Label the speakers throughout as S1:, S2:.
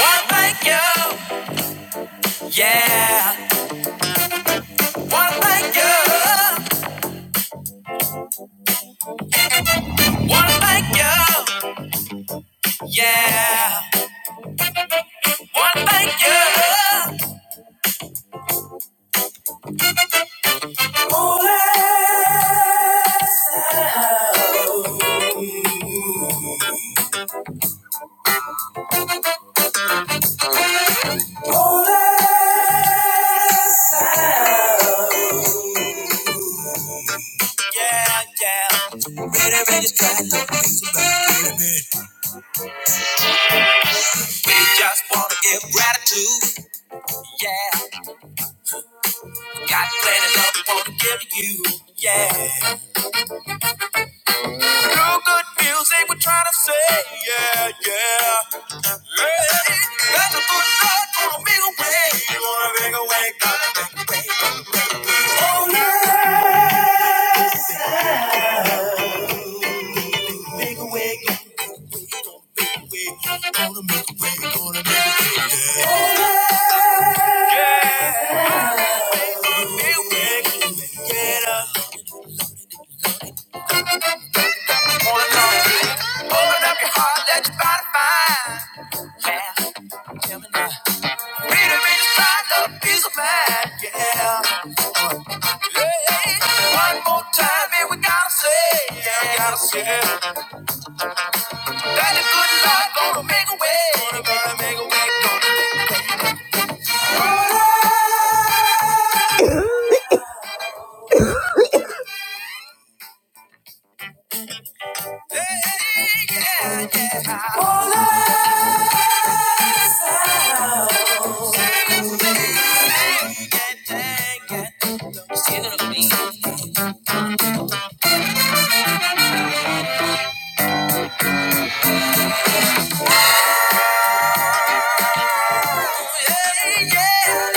S1: Wanna thank you, yeah. Wanna thank you. Wanna thank you, yeah. Wanna thank you. Ole, ole, Yeah, yeah. Ready, ready, try to fix it back. We just wanna give gratitude, yeah. Got plenty love we wanna give you, yeah. Real good music, we're trying to say, yeah, yeah. Hey, that's a good start make a way? awake. You want a way? Gotta make a big awake. Oh, yes. Make a way. Oh, yeah. make a way. Get up. Wanna come here. Open up your heart, let your body find. Yeah. Freedom in your stride, love is a man, yeah. Yeah. One more time, and we gotta say, yeah, we gotta say it. That the good Lord gonna make a way, gonna, gonna make a way, gonna. Hey, yeah, yeah. Sing it, sing it, sing it, sing it. Sing it to me.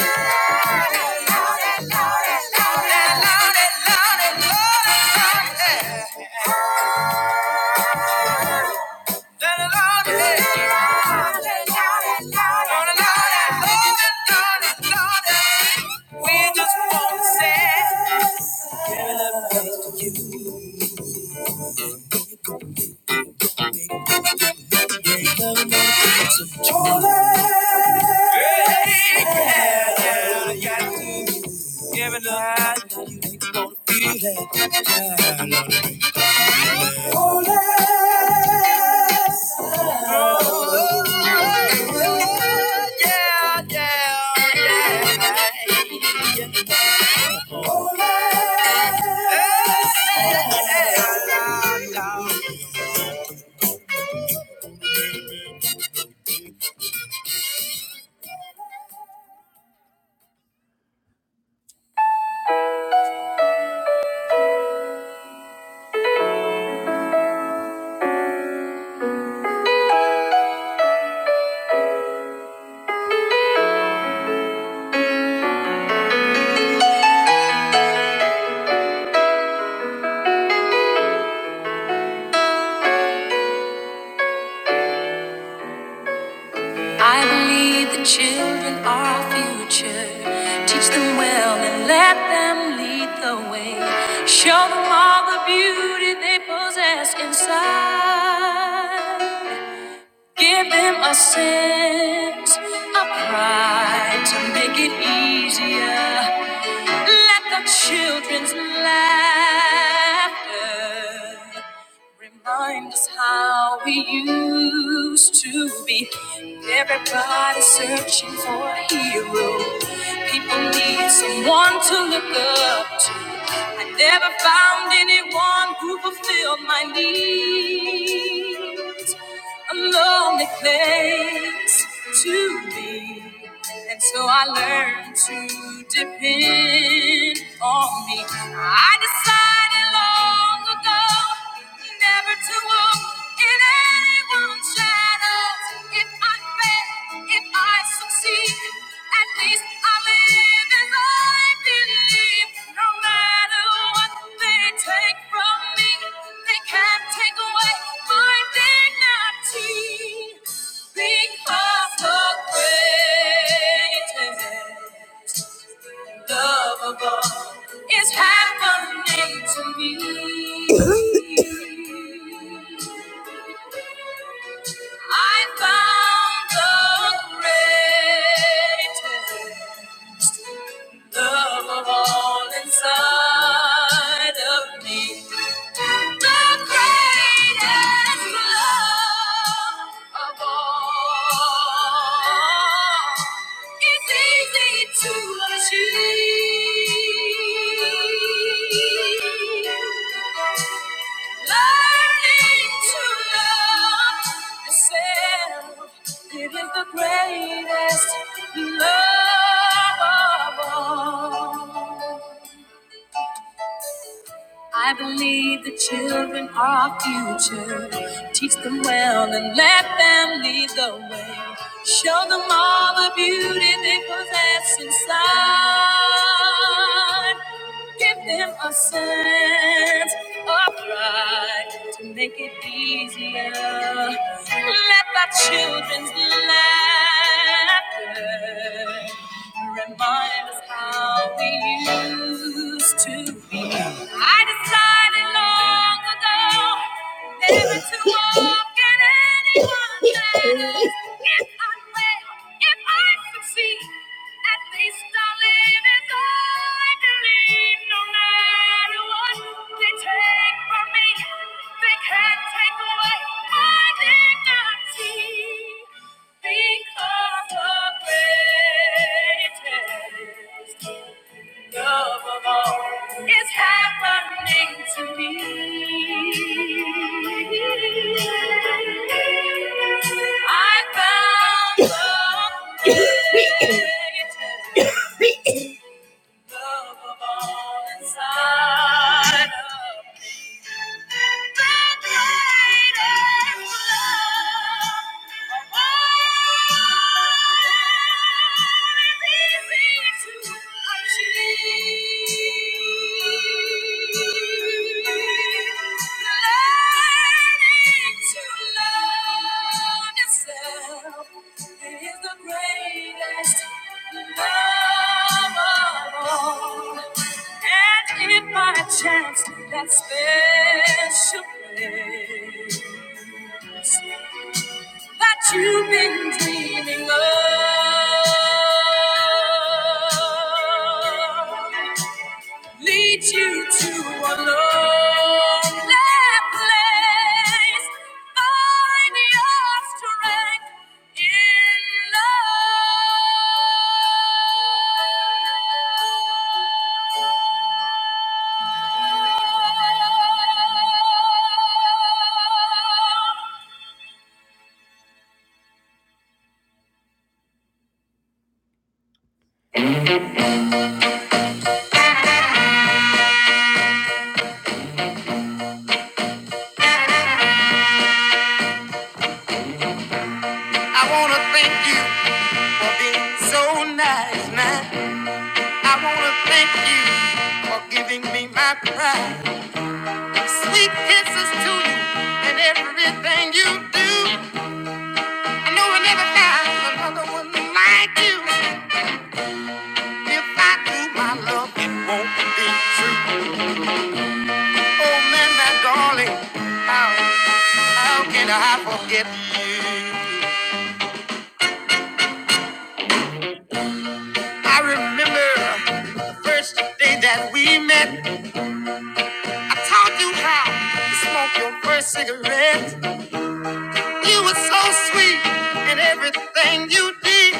S1: Yeah, yeah, yeah, yeah. Give it a high, now you ain't gonna feel it. I believe the children are our future. Teach them well and let them lead the way. Show them all the beauty they possess inside. Give them a sense of pride to make it easier. Let the children's laughter remind us how we used to be. Everybody searching for a hero. People need someone to look up to. I never found anyone who fulfilled my needs. A lonely place to be. And so I learned to depend on me. I decided long ago never to walk in anyone's shadows. If I fail, if I succeed, at least I live as I believe. No matter what they take from me, they can't take away my dignity. Think of the great and lovable is happening to me. I found the greatest. Love of all inside of me. The greatest love of all. It's easy to achieve. Learning to love yourself. It is the greatest love of all. I believe the children are our future. Teach them well and let them lead the way. Show them all the beauty they possess inside. Give them a sense of pride to make it easier. Let the children's laughter remind us how we used to be. I decided long ago. Never to walk in anyone's shadows. If I fail, if I succeed, at least I will live as I believe. No matter what they take from me, they can't take away my dignity. Because of greatness love of all is happening to me. I found the greatest love of all inside of me. The greatest love of all Chance to that special place that you've been dreaming of leads you to a lonely place. Find your strength in love. I wanna thank you. being so nice, man. I wanna thank you for giving me my pride. Sweet kisses to you and everything you do. Like you, it won't be clean. How, how first day that we met, I taught you how to smoke your first cigarette. You were so sweet in everything you did,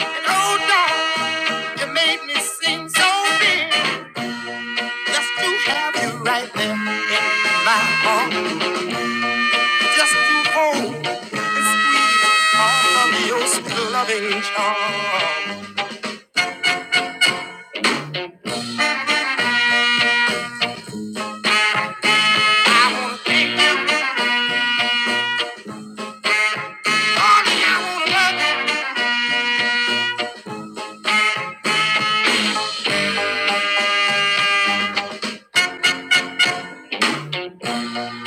S1: and oh, dog, you made me sing so big just to have you right there in my arms. Just to hold and squeeze all of your loving charm. I wanna thank you, darling. I wanna love you.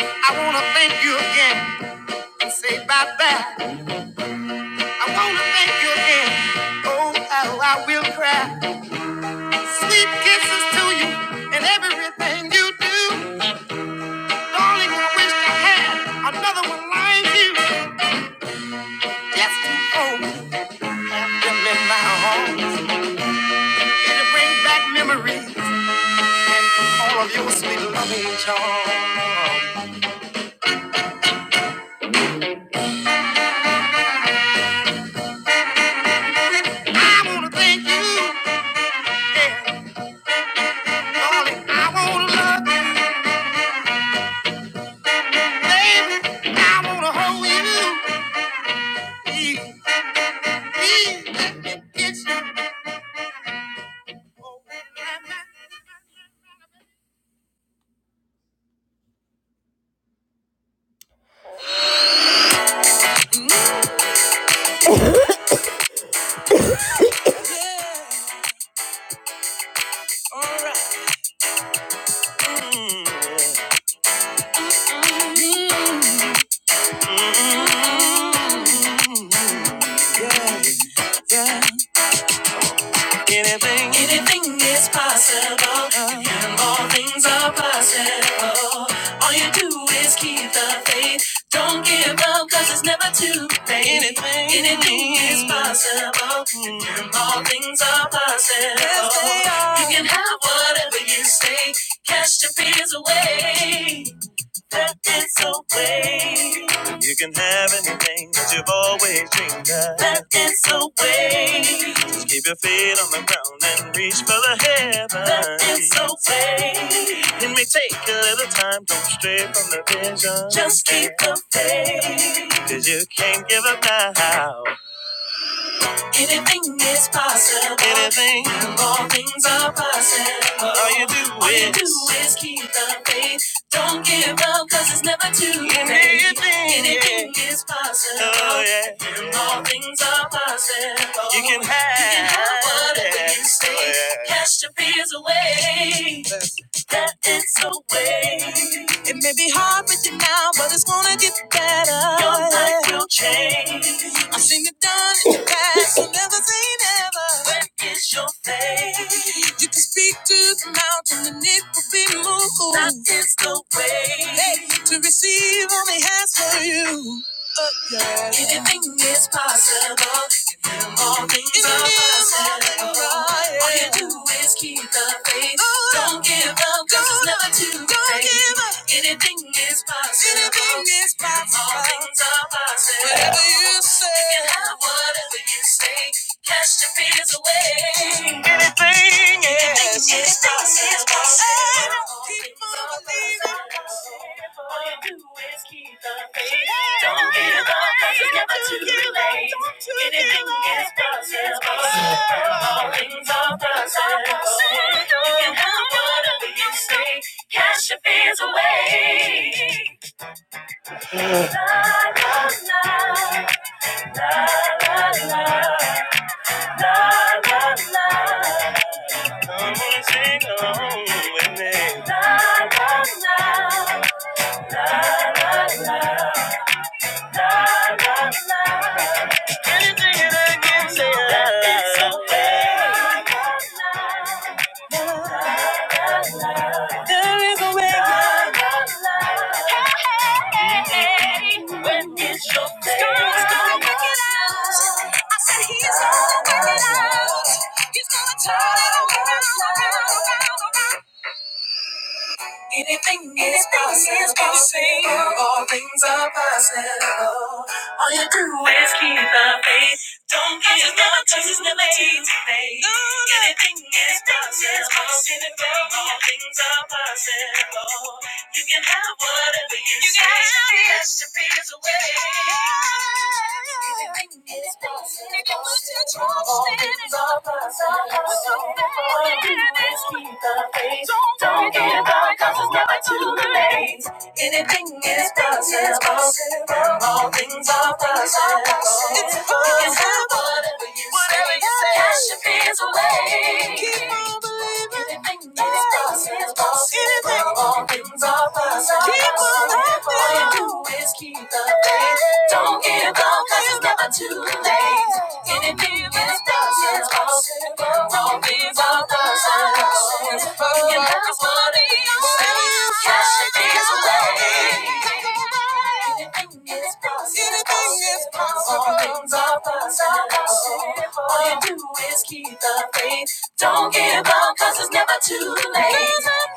S1: I wanna thank you again and say bye bye. I wanna thank you again. Oh, how I will cry. Sweet kisses to you and everything you do, darling. I wish I had another one like you. Just to hold them in my arms. It'll bring back memories. all of your sweet loving charm. I wanna thank you, yeah, darling. I wanna love you, baby. I wanna hold you, yeah, yeah, it's your Anything in the faith, don't give up, cause it's never too late. Anything, anything is possible, possible. Yes, they are. You can have whatever you You can have anything that you've always dreamed of. That is the way. Keep your feet on the ground and reach for the heavens. so Take a little time, don't stray from the vision. Just keep the faith. Cause you can't give up now. Anything is possible. Anything. all things are possible. All you do all is. You do is keep the faith. Don't give up, cause it's never too late. Anything, Anything is possible. Oh, yeah. All things are possible. You can have, you can have whatever you say. Oh, Yeah. Cast your fears away. It may be hard, but it's gonna get better. Your life will change. Sing the dance and never say never. Where is your faith? You can speak to the mountain and it will be moved. That is the way. Hey, to be only happy. all things are possible. All you do is keep the faith. Oh, Don't give up, cause it's never too late. Anything is possible. All things are possible. Whatever you say. You can have whatever you say. Cast your fears away. Anything yes. Anything is is possible. keep on believing. All you do is keep the faith. Don't give up, cause it's never too late. Anything is possible. All things are possible. You can have whatever you say. Cast your fears away. La, la, la. Anything, yes. When is your day? God's gonna work it out. I said he's gonna work it out. He's gonna turn it around, around, around, around. Anything is possible. always keep the faith. Don't give up it's never too late. Anything is possible. All things are possible. You can have whatever you, say. Yes, to be is a way. Anything is possible. All things are possible. All keep the faith. Don't give up, 'cause it's never too late. Anything is possible. All things are possible. It's possible. Whatever you say, cash your fears away. Keep on believing. Anything is possible. Anything. All things are possible. Keep on believing all you do is keep the faith. Don't give up, cause it's never too late. Anything is possible. Don't give up the search. You can is what you say. Cash it is away. Anything is possible. Anything is possible. All things are possible. All you do is keep the faith. Don't give up, cause it's never too late.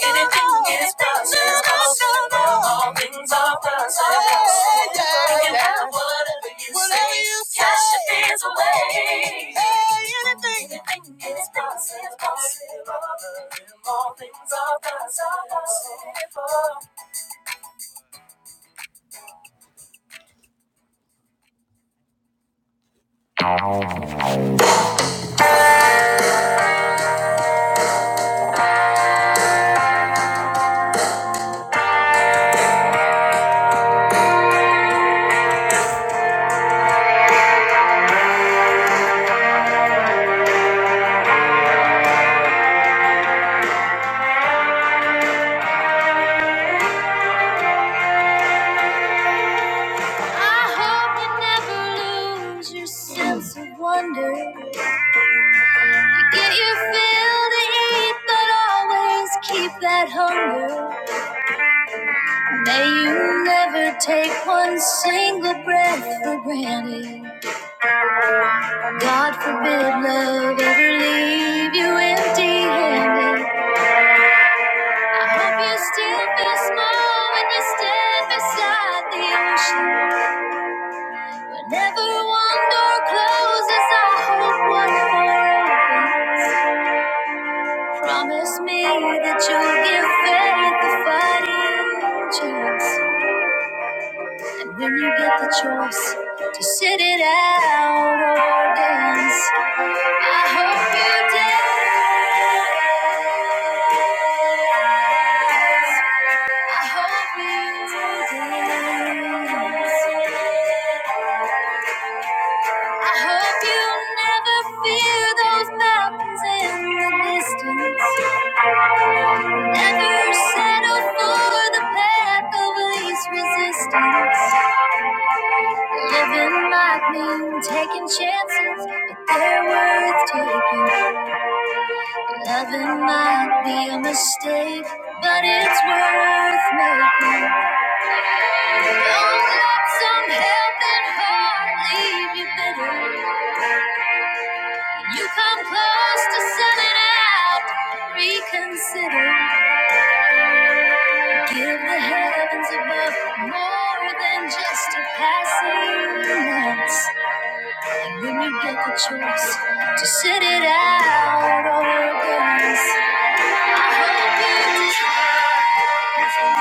S1: Anything is possible. All things are possible. You can have what you say. Cash your fears away. Anything is possible. All things are possible. I hope you never lose your sense of wonder. You get your fill to eat, but always keep that hunger. May you never take one single breath for granted. God forbid love ever leave you empty handed. I hope you still feel small when you stand beside the ocean. Whenever one door closes, I hold one more open. Promise me that you'll give faith a fighting chance. And when you get the choice, to sit it out or dance. I hope you dance. I hope you dance. I hope you never fear those mountains in the distance. Never settle for the path of least resistance. Living might mean taking chances, but they're worth taking. Loving might be a mistake, but it's worth making. Don't let some helping heart leave you bitter. When you come close to selling out, reconsider. Give the heavens above more than just a passing glance. And when you get the choice to sit it out or burn, hope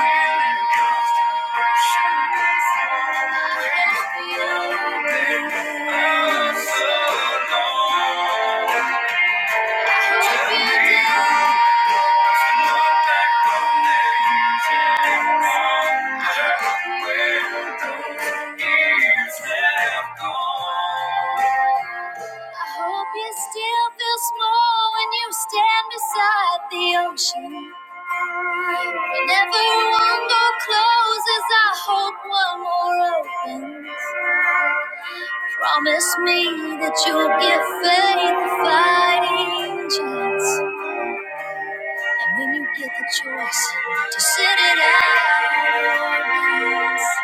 S1: you different. I hope you still feel small when you stand beside the ocean. Whenever one door closes, I hope one more opens. Promise me that you'll give faith a fighting chance. And when you get the choice to sit it out,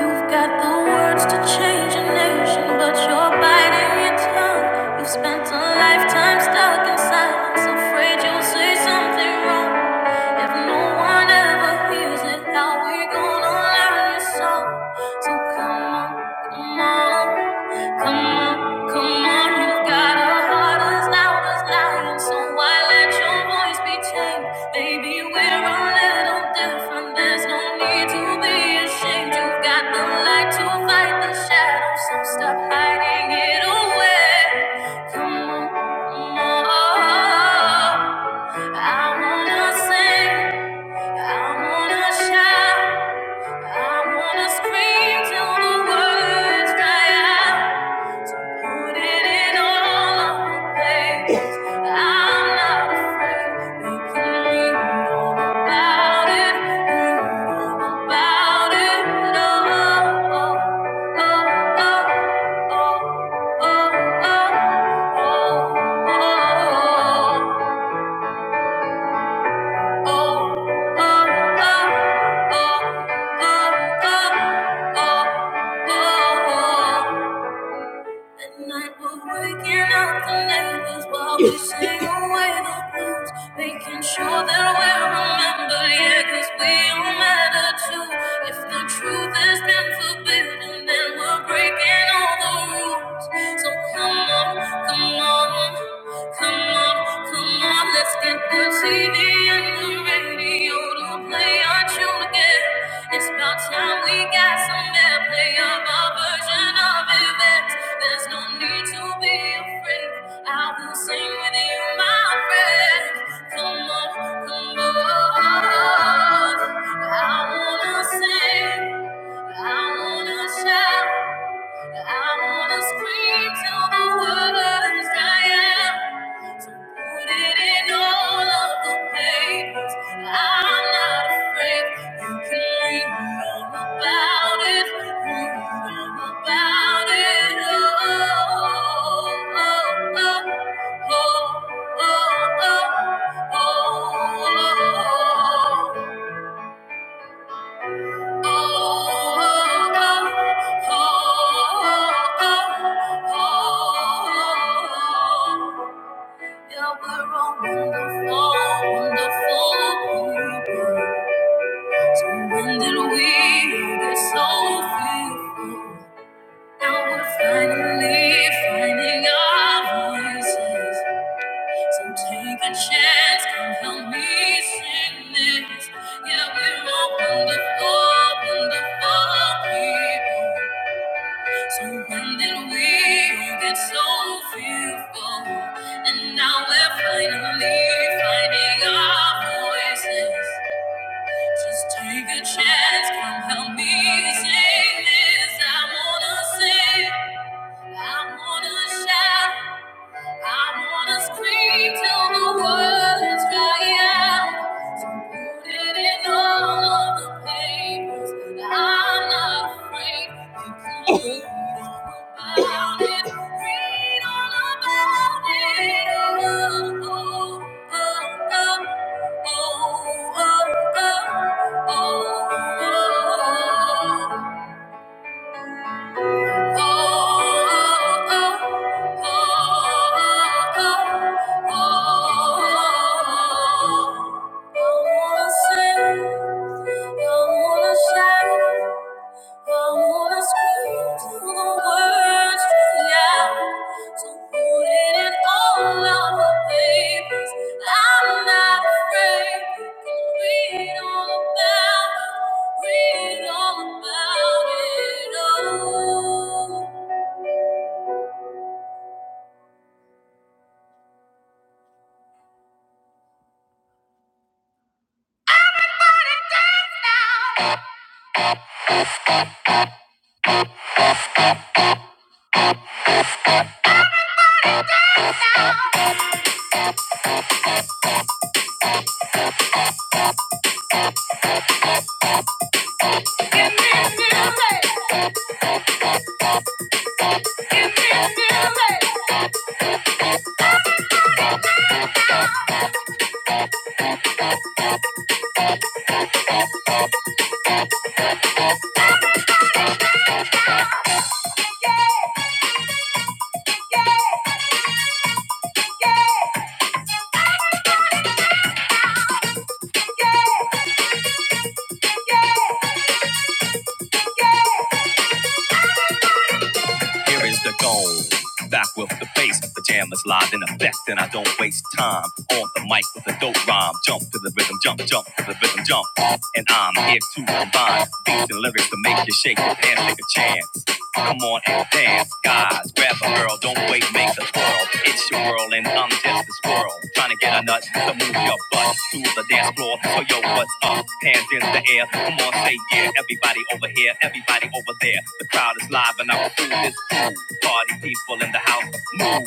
S1: You've got the words to change a nation, but you're biting your tongue. You've spent a lifetime stuck in silence, afraid you'll say something wrong. If no one ever hears it, now we're gonna learn the song. So come on, come on, come on, come on. You've got a heart as loud as lion, so why let your voice be chained? Baby, we're a little different. There's no need to be ashamed. You've got the light to fight the shadow, so stop hiding it away. Come on, come on. I wanna sing, I wanna shout, I wanna scream till the words die out. Put it in all of the pages. I'm not afraid. You can read all about it, read all about it. Oh, oh, oh, oh, oh, oh, oh, oh. Oh, oh, oh, oh, oh, oh, oh, oh, oh. Midnight, we're waking up the neighbors while we sing away the blues, making sure that we're remembered, yeah, 'cause we all matter too. If the truth has been forbidden, then we're breaking all the rules. So come on, come on, come on, come on, let's get the TV and the radio to play our tune again. It's about time we got some airplay of our version of events. There's no need to be afraid. I will sing with you, my friend. Come on, come on. I wanna sing, I wanna shout. I wanna scream till the words I am. So put it in all of the papers. I'm not afraid. You can read all about it. Read all about it. Oh, oh, oh, oh, oh, oh, oh, oh. oh, oh. Finally, finding our voices. So take a chance, come help me sing this. Yeah, we're all wonderful, wonderful people. So when did we get so fearful? And now we're finally finding our voices. Just take a chance, come help me sing this. I wanna sing, I wanna shout. I wanna scream till the world is dry out. So put it in all of the papers. I'm not afraid. You can read all about it. Read all about it. Oh, oh, oh, oh, oh, oh, oh, oh, oh. Thank you. From what is true to the words you out. so put it in all of the papers. I'm not afraid. You can read all about it. Read all about it. Oh. Here is the goal. Back with the bass, pajamas live in effect, and I don't waste time. On the mic with a dope rhyme, jump to the rhythm, jump, jump to the rhythm, jump. And I'm here to combine beats and lyrics to make you shake your pants, take a chance. Come on and dance, guys. Grab a girl, don't wait, make the twirl. It's your world and I'm just a squirrel. Trying to get a nut to move your butt to the dance floor. So yo, what's up? Hands in the air. Come on, say yeah. Everybody over here, everybody over there. The crowd is live and I'm through this fool. Party people in the house, move.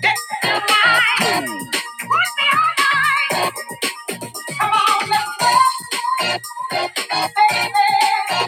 S1: Dance in the night. Move. Dance in the night. Come on, let's go, baby.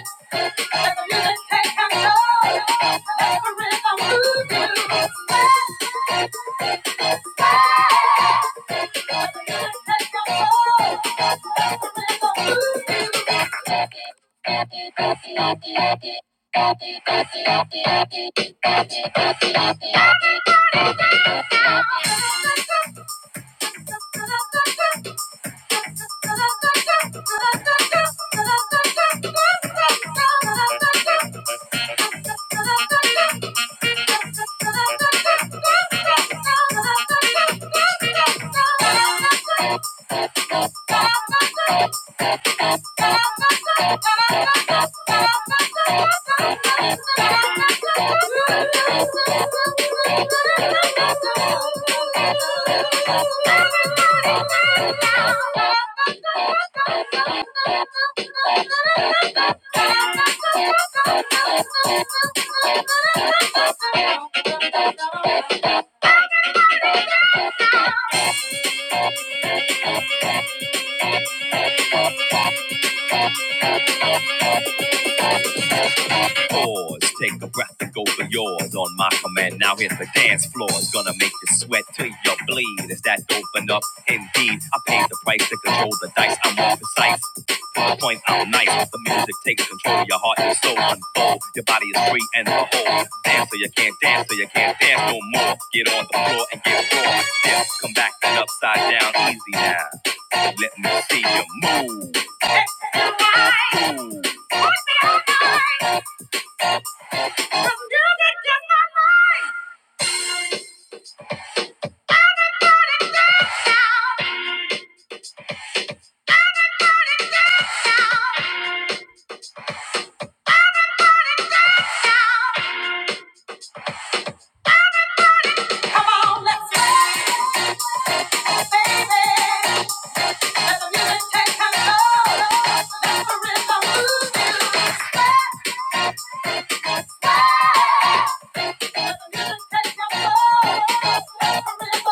S1: Thank you. Thank you. Pause, take a breath and go for yours on my command. Now hit the dance floor. It's gonna make you sweat till you bleed. Is that open up? Indeed, I paid the price to control the dice. I'm more precise. To the point, I'm nice. The music takes control. Your heart and soul unfold. Your body is free and the whole. Dance so you can't dance, so you can't dance no more. Get on the floor and get raw. Dip, come back and upside down. Easy now. Let me see you move. Move. Come on, let's dance, baby. Let the music take control. Let the rhythm Let the music take control. Let the rhythm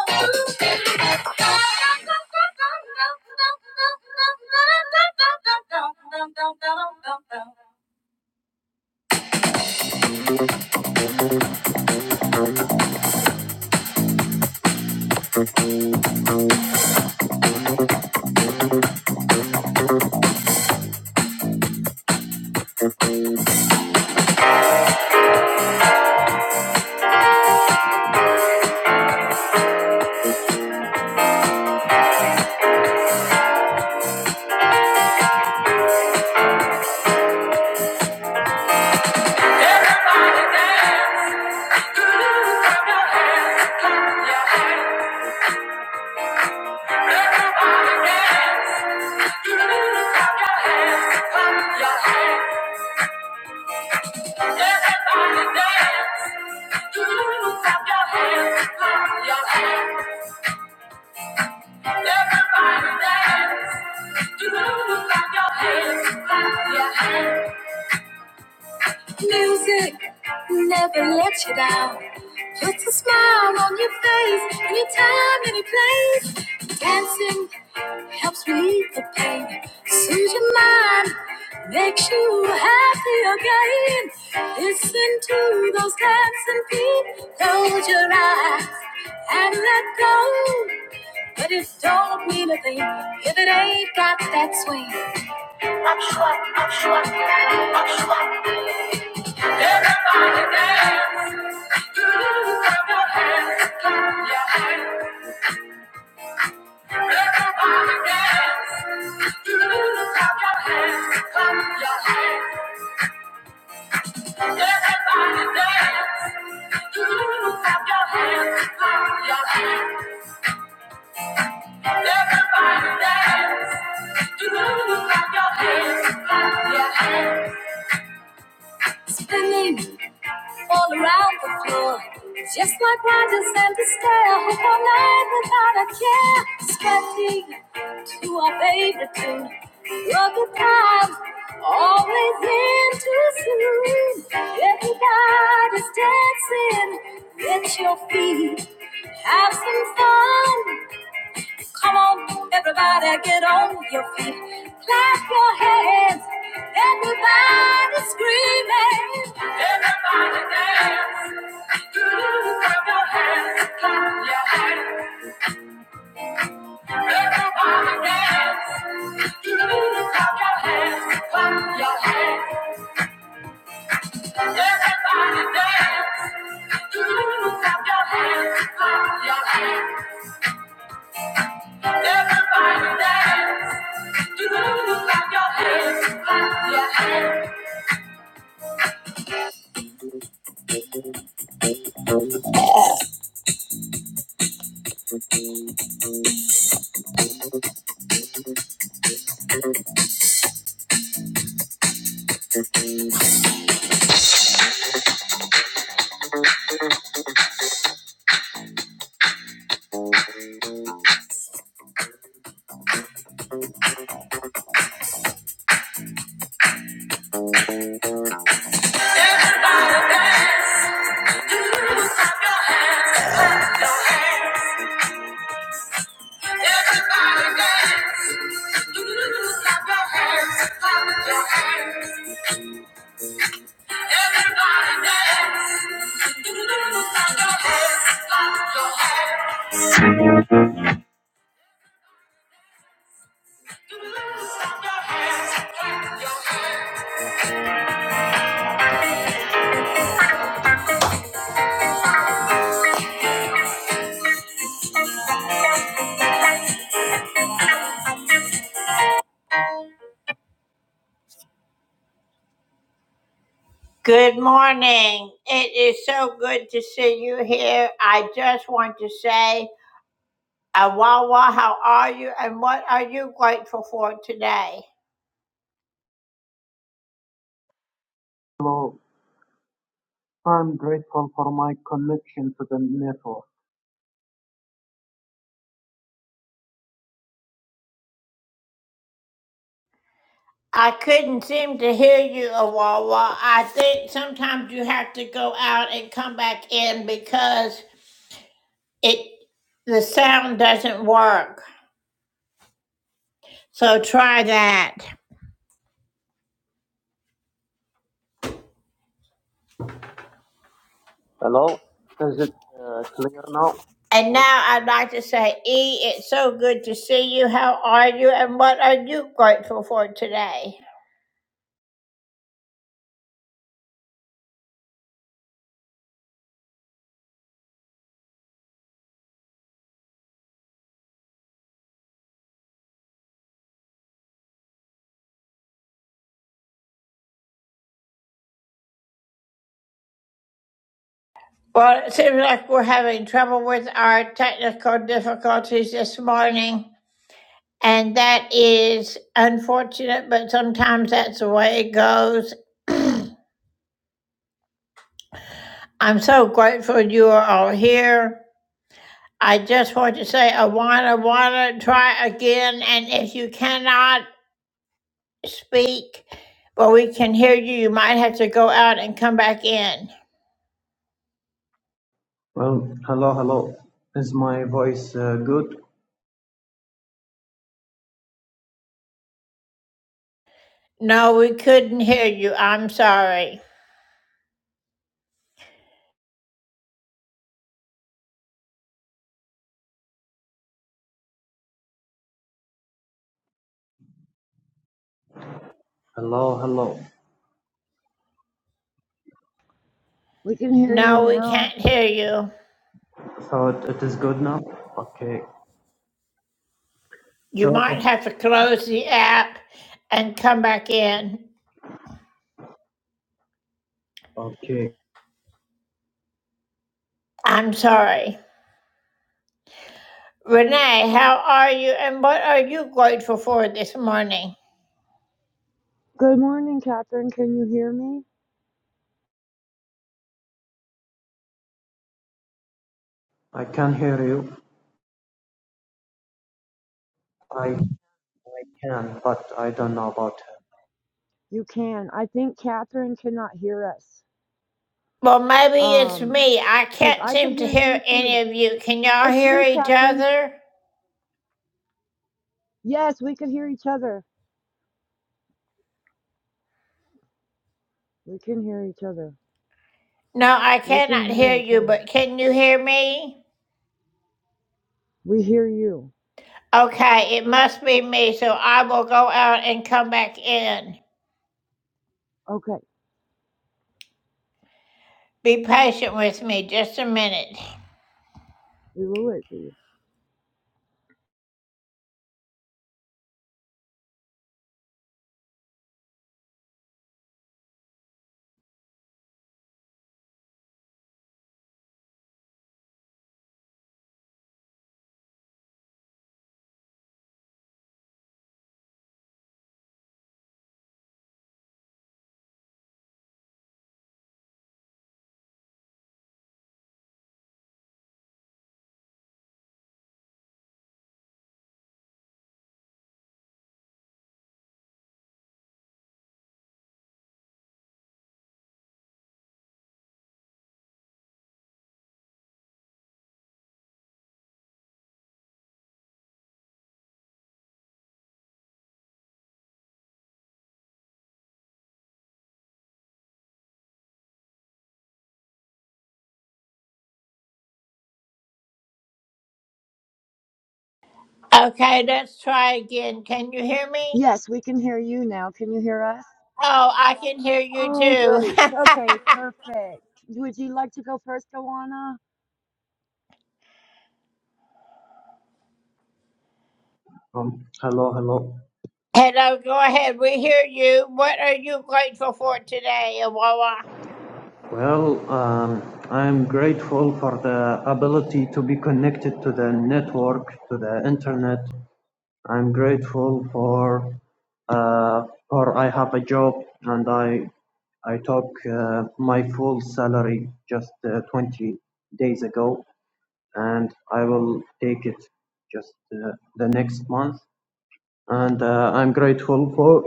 S1: Music never lets you down. It's a smile on your face, anytime, any place. Dancing helps relieve the pain, soothes your mind, makes you happy again. Listen to those dancing feet, close your eyes and let go. But it don't mean a thing if it ain't got that swing. Clap your hands, your hands, let your body dance. Clap everybody dance. Clap your hands, clap your hands, everybody dance. Clap your hands, clap your hands. all around the floor. Just like riders and the sky, I hope all night without a care. Sweating to our favorite tune. Rugged times, always in too soon. Everybody's dancing, let your feet have some fun. Come on, everybody, get on your feet. Clap your hands, everybody screaming. Everybody dance. Everybody dance. Good morning. It is so good to see you here. I just want to say, Awawa, how are you and what are you grateful for today?
S2: Hello, I'm grateful for my connection to the network.
S1: I couldn't seem to hear you, Awawa. I think sometimes you have to go out and come back in because it the sound doesn't work. So try that.
S2: Hello, is it uh, clear now? The
S1: And
S2: voice?
S1: now I'd like to say, E, it's so good to see you. How are you? And what are you grateful for today? Well, it seems like we're having trouble with our technical difficulties this morning. And that is unfortunate, but sometimes that's the way it goes. I'm so grateful you are all here. I just want to say, Awana, Awana, try again. And if you cannot, speak, but we can hear you. You might have to go out and come back in.
S2: Well, hello, hello. Is my voice uh, good?
S1: No, we couldn't hear you. I'm sorry.
S2: Hello, hello.
S3: We can hear you
S1: No, we can't
S3: now.
S1: hear you.
S2: So it, it is good now? Okay.
S1: You
S2: So,
S1: might have to close the app and come back in.
S2: okay.
S1: I'm sorry. Renee, how are you and what are you grateful for this morning?
S3: Good morning, Catherine. Can you hear me?
S2: I can hear you. I, I can, but I don't know about her.
S3: You can. I think Catherine cannot hear us.
S1: Well, maybe it's
S3: Um,
S1: me. I
S3: because
S1: can't
S3: I could
S1: seem to
S3: hear
S1: hear
S3: you
S1: any
S3: too.
S1: of you. Can y'all
S3: It's
S1: hear
S3: you,
S1: each
S3: Catherine.
S1: other?
S3: Yes, we could hear each other. We can hear each other.
S1: No, I
S3: We
S1: cannot
S3: can hear
S1: hear
S3: each
S1: you,
S3: other.
S1: but can you hear me?
S3: We hear you.
S1: Okay, it must be me, so I will go out and come back in.
S3: Okay,
S1: Be patient with me just a minute.
S3: we will wait for you.
S1: Okay, let's try again. Can you hear me?
S3: Yes, we can hear you now. Can you hear us?
S1: Oh, I can hear you
S3: Oh,
S1: too.
S3: great. Okay, perfect. Would you like to go first, Joanna?
S2: Um, hello, hello.
S1: Hello, go ahead. We hear you. What are you grateful for today, Awawa?
S2: Well, um, I'm grateful for the ability to be connected to the network, to the internet, I'm grateful for uh, for I have a job and I I took uh, my full salary just uh, 20 days ago and I will take it just uh, the next month and uh, I'm grateful for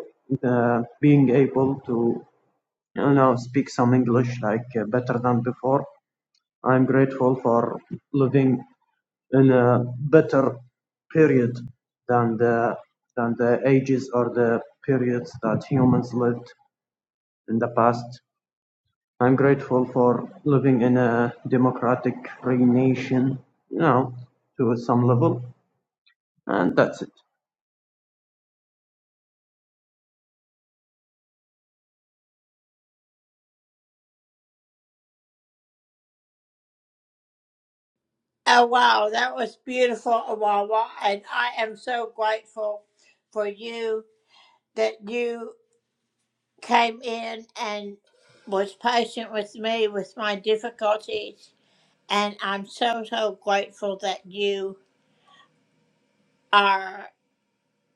S2: uh, being able to you know speak some English like uh, better than before. I'm grateful for living in a better period than the than the ages or the periods that humans lived in the past. I'm grateful for living in a democratic free nation, you know, to some level. And that's it.
S1: Oh, wow, that was beautiful, Awawa. And I am so grateful for you that you came in and was patient with me with my difficulties. And I'm so, so grateful that you are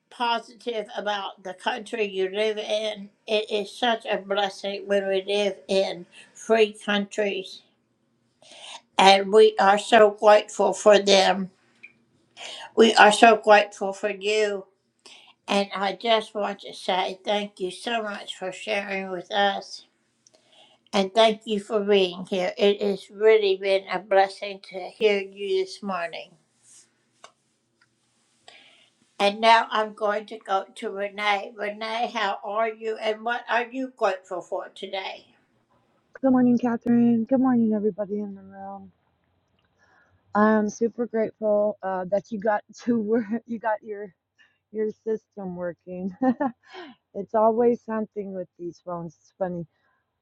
S1: positive about the country you live in. It is such a blessing when we live in free countries. And we are so grateful for them. We are so grateful for you. And I just want to say thank you so much for sharing with us. And thank you for being here. It has really been a blessing to hear you this morning. And now I'm going to go to Renee. Renee, how are you and what are you grateful for today?
S3: Good morning, Catherine. Good morning, everybody in the room. I'm super grateful uh, that you got to work. You got your your system working. it's always something with these phones. It's funny.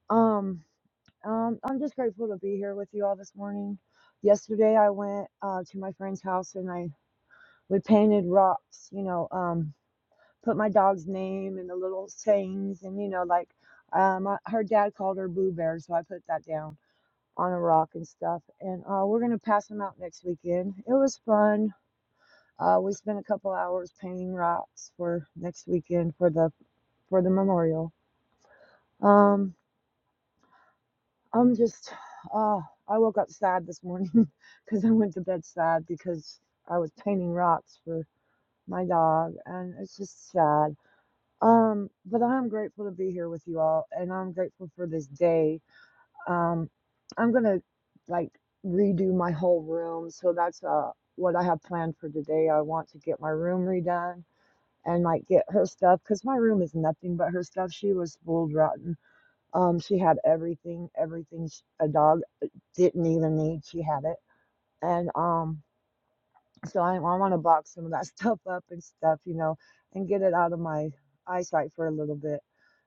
S3: Um, um, I'm just grateful to be here with you all this morning. Yesterday, I went uh, to my friend's house and I we painted rocks. You know, um, put my dog's name and the little sayings and you know, like um, I, her dad called her Boo Bear, so I put that down on a rock and stuff. And uh, we're gonna pass them out next weekend. It was fun Uh, we spent a couple hours painting rocks for next weekend for the for the memorial. Um, I'm just, uh, I woke up sad this morning because I went to bed sad because I was painting rocks for my dog, and it's just sad. Um, but I'm grateful to be here with you all, and I'm grateful for this day. Um, I'm gonna like redo my whole room, so that's uh what I have planned for today. I want to get my room redone and like get her stuff because my room is nothing but her stuff. She was spoiled rotten. Um, she had everything, everything sh- a dog uh, didn't even need. She had it, and um. So I, I want to box some of that stuff up and stuff, you know, and get it out of my eyesight for a little bit.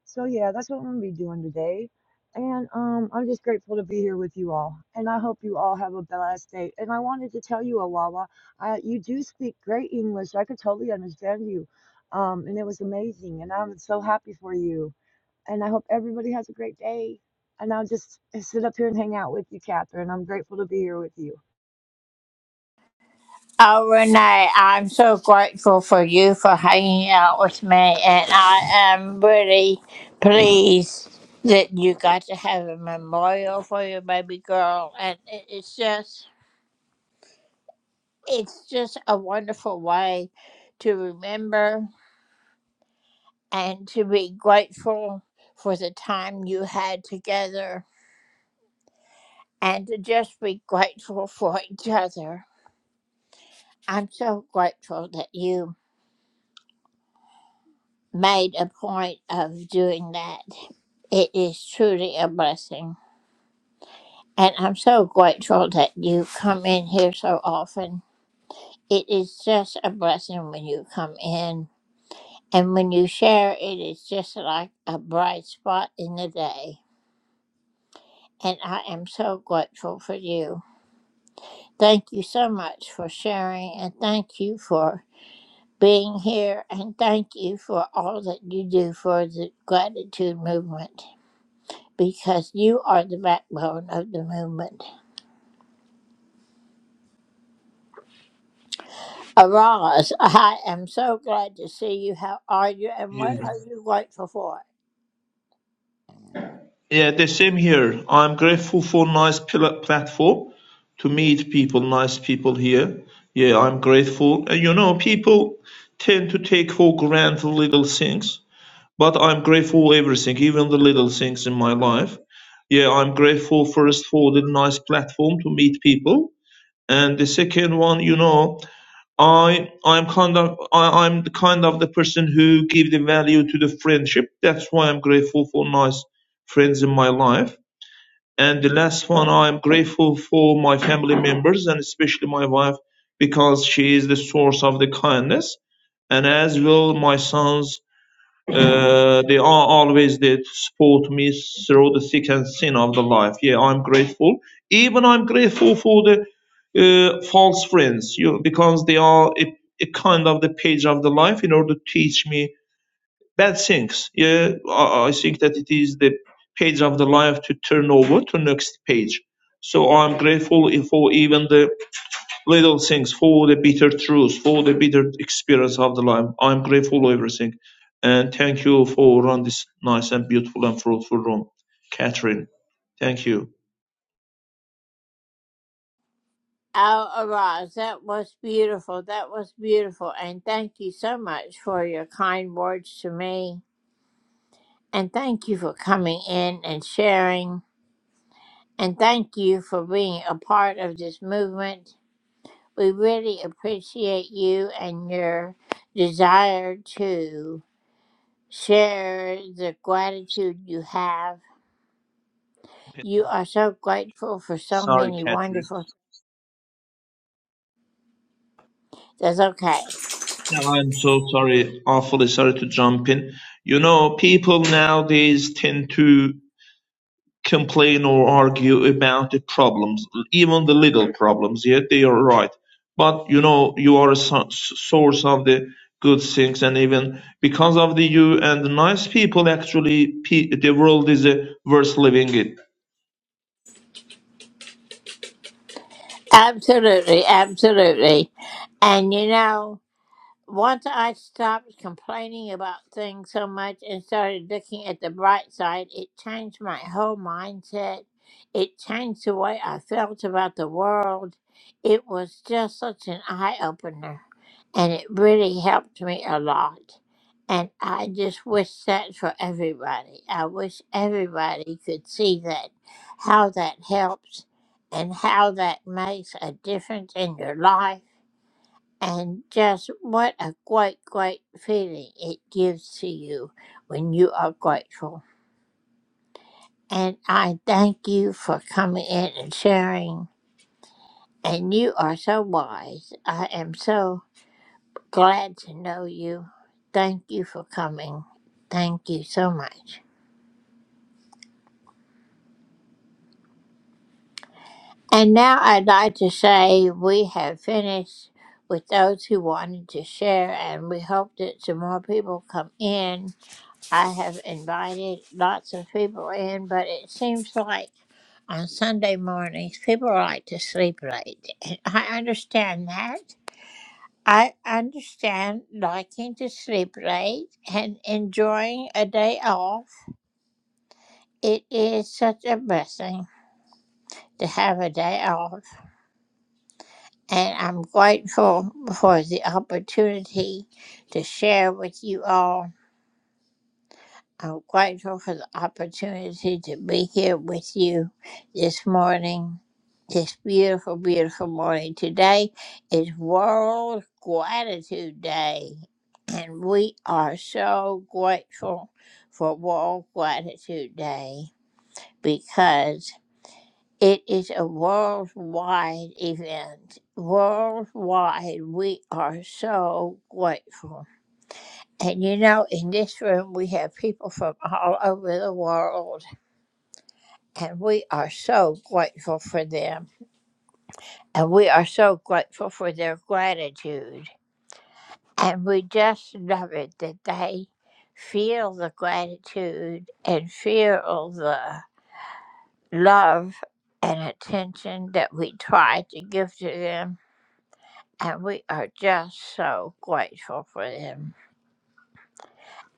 S3: So yeah, that's what I'm gonna be doing today. And um, I'm just grateful to be here with you all. And I hope you all have a blessed day. And I wanted to tell you, Awawa, I, you do speak great English. I could totally understand you. Um, and it was amazing. And I'm so happy for you. And I hope everybody has a great day. And I'll just sit up here and hang out with you, Catherine. I'm grateful to be here with you.
S1: Oh, Renee, I'm so grateful for you for hanging out with me, and I am really pleased that you got to have a memorial for your baby girl. And it- it's just, it's just a wonderful way to remember and to be grateful for the time you had together and to just be grateful for each other. I'm so grateful that you made a point of doing that. It is truly a blessing. And I'm so grateful that you come in here so often. It is just a blessing when you come in. And when you share, it is just like a bright spot in the day. And I am so grateful for you. Thank you so much for sharing. And thank you for being here and thank you for all that you do for the gratitude movement because you are the backbone of the movement. Araz, I am so glad to see you. How are you and what
S4: Yeah,
S1: are you grateful for?
S4: yeah, the same here. I'm grateful for nice pl- platform to meet people, nice people here. Yeah, I'm grateful. And you know, people tend to take for granted little things, but I'm grateful for everything, even the little things in my life. Yeah, I'm grateful first for the nice platform to meet people, and the second one, you know, I I'm kind of I, I'm the kind of the person who give the value to the friendship. That's why I'm grateful for nice friends in my life. And the last one, I'm grateful for my family members and especially my wife because she is the source of the kindness. And as well, my sons uh, they are always there to support me through the thick and thin of the life. Yeah, I'm grateful. Even I'm grateful for the uh, false friends, you because they are a, a kind of the page of the life in order to teach me bad things. Yeah, I, I think that it is the page of the life to turn over to next page. So I'm grateful for even the little things, for the bitter truth, for the bitter experience of the life. I'm grateful for everything. And thank you for run this nice and beautiful and fruitful room. Catherine, thank you.
S1: Oh, Araz, that was beautiful. That was beautiful. And thank you so much for your kind words to me. And thank you for coming in and sharing. And thank you for being a part of this movement We really appreciate you and your desire to share the gratitude you have. You are so grateful for so
S4: Sorry,
S1: many
S4: Catherine.
S1: wonderful. That's okay.
S4: No, I'm so sorry, awfully sorry to jump in. You know, people nowadays tend to complain or argue about the problems, even the little problems. Yet they are right. But you know, you are a so- source of the good things, and even because of the you and the nice people, actually, pe- the world is uh, worth living it.
S1: Absolutely, absolutely. And you know. Once I stopped complaining about things so much and started looking at the bright side, it changed my whole mindset. It changed the way I felt about the world. It was just such an eye opener, and it really helped me a lot. And I just wish that for everybody. I wish everybody could see that, how that helps, and how that makes a difference in your life and just what a great, great feeling it gives to you when you are grateful. And I thank you for coming in and sharing. And you are so wise. I am so glad to know you. Thank you for coming. Thank you so much. And now I'd like to say we have finished with those who wanted to share, and we hope that some more people come in. I have invited lots of people in, but it seems like on Sunday mornings people like to sleep late. And I understand that. I understand liking to sleep late and enjoying a day off. It is such a blessing to have a day off, and I'm grateful for the opportunity to share with you all. I'm grateful for the opportunity to be here with you this morning, this beautiful, beautiful morning. Today is World Gratitude Day, and we are so grateful for World Gratitude Day because it is a worldwide event. Worldwide, we are so grateful. And you know, in this room, we have people from all over the world, and we are so grateful for them. And we are so grateful for their gratitude. And we just love it that they feel the gratitude and feel the love and attention that we try to give to them. And we are just so grateful for them.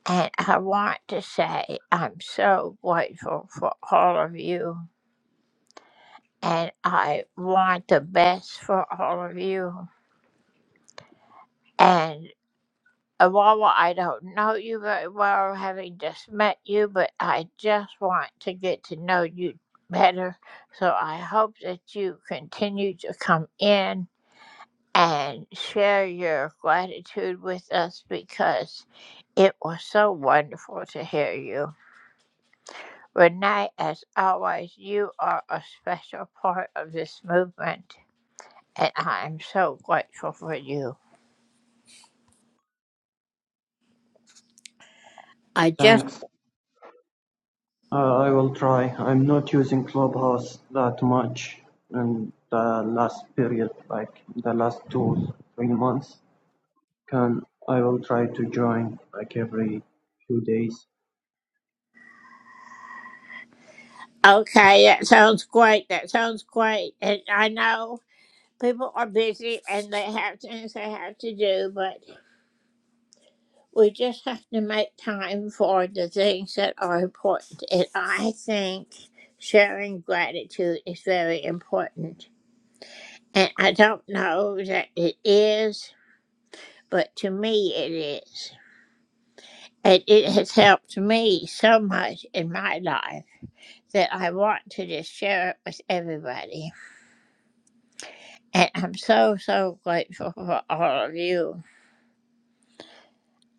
S1: And I want to say I'm so grateful for all of you. And I want the best for all of you. And uh, while I don't know you very well, having just met you, but I just want to get to know you better. So I hope that you continue to come in and share your gratitude with us because it was so wonderful to hear you. Renee, as always, you are a special part of this movement, and I am so grateful for you. I just,
S2: Thanks. Uh, I will try. I'm not using Clubhouse that much in the last period, like the last two, three months. Can I will try to join like every few days.
S1: okay, that sounds great. That sounds great. And I know people are busy and they have things they have to do, but we just have to make time for the things that are important. And I think sharing gratitude is very important. And I don't know that it is, but to me it is. And it has helped me so much in my life that I want to just share it with everybody. And I'm so, so grateful for all of you.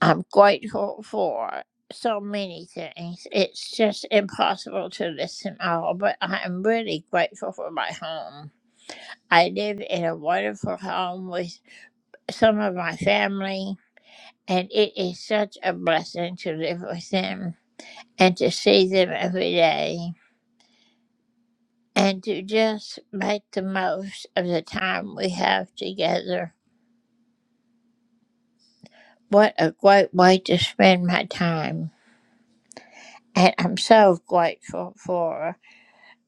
S1: I'm grateful for so many things. It's just impossible to list them all, but I'm really grateful for my home. I live in a wonderful home with some of my family, and it is such a blessing to live with them and to see them every day. and to just make the most of the time we have together. What a great way to spend my time. And I'm so grateful for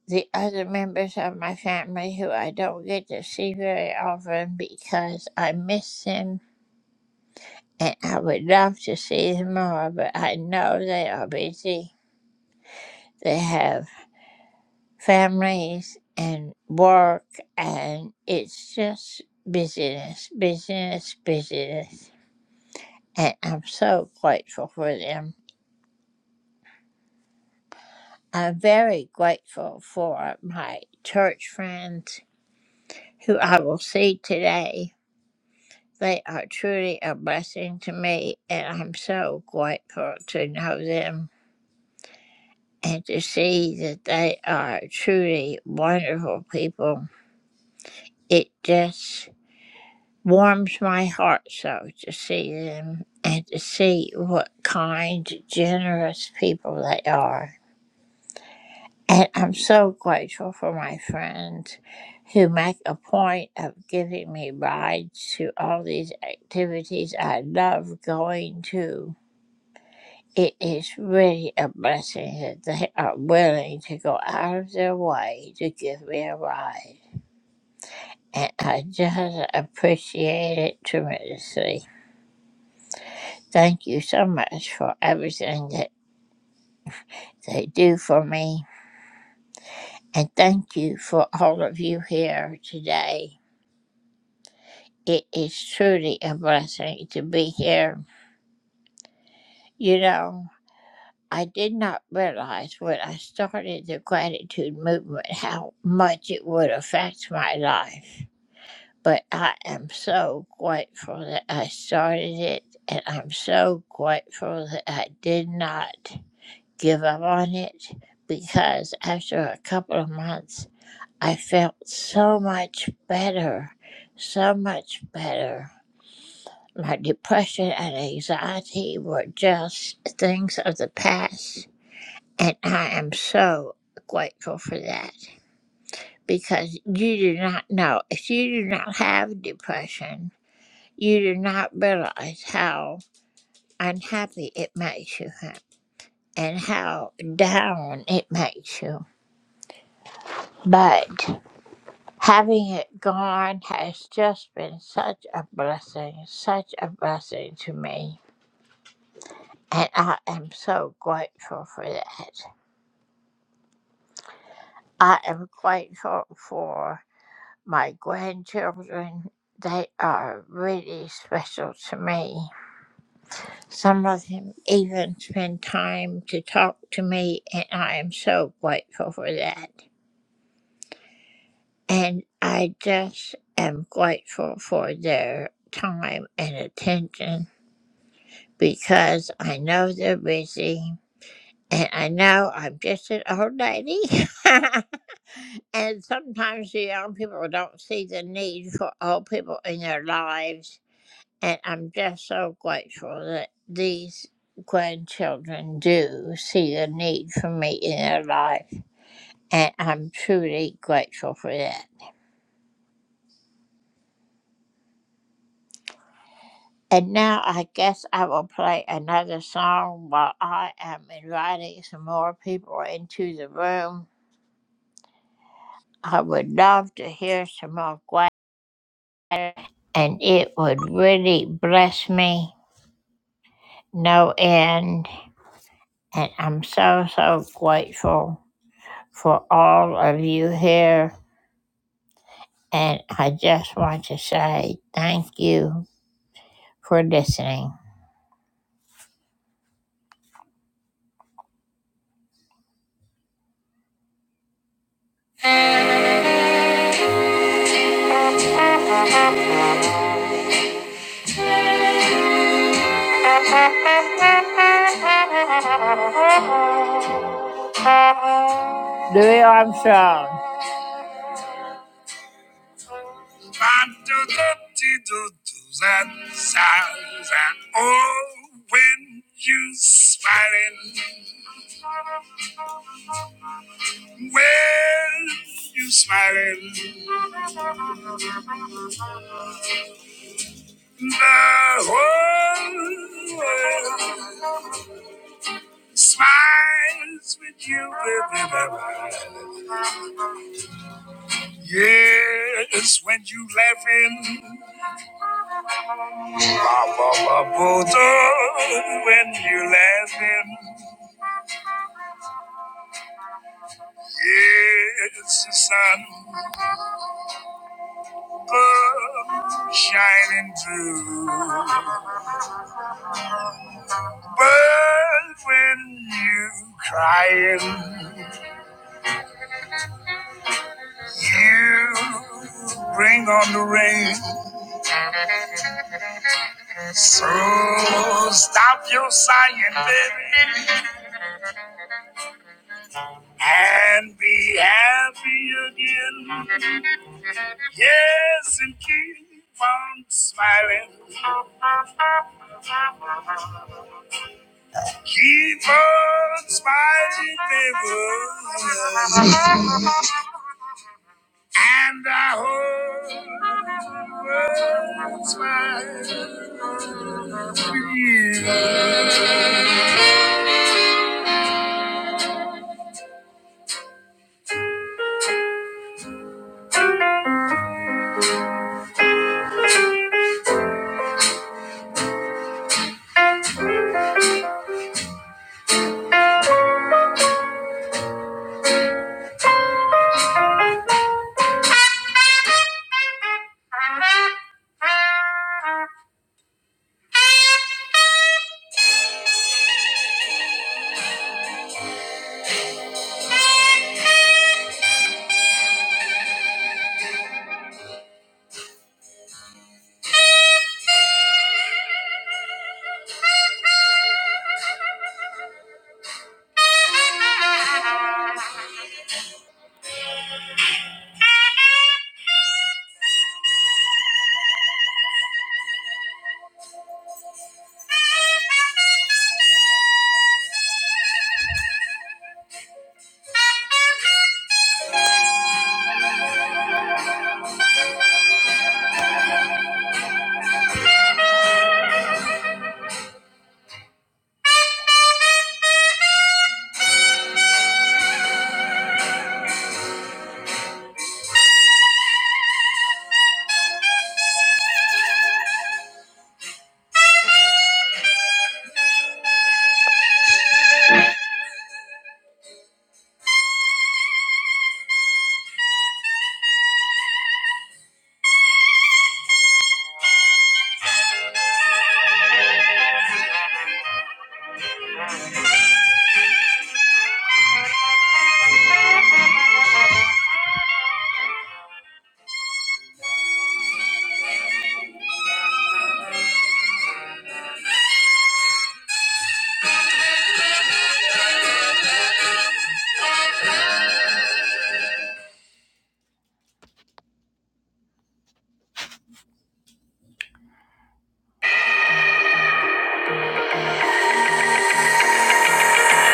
S1: the other members of my family who I don't get to see very often because I miss them and I would love to see them more, but I know they are busy. They have families and work, and it's just busyness, busyness, busyness. and I'm so grateful for them. I'm very grateful for my church friends who I will see today. They are truly a blessing to me, and I'm so grateful to know them and to see that they are truly wonderful people. It just warms my heart so to see them and to see what kind, generous people they are. And I'm so grateful for my friends who make a point of giving me rides to all these activities I love going to. It is really a blessing that they are willing to go out of their way to give me a ride. And I just appreciate it tremendously. Thank you so much for everything that they do for me. And thank you for all of you here today It is truly a blessing to be here. You know, I did not realize when I started the gratitude movement how much it would affect my life. But I am so grateful that I started it, and I'm so grateful that I did not give up on it because after a couple of months, I felt so much better, so much better. My depression and anxiety were just things of the past, and I am so grateful for that because you do not know. If you do not have depression, you do not realize how unhappy it makes you ha- and how down it makes you. But having it gone has just been such a blessing, such a blessing to me. And I am so grateful for that. I am grateful for my grandchildren. They are really special to me. Some of them even spend time to talk to me, and I am so grateful for that. And I just am grateful for their time and attention because I know they're busy and I know I'm just an old lady. And sometimes the young people don't see the need for old people in their lives. And I'm just so grateful that these grandchildren do see the need for me in their life. And I'm truly grateful for that. And now I guess I will play another song while I am inviting some more people into the room. I would love to hear some more Gwen, and it would really bless me. no end. And I'm so, so grateful for all of you here. And I just want to say thank you for listening. And oh, when you smiling, when you smiling, the whole world smiles with you. Yes, when you laughing, ba ba ba boo When you laughing, yes, the sun above shining through. But when you crying, you bring on the rain. So stop your sighing, baby, and be happy again. Yes, and keep on smiling. Keep on smiling, baby. Oh.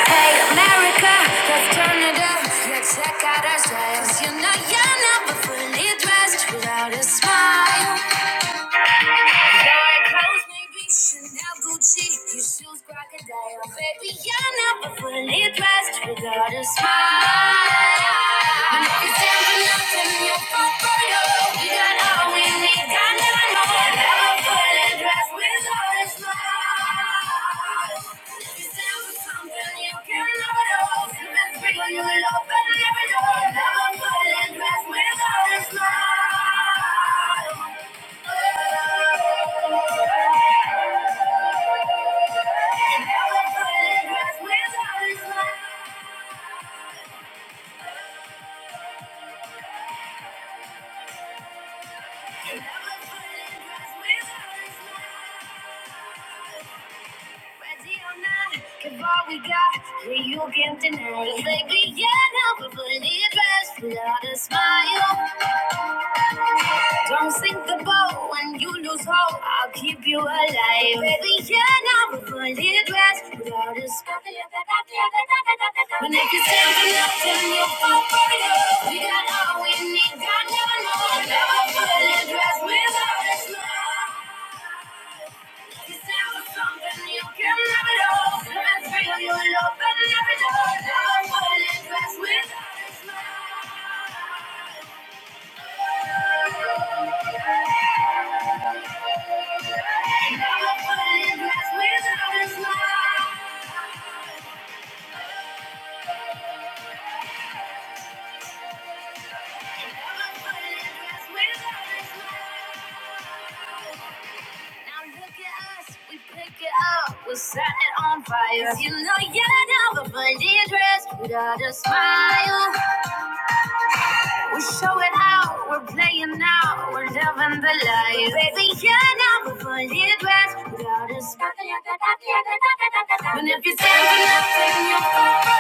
S1: Hey, America, let's turn it up. Let's check out our styles. You know you're never fully dressed without a smile. Your clothes may be Chanel, Gucci, your shoes crocodile. Baby, you're never fully dressed without a smile. And if you stand for nothing, you're for photo. You got all we need, I never more. Never fully dressed without a smile. Thank you. Ready or not, give all we got, yeah, you can deny it. Baby, yeah, now we're fully dressed without a smile. Don't sink the boat when you lose hope, I'll keep you alive. Baby, yeah, now we're fully dressed without a smile. But if you stand for nothing, you'll fall for it. We got all we need, God never knows. more. Never fully dressed without a smile. Without a smile. Now look at us, we pick it up, we set it on fire. You know you never believe dress without a smile. We're showing out, we're playing out, we're loving the life. Baby, you're never fully dressed without a smile. And if you're taking up, taking your phone,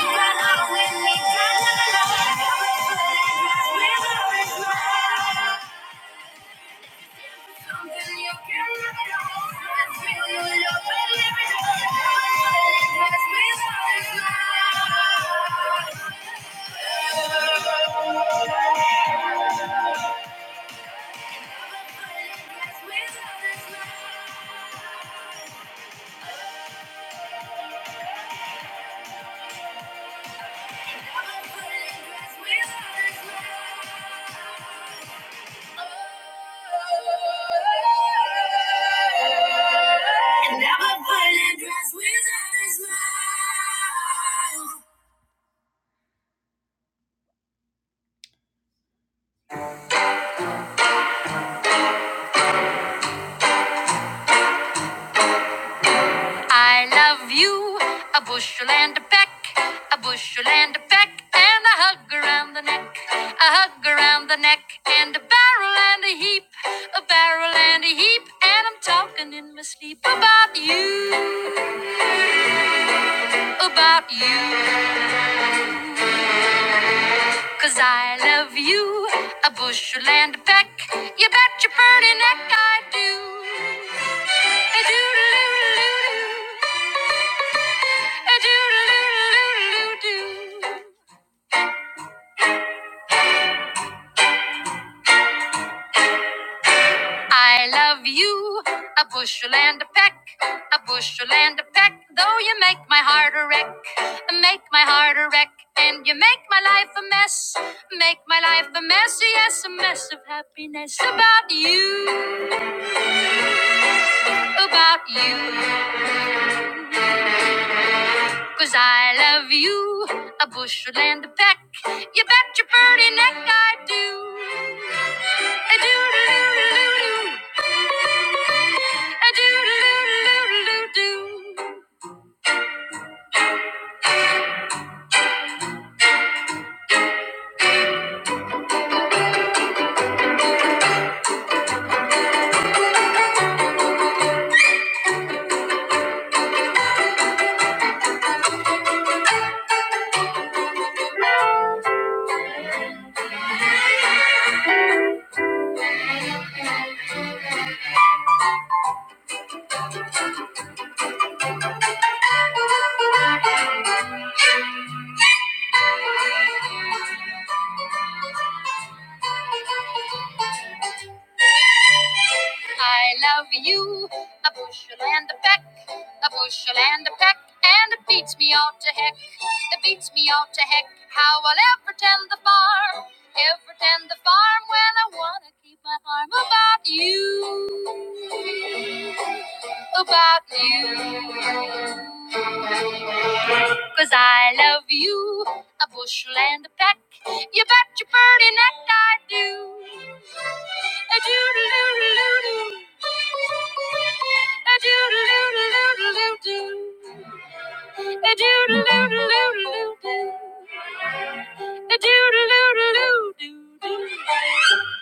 S1: you got out with me. Got out with me. And never put a dress without a smile. I love you, a bushel and a peck, a bushel and a peck, and a hug around the neck, a hug around the neck, and a barrel and a heap, a barrel and a heap, and I'm talking in my sleep about you, about you. Cause I love you, a bushel and a peck. You bet your pretty neck I do. A doodle-oo-doo-doo. A doodle-oo-doo-doo-doo. I love you, a bushel and a peck, a bushel and a peck, though you make my heart a wreck, make my heart a wreck, and you make my life a mess, make my life a mess, yes, a mess of happiness about you. about you, 'cause I love you a bushel and a peck. You bet your pretty neck I do. I love you a bushel and a peck. A bushel and a peck. And it beats me all to heck. It beats me all to heck. How I'll ever tend the farm. Ever tend the farm when I wanna keep my arm about you. About you. Cause I love you, a bushel and a peck. You bet your pretty neck I do. A doodle-doodle-doodle. A doodle-doodle-doodle-doo. A doodle-doodle-doodle-doo. A doodle-doodle-doo-doo-doo.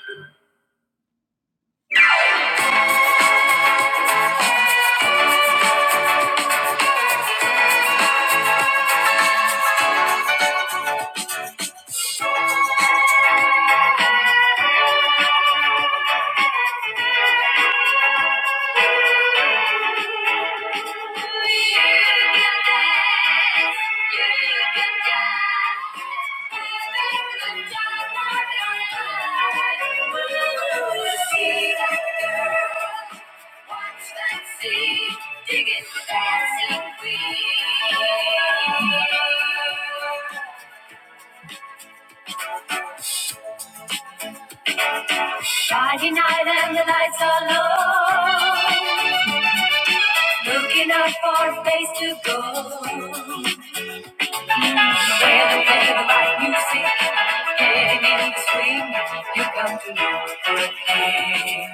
S1: Friday night and the lights are low, looking up for a place to go. Feeling, feeling like music, getting in the swing, you come to know the pain.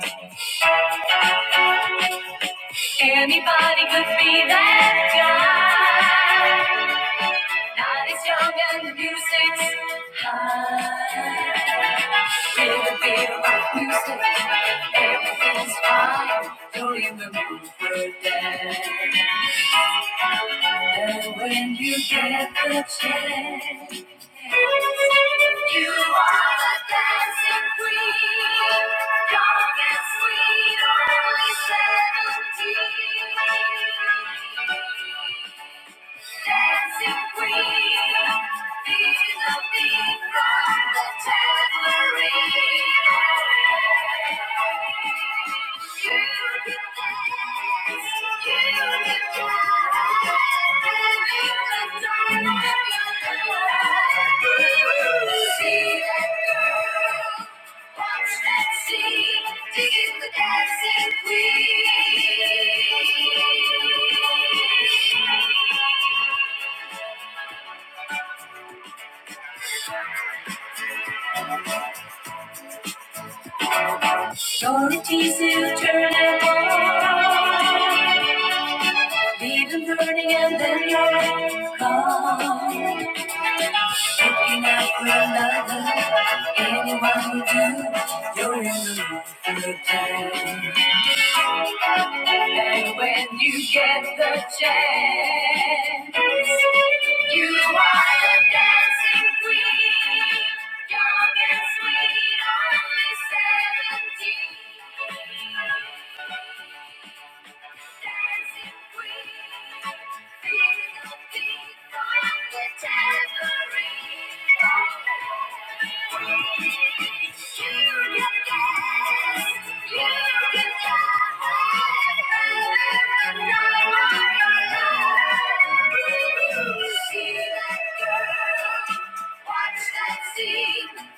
S1: Anybody could be that guy. Not as young and the music's high. Feel the beat of rock music, everything's fine. You're in the mood for dance. And when you get the chance, you are the dancing queen, young and sweet, only seventeen. Dancing queen, feel the beat from the tambourine. Gonna tease you, turn it on. Leave them burning and then you're gone. Looking out for another, anyone would do. You're in the mood for the time. And when you get the chance, you are the dancing queen, young and sweet, only 17. Dancing queen, feel the beat of the tambourine.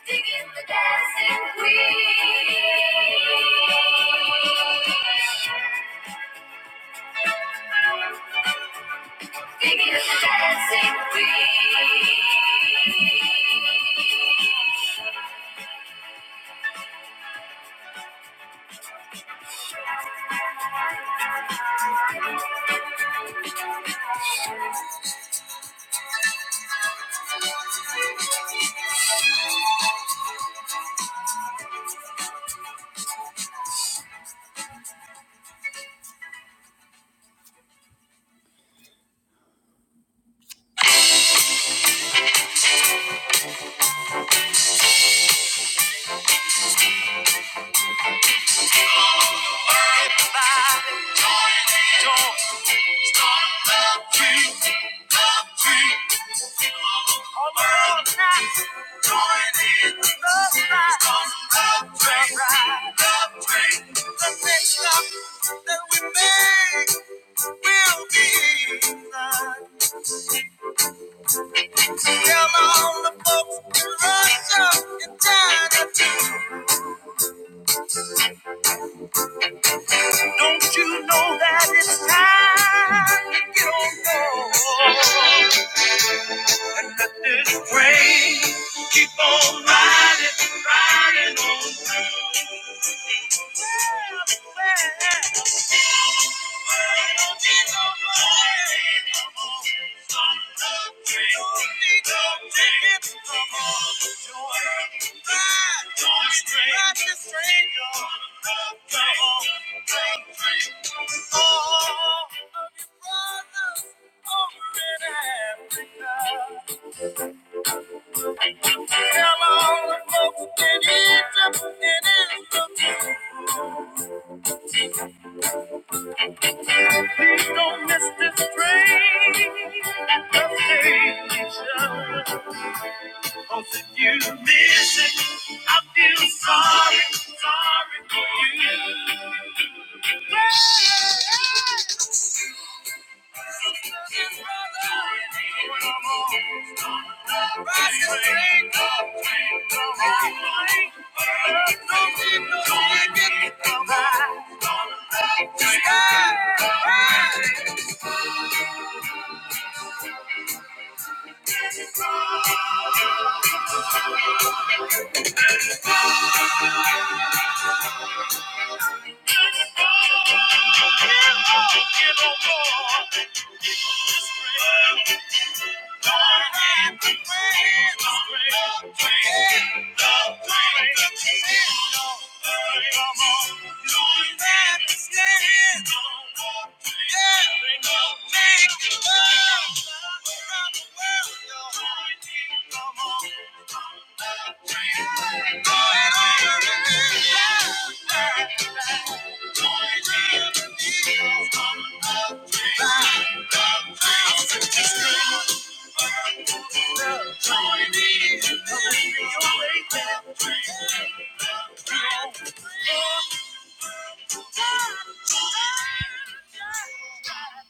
S1: Digging the dancing queen. Don't you know that it's time to get on board? and let this rain keep on riding, riding on. Thank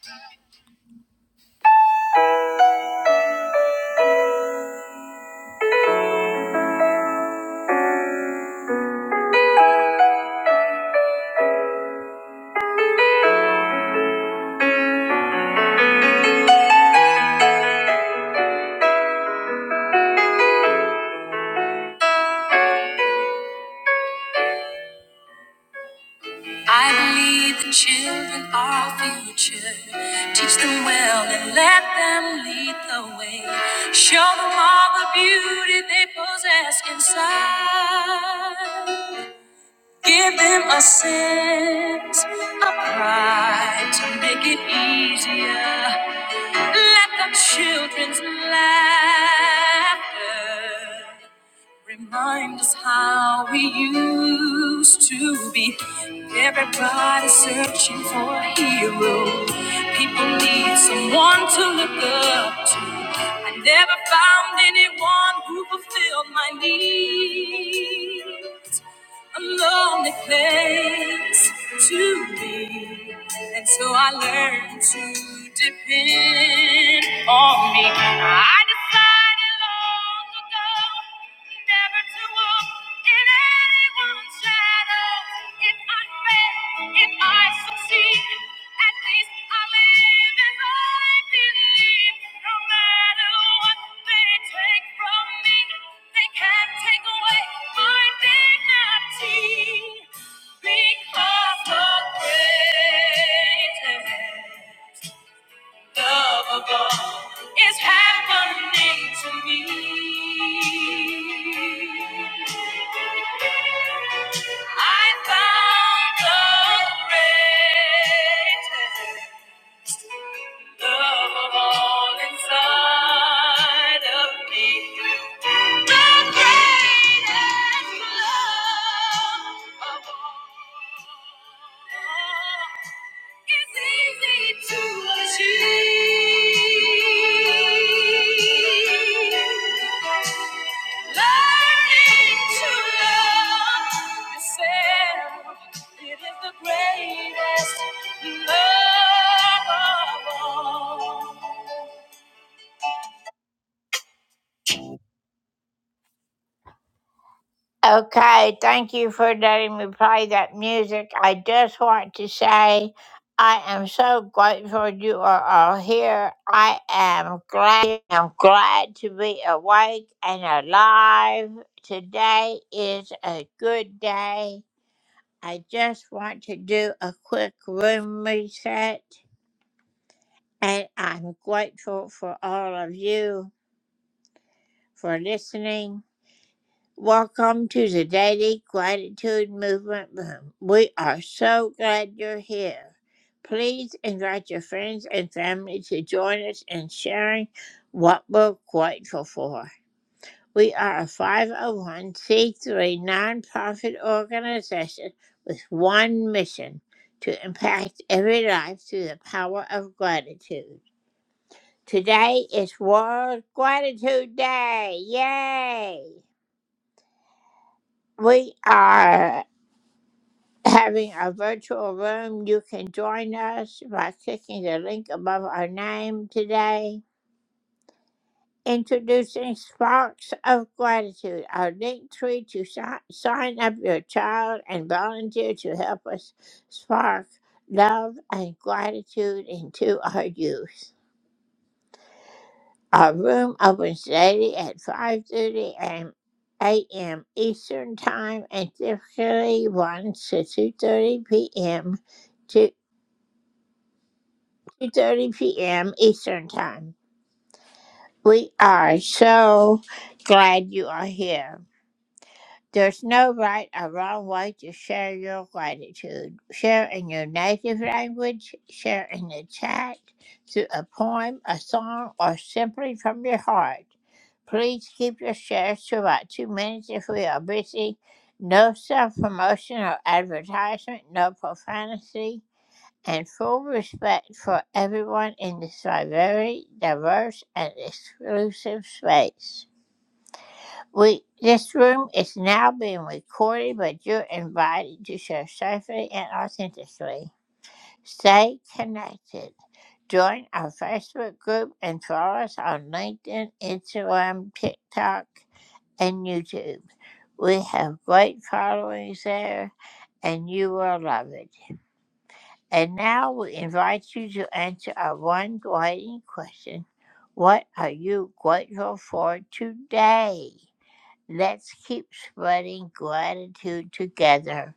S1: you. I believe the children are our future. Teach them well and let them lead the way. Show them all the beauty they possess inside. Give them a sense of pride to make it easier. Let the children's laughter Remind us how we used to be. Everybody searching for a hero. People need someone to look up to. I never found anyone who fulfilled my need a lonely place to be. And so I learned to depend on me. I decided long ago never to walk in anyone's shadow. If I fail, if I succeed, at least I live as I believe. No matter what they take from me, they can't take away my dignity because of greatness. Unlovable is happening to me. I found the greatest love of all inside of me. The greatest love of all. It's easy to achieve. Learning to love yourself. It is the greatest love of all. Okay, thank you for letting me play that music. I just want to say I am so grateful you are all here. I am glad I'm glad to be awake and alive. Today is a good day. I just want to do a quick room reset and I'm grateful for all of you for listening. Welcome to the Daily Gratitude Movement Room. We are so glad you're here. Please invite your friends and family to join us in sharing what we're grateful for. We are a 501c3 nonprofit organization with one mission to impact every life through the power of gratitude. Today is World Gratitude Day. Yay! We are. having a virtual room. You can join us by clicking the link above our name today. Introducing Sparks of Gratitude, our link tree to si- sign up your child and volunteer to help us spark love and gratitude into our youth. Our room opens daily at 5.30 a.m. a.m. a m. Eastern Time and typically runs to 2.30 p.m 2:30 p.m. Eastern Time. We are so glad you are here. There's no right or wrong way to share your gratitude. Share in your native language, share in the chat, through a poem, a song, or simply from your heart. Please keep your shares to about two minutes if we are busy. No self promotion or advertisement, no profanity and full respect for everyone in this very diverse and exclusive space. We, this room is now being recorded, but you're invited to share safely and authentically. Stay connected. Join our Facebook group and follow us on LinkedIn, Instagram, TikTok, and YouTube. We have great followings there, and you will love it. And now we invite you to answer our one guiding question What are you grateful for today? Let's keep spreading gratitude together.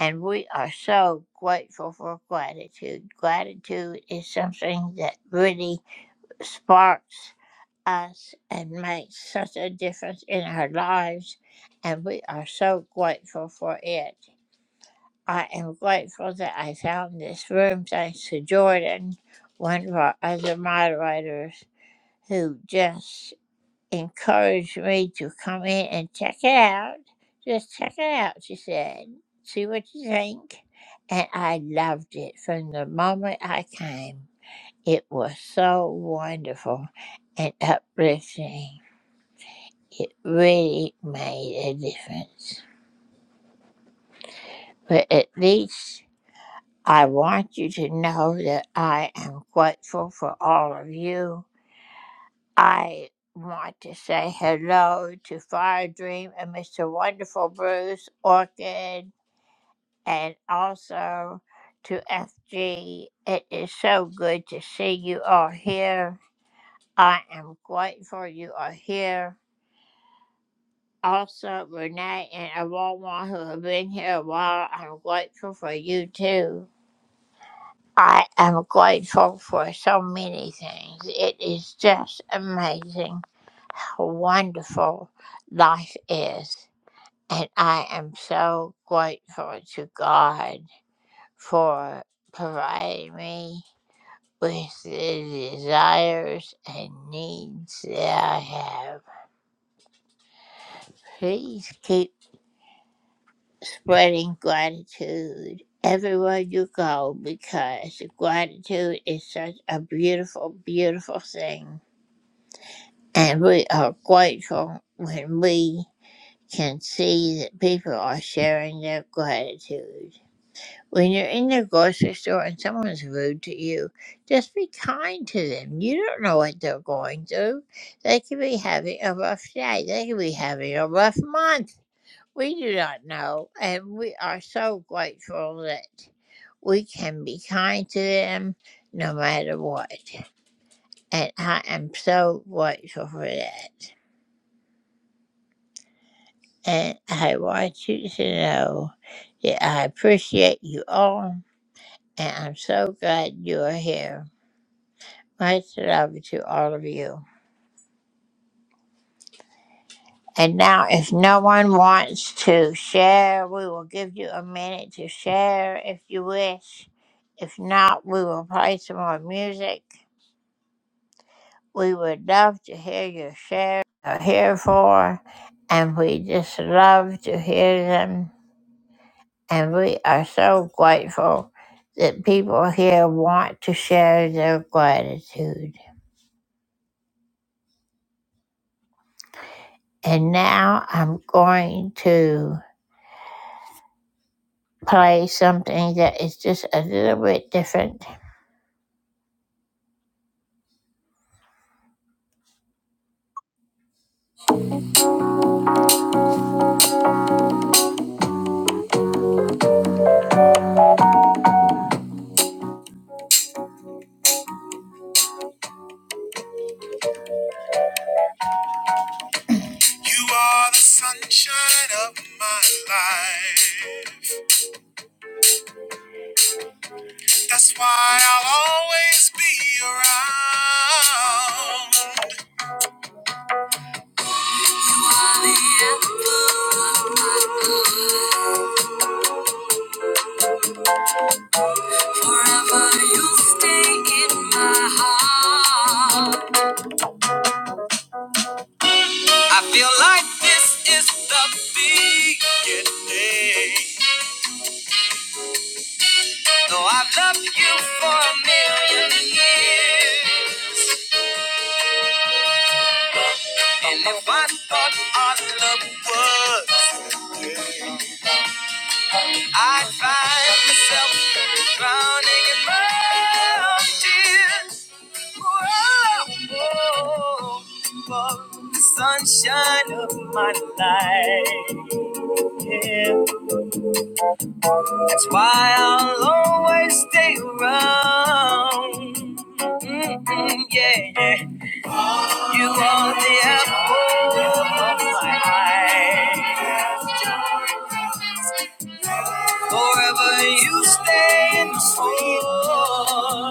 S1: And we are so grateful for gratitude. Gratitude is something that really sparks us and makes such a difference in our lives. And we are so grateful for it. I am grateful that I found this room thanks to Jordan, one of our other moderators, who just encouraged me to come in and check it out. Just check it out, she said. See what you think. And I loved it from the moment I came. It was so wonderful and uplifting. It really made a difference. But at least I want you to know that I am grateful for all of you. I want to say hello to Fire Dream and Mr. Wonderful Bruce, Orchid, and also to FG. It is so good to see you all here. I am grateful you are here. Also, Renee and Awawa, who have been here a while, I'm grateful for you too. I am grateful for so many things. It is just amazing how wonderful life is. And I am so grateful to God for providing me with the desires and needs that I have. Please keep spreading gratitude everywhere you go because gratitude is such a beautiful, beautiful thing. And we are grateful when we can see that people are sharing their gratitude. When you're in the grocery store and someone's rude to you, just be kind to them. You don't know what they're going through. They could be having a rough day, they could be having a rough month. We do not know, and we are so grateful that we can be kind to them no matter what. And I am so grateful for that. And I want you to know that I appreciate you all, and I'm so glad you are here. Much love to all of you. And now, if no one wants to share, we will give you a minute to share if you wish. If not, we will play some more music. We would love to hear your share. Are here for, and we just love to hear them. And we are so grateful that people here want to share their gratitude. And now I'm going to play something that is just a little bit different. You are the sunshine of my life. That's why I'll always be around. I feel like this is the beginning. Though I've loved you for a million years, and if I thought our love was, I'd find myself drowning in my own tears. Whoa, whoa, whoa, the sunshine of my life. That's why I'll always stay around. Mm-mm, yeah, yeah. You are the apple of my eye. Forever you stay in my soul.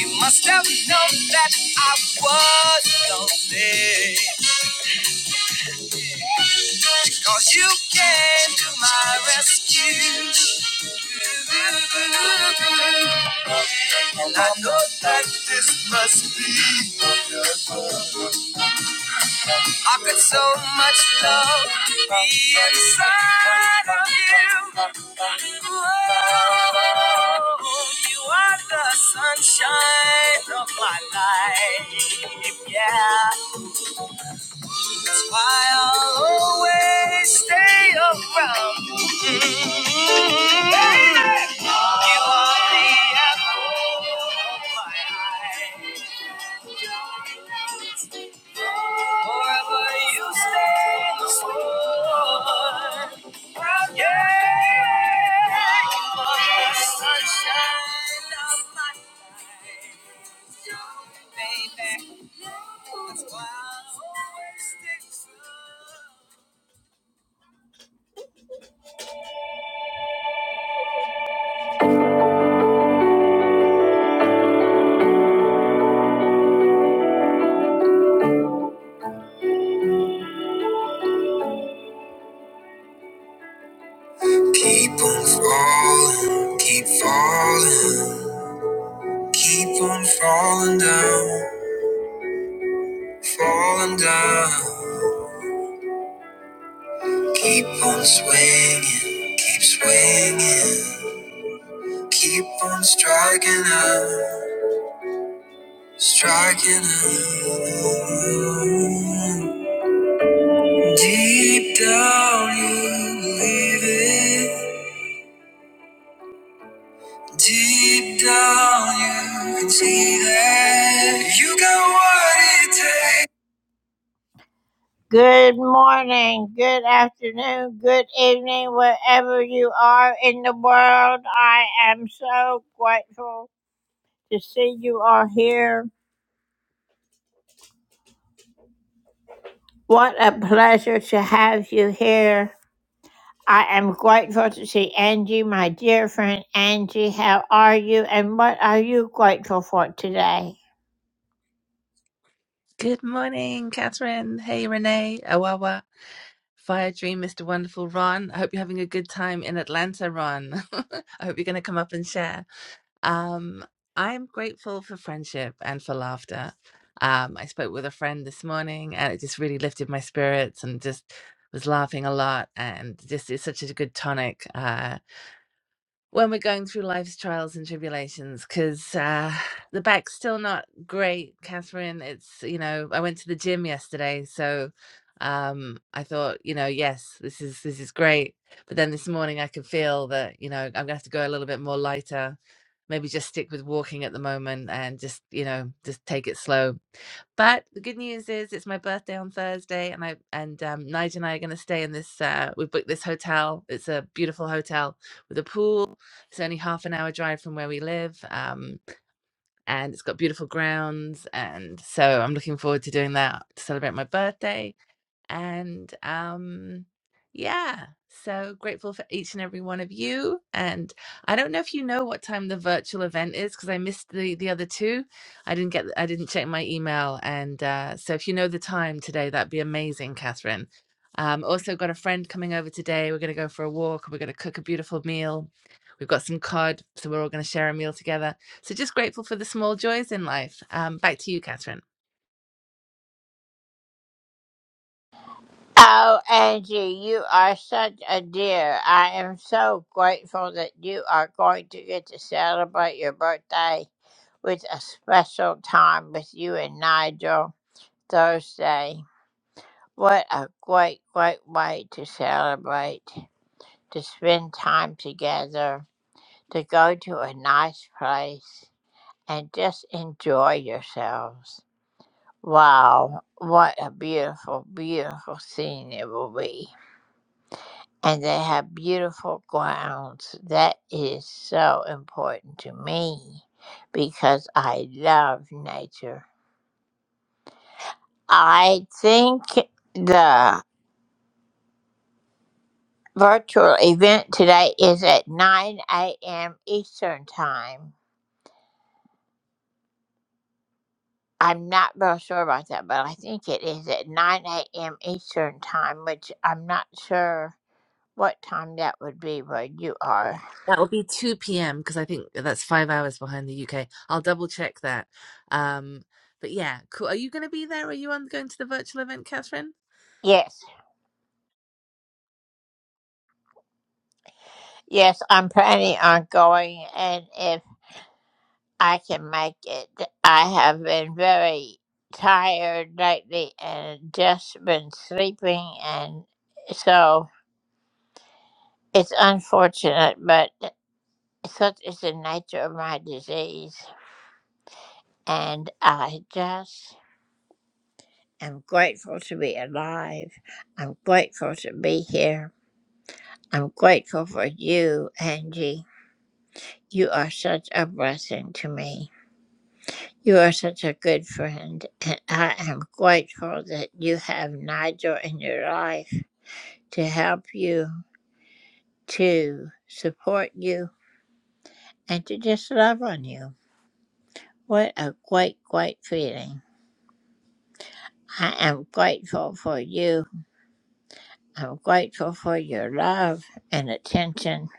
S1: You must have known that I was lonely. Because you came to my rescue. And I know that this must be. I got so much love to be inside of you. Oh, you are the sunshine of my life. Yeah, why I'll always stay around. Baby, you are the apple of my eye. Forever you stay the sweet. Keep on falling, keep falling, keep on falling down, falling down. Keep on swinging, keep swinging, keep on striking out, striking out. Deep down you believe it. Deep down you can see that you got what it takes. Good morning, good afternoon, good evening, wherever you are in the world. I am so grateful to see you all here. What a pleasure to have you here. I am grateful to see Angie, my dear friend Angie. How are you and what are you grateful for today?
S5: Good morning, Catherine. Hey, Renee, Awawa, Fire Dream, Mr. Wonderful Ron. I hope you're having a good time in Atlanta, Ron. I hope you're going to come up and share. Um, I'm grateful for friendship and for laughter. Um, I spoke with a friend this morning and it just really lifted my spirits and just was laughing a lot and just is such a good tonic. Uh when we're going through life's trials and tribulations because uh, the back's still not great catherine it's you know i went to the gym yesterday so um i thought you know yes this is this is great but then this morning i could feel that you know i'm gonna have to go a little bit more lighter maybe just stick with walking at the moment and just you know just take it slow but the good news is it's my birthday on Thursday, and I and um, Nigel and I are going to stay in this. Uh, we booked this hotel. It's a beautiful hotel with a pool. It's only half an hour drive from where we live, um, and it's got beautiful grounds. And so I'm looking forward to doing that to celebrate my birthday and um, yeah, so grateful for each and every one of you. And I don't know if you know what time the virtual event is because I missed the the other two. I didn't get I didn't check my email. And uh, so if you know the time today, that'd be amazing, Catherine. Um, also got a friend coming over today. We're gonna go for a walk. We're gonna cook a beautiful meal. We've got some cod, so we're all gonna share a meal together. So just grateful for the small joys in life. Um, back to you, Catherine.
S1: Oh, Angie, you are such a dear. I am so grateful that you are going to get to celebrate your birthday with a special time with you and Nigel Thursday. What a great, great way to celebrate, to spend time together, to go to a nice place. and just enjoy yourselves. Wow, what a beautiful, beautiful scene it will be. And they have beautiful grounds. That is so important to me because I love nature. I think the virtual event today is at 9 a.m. Eastern Time. I'm not real sure about that, but I think it is at 9 a.m. Eastern Time, which I'm not sure what time that would be where you are.
S5: That will be 2 p.m. because I think that's five hours behind the UK. I'll double check that. Um, but yeah, cool. Are you going to be there? Are you on going to the virtual event, Catherine?
S1: Yes, yes, I'm planning on going, and if I can make it, I have been very tired lately and just been sleeping, and so it's unfortunate, but such is the nature of my disease, and I just am grateful to be alive. I'm grateful to be here. I'm grateful for you, Angie. You are such a blessing to me. You are such a good friend, and I am grateful that you have Nigel in your life to help you, to support you, and to just love on you. What a great, great feeling. I am grateful for you. I'm grateful for your love and attention.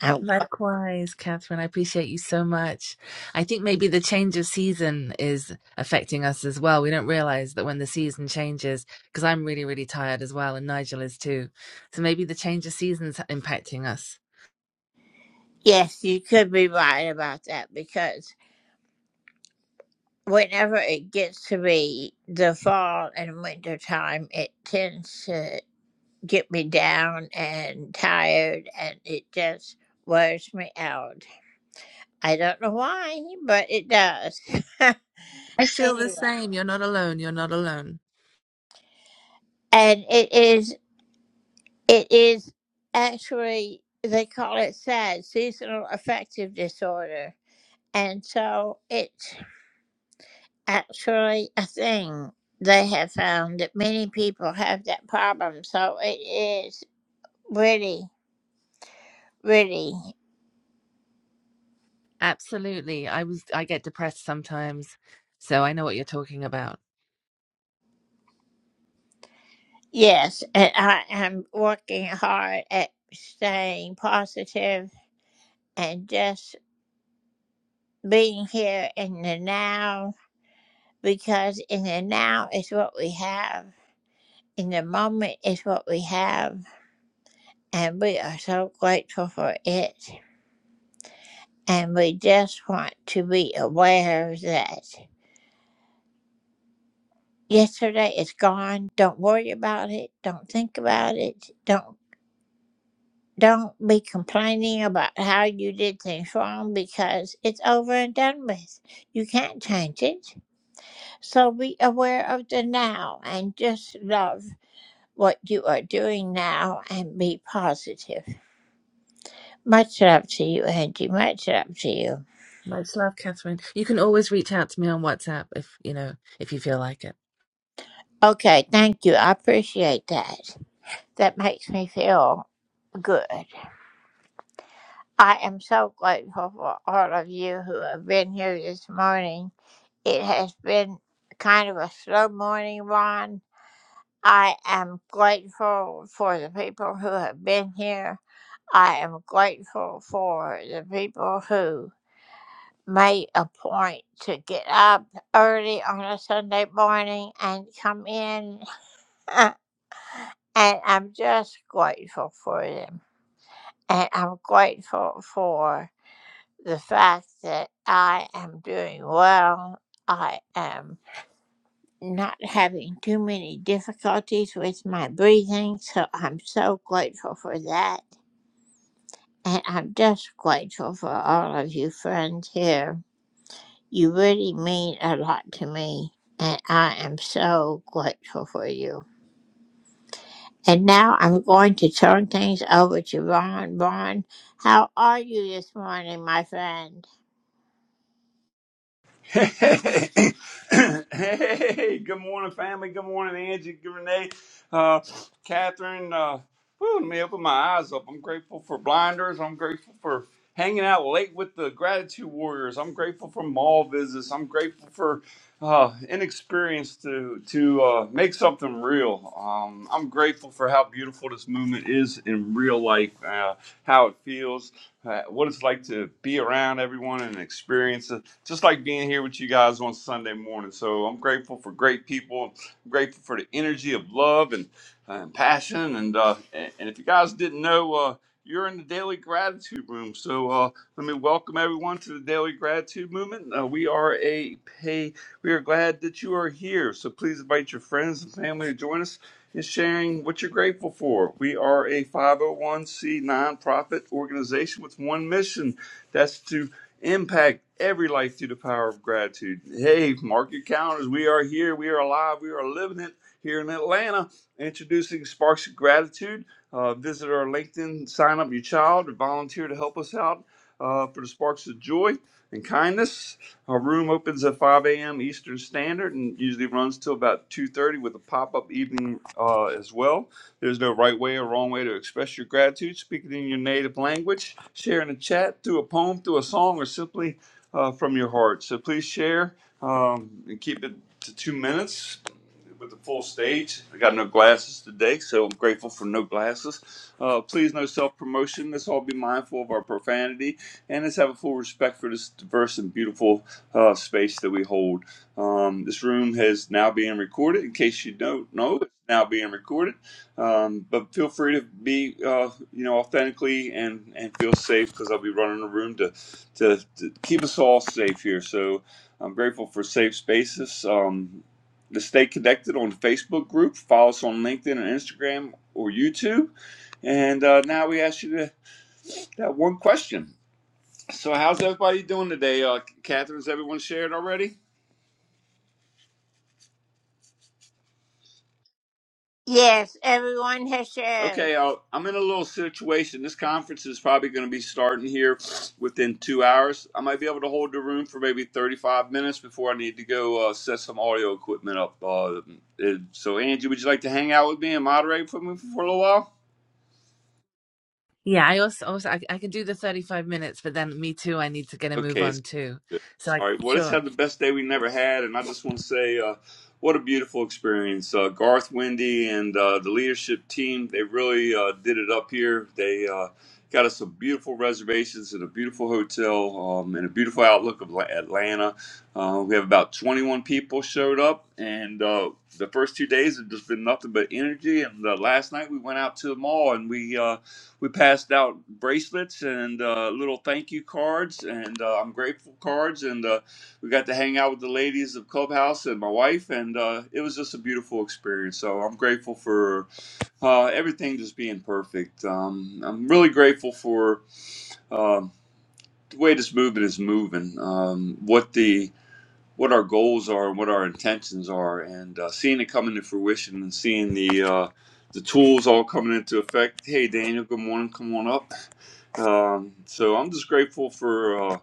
S1: I'm,
S5: Likewise, Catherine, I appreciate you so much. I think maybe the change of season is affecting us as well. We don't realize that when the season changes, because I'm really, really tired as well, and Nigel is too. So maybe the change of season's impacting us.
S1: yes, you could be right about that because whenever it gets to be the fall and winter time, it tends to get me down and tired, and it just wears me out. I don't know why, but it does.
S5: I feel the
S1: anyway,
S5: same. You're not alone. You're not alone.
S1: and it is it is actually they call it SAD, seasonal affective disorder, and so it's actually a thing. They have found that many people have that problem, so it is. Really, really,
S5: Absolutely. I was I get depressed sometimes, so I know what you're talking about.
S1: yes. And I am working hard at staying positive and just being here in the now because in the now is what we have, in the moment is what we have, and we are so grateful for it. And we just want to be aware that yesterday is gone. Don't worry about it. Don't think about it. Don't Don't be complaining about how you did things wrong because it's over and done with. You can't change it. So be aware of the now and just love what you are doing now and be positive. Much love to you, Angie. Much love to you.
S5: Much love, Catherine. You can always reach out to me on WhatsApp if you know if you feel like it.
S1: Okay, thank you. I appreciate that. That makes me feel good. I am so grateful for all of you who have been here this morning. It has been kind of a slow morning, Ron. I am grateful for the people who have been here. I am grateful for the people who made a point to get up early on a Sunday morning and come in. and I'm just grateful for them. And I'm grateful for the fact that I am doing well, I am not having too many difficulties with my breathing, so I'm so grateful for that. And I'm just grateful for all of you friends here. You really mean a lot to me, and I am so grateful for you. And now I'm going to turn things over to Ron. Ron, how are you this morning, my friend?
S6: Hey, hey, good morning, family. Good morning, Angie, good Renee, uh, Catherine. Uh, whew, let me open my eyes up. I'm grateful for blinders. I'm grateful for hanging out late with the gratitude warriors. I'm grateful for mall visits. I'm grateful for uh, inexperience to to uh, make something real. Um, I'm grateful for how beautiful this movement is in real life, uh, how it feels uh, what it's like to be around everyone and experience it, just like being here with you guys on Sunday morning. So I'm grateful for great people. I'm grateful for the energy of love and, uh, and passion. And, uh, and and if you guys didn't know, uh, you're in the Daily Gratitude Room. So uh, let me welcome everyone to the Daily Gratitude Movement. Uh, we are a pay. We are glad that you are here. So please invite your friends and family to join us is sharing what you're grateful for. We are a 501c nonprofit organization with one mission that's to impact every life through the power of gratitude. Hey, mark your calendars. We are here. We are alive. We are living it here in Atlanta, introducing Sparks of Gratitude. Uh, visit our LinkedIn, sign up your child, or volunteer to help us out uh, for the Sparks of Joy and Kindness. Our room opens at 5 a.m. Eastern Standard and usually runs till about 2:30 with a pop-up evening uh, as well. There's no right way or wrong way to express your gratitude. Speak it in your native language, share in a chat, through a poem, through a song, or simply uh, from your heart. So please share um, and keep it to two minutes with the full stage. I got no glasses today, so I'm grateful for no glasses. Uh, please, no self promotion. Let's all be mindful of our profanity and let's have a full respect for this diverse and beautiful uh, space that we hold. Um, this room has now being recorded. In case you don't know, it's now being recorded. Um, but feel free to be, uh, you know, authentically and and feel safe because I'll be running the room to, to to keep us all safe here. So I'm grateful for safe spaces. Um, to stay connected on the Facebook group, follow us on LinkedIn and Instagram or YouTube. And uh, now we ask you to, that one question. So, how's everybody doing today? Uh, Catherine, has everyone shared already?
S1: Yes, everyone has shared.
S6: Okay, uh, I'm in a little situation. This conference is probably going to be starting here within two hours. I might be able to hold the room for maybe 35 minutes before I need to go uh, set some audio equipment up. Uh, uh, so, Angie, would you like to hang out with me and moderate for me for a little while?
S5: Yeah, I also, also I, I could do the 35 minutes, but then me too, I need to get a move
S6: Okay.
S5: on too.
S6: Good.
S5: So I
S6: All right. Well, let's
S5: sure.
S6: have the best day we never had. And I just want to say, uh, what a beautiful experience. Uh, Garth, Wendy, and uh, the leadership team, they really uh, did it up here. They uh, got us some beautiful reservations in a beautiful hotel um, and a beautiful outlook of La- Atlanta. Uh, we have about 21 people showed up. And uh, the first two days have just been nothing but energy. And uh, last night we went out to the mall and we. uh, we passed out bracelets and uh, little thank you cards and uh, I'm grateful cards and uh, we got to hang out with the ladies of Clubhouse and my wife and uh, it was just a beautiful experience. So I'm grateful for uh, everything just being perfect. Um, I'm really grateful for um the way this movement is moving, um, what the what our goals are and what our intentions are, and uh, seeing it come into fruition and seeing the uh, the tools all coming into effect. Hey, Daniel, good morning. Come on up. Um, so I'm just grateful for uh,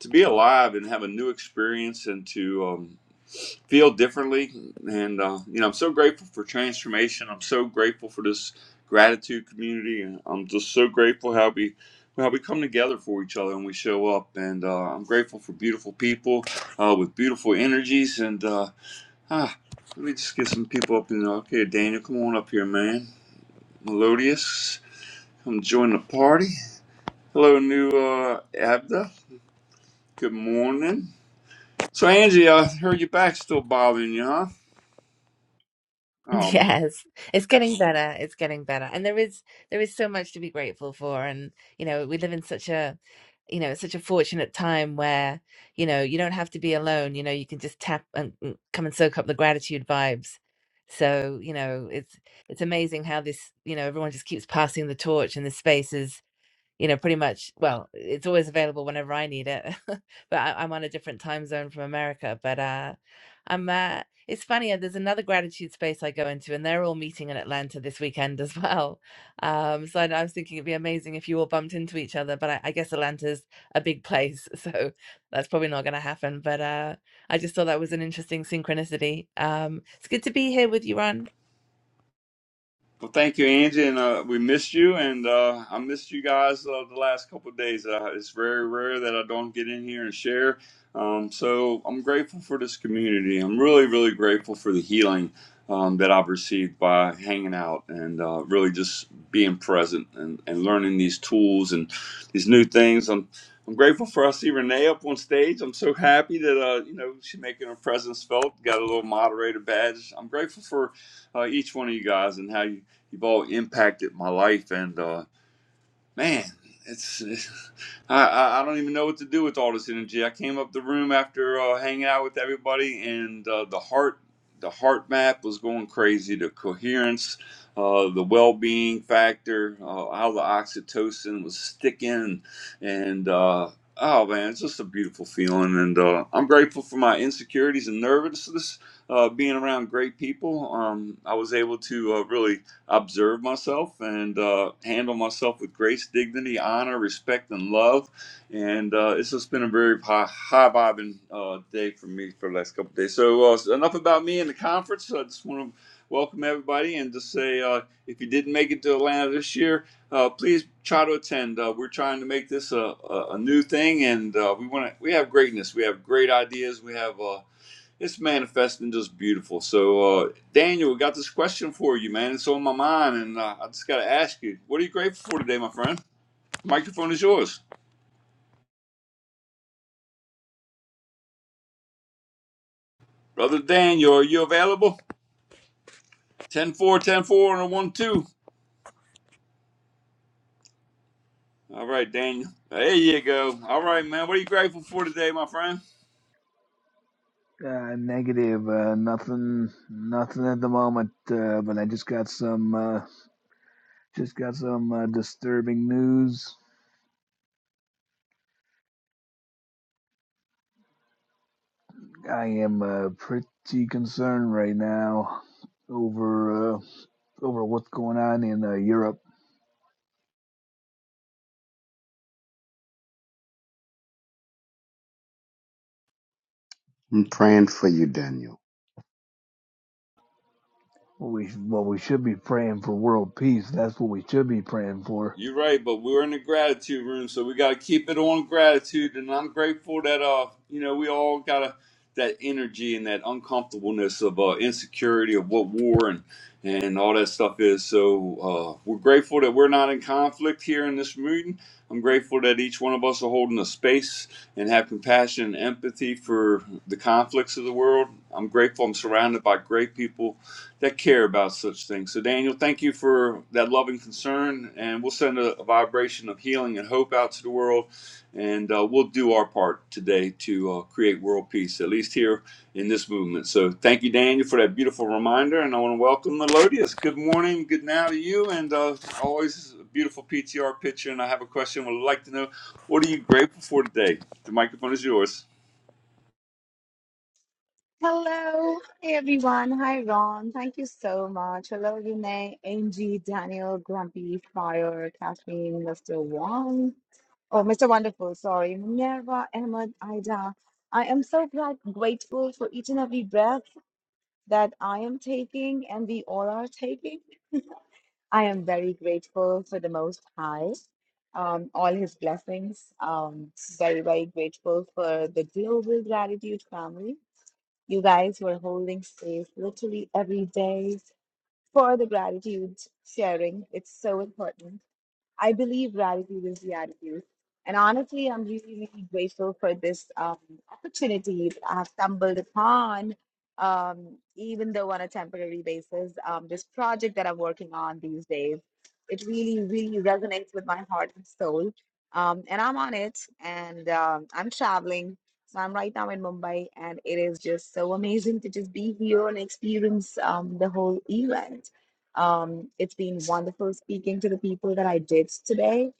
S6: to be alive and have a new experience and to um, feel differently. And uh, you know, I'm so grateful for transformation. I'm so grateful for this gratitude community. And I'm just so grateful how we how we come together for each other and we show up. And uh, I'm grateful for beautiful people uh, with beautiful energies. And uh, ah, let me just get some people up in. Okay, Daniel, come on up here, man. Melodious, come join the party. Hello, new uh, Abda. Good morning. So, Angie, I heard your back still bothering you, huh? Oh,
S5: Yes. It's getting better. It's getting better. And there is there is so much to be grateful for and you know, we live in such a you know, such a fortunate time where, you know, you don't have to be alone, you know, you can just tap and and come and soak up the gratitude vibes. So, you know, it's it's amazing how this, you know, everyone just keeps passing the torch and the space is. you know, pretty much, well, it's always available whenever I need it. but I, I'm on a different time zone from America. But uh, I'm, uh, it's funny, uh, there's another gratitude space I go into, and they're all meeting in Atlanta this weekend as well. Um, so I, I was thinking it'd be amazing if you all bumped into each other, but I, I guess Atlanta's a big place. So that's probably not going to happen. But uh, I just thought that was an interesting synchronicity. Um, it's good to be here with you, Ron.
S6: Well, thank you, Angie, and uh, we missed you, and uh, I missed you guys uh, the last couple of days. Uh, it's very rare that I don't get in here and share. Um, so I'm grateful for this community. I'm really, really grateful for the healing um, that I've received by hanging out and uh, really just being present and, and learning these tools and these new things. I'm I'm grateful for I see Renee up on stage. I'm so happy that uh, you know she's making her presence felt. Got a little moderator badge. I'm grateful for uh, each one of you guys and how you you've all impacted my life and uh man it's, I, I I don't even know what to do with all this energy i came up the room after uh, hanging out with everybody and uh, the heart the heart map was going crazy the coherence uh, the well-being factor uh, how the oxytocin was sticking and uh Oh man, it's just a beautiful feeling, and uh, I'm grateful for my insecurities and nervousness. Uh, being around great people, um, I was able to uh, really observe myself and uh, handle myself with grace, dignity, honor, respect, and love. And uh, it's just been a very high, high vibing uh, day for me for the last couple of days. So, uh, so enough about me and the conference. I just want to welcome everybody and just say uh, if you didn't make it to Atlanta this year, uh, please try to attend. Uh, we're trying to make this a, a, a new thing, and uh, we want to. We have greatness. We have great ideas. We have. uh, it's manifesting just beautiful. So, uh, Daniel, got this question for you, man. It's on my mind, and uh, I just got to ask you, what are you grateful for today, my friend? Microphone is yours. Brother Daniel, are you available? 10 4, 10 4, and a 1 2. All right, Daniel. There you go. All right, man. What are you grateful for today, my friend?
S7: Uh, negative. Uh, nothing. Nothing at the moment. Uh, but I just got some. Uh, just got some uh, disturbing news. I am uh, pretty concerned right now over uh, over what's going on in uh, Europe.
S8: I'm praying for you, Daniel.
S7: What we well we should be praying for world peace. That's what we should be praying for.
S6: You're right, but we're in the gratitude room, so we got to keep it on gratitude. And I'm grateful that uh, you know, we all got to that energy and that uncomfortableness of uh, insecurity of what war and and all that stuff is. So uh, we're grateful that we're not in conflict here in this meeting. I'm grateful that each one of us are holding a space and have compassion and empathy for the conflicts of the world. I'm grateful I'm surrounded by great people people that care about such things. So, Daniel, thank you for that loving concern, and we'll send a, a vibration of healing and hope out to the world, and uh, we'll do our part today to uh, create world peace, at least here in this movement. So, thank you, Daniel, for that beautiful reminder, and I want to welcome Melodious. Good morning, good now to you, and uh, always a beautiful PTR picture. And I have a question. Would like to know what are you grateful for today? The microphone is yours.
S9: Hello, hey everyone. Hi, Ron. Thank you so much. Hello, Renee, Angie, Daniel, Grumpy, Fire, Kathleen, Mr. Wong. Oh, Mr. Wonderful, sorry. Minerva, Ahmed, Ida. I am so glad, grateful for each and every breath that I am taking and we all are taking. I am very grateful for the Most High, um, all his blessings. Um, very, very grateful for the Global Gratitude family you guys were holding space literally every day for the gratitude sharing. It's so important. I believe gratitude is the attitude. And honestly, I'm really, really grateful for this um, opportunity that I have stumbled upon, um, even though on a temporary basis, um, this project that I'm working on these days. It really, really resonates with my heart and soul. Um, and I'm on it and um, I'm traveling. So I'm right now in Mumbai, and it is just so amazing to just be here and experience um, the whole event. Um, it's been wonderful speaking to the people that I did today.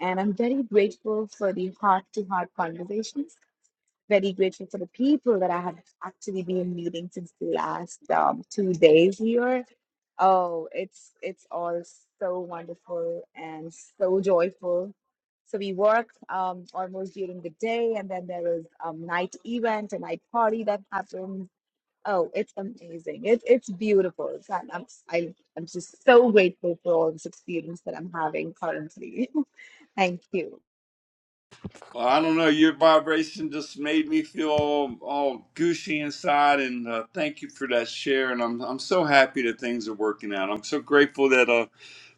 S9: And I'm very grateful for the heart to heart conversations, very grateful for the people that I have actually been meeting since the last um, two days here. Oh, it's it's all so wonderful and so joyful. So we work um, almost during the day, and then there is um, night event, a night party that happens Oh, it's amazing. It, it's beautiful. It's, I'm, I'm, I, I'm just so grateful for all this experience that I'm having currently. Thank you.
S6: Well, I don't know. Your vibration just made me feel all, all gooshy inside, and uh, thank you for that share. And I'm I'm so happy that things are working out. I'm so grateful that uh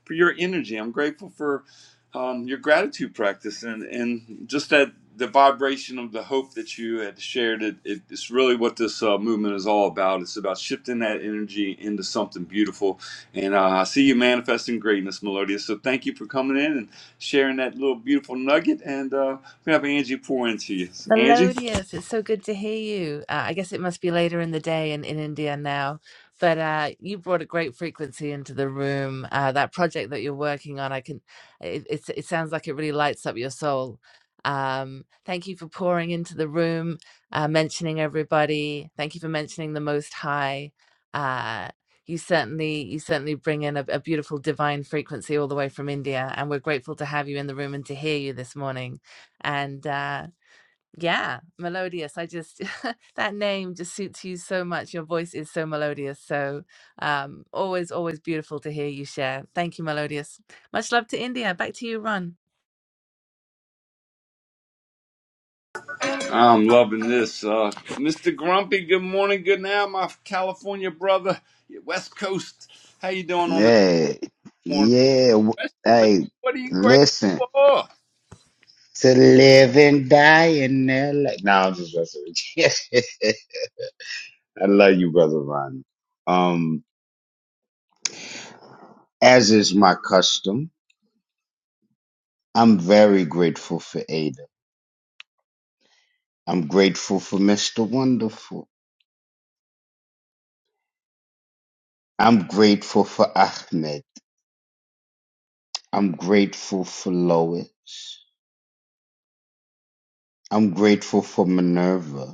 S6: for your energy. I'm grateful for um, your gratitude practice and, and just that the vibration of the hope that you had shared it, it, it's really what this uh, movement is all about it's about shifting that energy into something beautiful and uh, i see you manifesting greatness melodia so thank you for coming in and sharing that little beautiful nugget and uh, we have angie pour into you angie
S5: Melodious. It's so good to hear you. Uh, I guess it must be later in the day in, in India now, but uh, you brought a great frequency into the room. Uh, that project that you're working on, I can. It, it it sounds like it really lights up your soul. Um, thank you for pouring into the room, uh, mentioning everybody. Thank you for mentioning the Most High. Uh, you certainly you certainly bring in a, a beautiful divine frequency all the way from India, and we're grateful to have you in the room and to hear you this morning and. Uh, yeah, melodious. I just that name just suits you so much. Your voice is so melodious. So um always, always beautiful to hear you share. Thank you, Melodious. Much love to India. Back to you, Ron.
S6: i'm loving this uh, mr grumpy good morning good now my california brother west coast how you doing on this
S8: Hey,
S6: morning?
S8: yeah. w-
S6: question, man.
S8: Hey,
S6: What are you grateful
S8: listen.
S6: for?
S8: To live and die in LA. No, I'm just messing with you. I love you, brother Ron. Um, as is my custom, I'm very grateful for Ada. I'm grateful for Mr. Wonderful. I'm grateful for Ahmed. I'm grateful for Lois. I'm grateful for Minerva.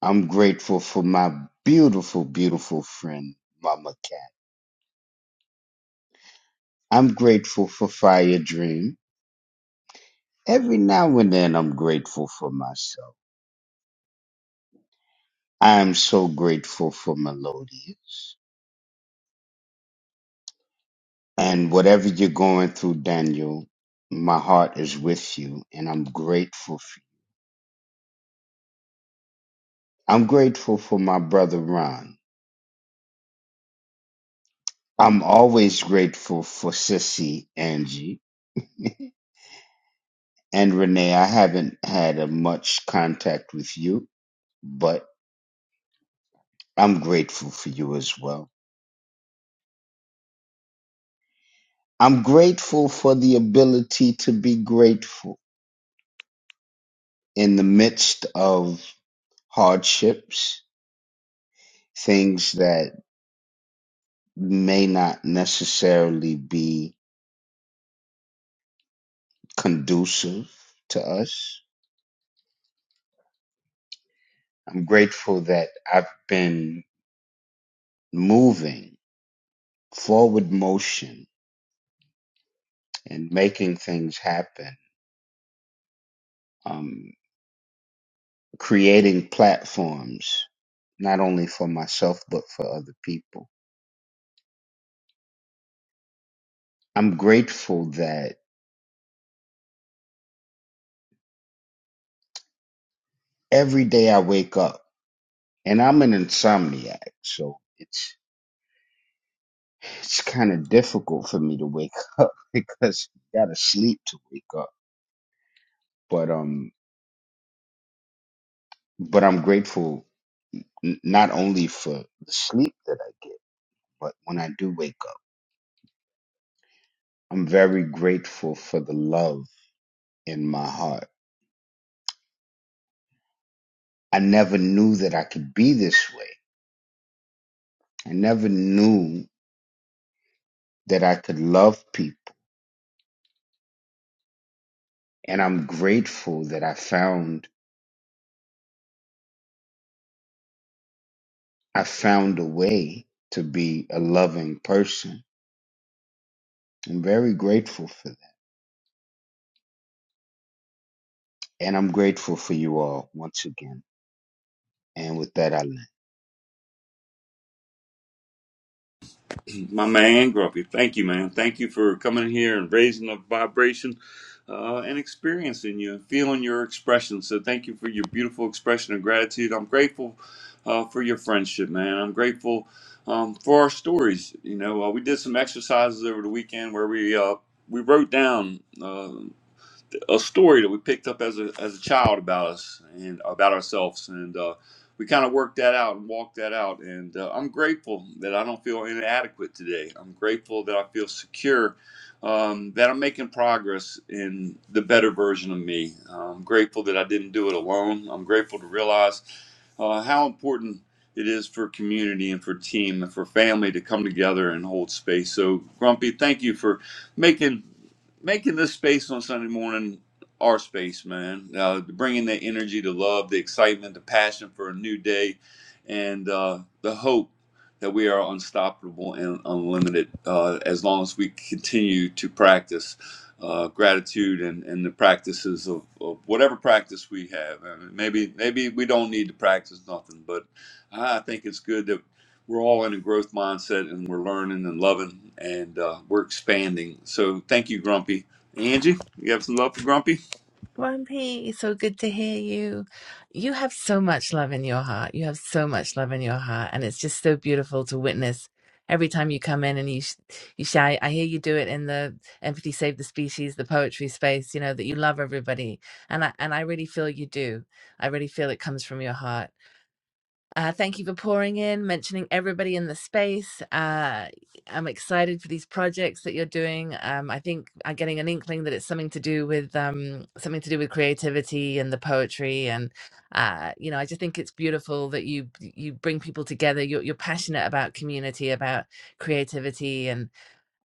S8: I'm grateful for my beautiful, beautiful friend, Mama Cat. I'm grateful for Fire Dream. Every now and then, I'm grateful for myself. I am so grateful for Melodious. And whatever you're going through, Daniel, my heart is with you, and I'm grateful for you. I'm grateful for my brother, Ron. I'm always grateful for Sissy, Angie. And Renee, I haven't had a much contact with you, but I'm grateful for you as well. I'm grateful for the ability to be grateful in the midst of hardships, things that may not necessarily be conducive to us. I'm grateful that I've been moving forward motion and making things happen, um, creating platforms, not only for myself, but for other people. I'm grateful that every day I wake up and I'm an insomniac, so it's it's kind of difficult for me to wake up because you gotta sleep to wake up. But um, but I'm grateful n- not only for the sleep that I get, but when I do wake up, I'm very grateful for the love in my heart. I never knew that I could be this way. I never knew that I could love people, and I'm grateful that I found I found a way to be a loving person. I'm very grateful for that. And I'm grateful for you all once again. And with that, I land.
S6: My man, Grumpy, thank you, man. Thank you for coming here and raising the vibration uh, and experiencing you and feeling your expression. So, thank you for your beautiful expression of gratitude. I'm grateful uh, for your friendship, man. I'm grateful um, for our stories. You know, uh, we did some exercises over the weekend where we uh, we wrote down. Uh, a story that we picked up as a as a child about us and about ourselves, and uh, we kind of worked that out and walked that out. And uh, I'm grateful that I don't feel inadequate today. I'm grateful that I feel secure, um, that I'm making progress in the better version of me. I'm grateful that I didn't do it alone. I'm grateful to realize uh, how important it is for community and for team and for family to come together and hold space. So, Grumpy, thank you for making making this space on Sunday morning our space, man. Uh, bringing that energy, the love, the excitement, the passion for a new day, and uh, the hope that we are unstoppable and unlimited uh, as long as we continue to practice uh, gratitude and, and the practices of, of whatever practice we have. And maybe maybe we don't need to practice nothing, but I think it's good that we're all in a growth mindset and we're learning and loving and uh, we're expanding. So thank you, Grumpy. Angie, you have some love for Grumpy?
S5: Grumpy, so good to hear you. You have so much love in your heart. You have so much love in your heart, and it's just so beautiful to witness. Every time you come in and you sh- you shy, I hear you do it in the Empathy Save the Species, the poetry space. You know that you love everybody, and I and I really feel you do. I really feel it comes from your heart. Uh, thank you for pouring in, mentioning everybody in the space. Uh, I'm excited for these projects that you're doing. Um, I think I'm getting an inkling that it's something to do with um, something to do with creativity and the poetry, and uh, you know, I just think it's beautiful that you you bring people together. You're, you're passionate about community, about creativity, and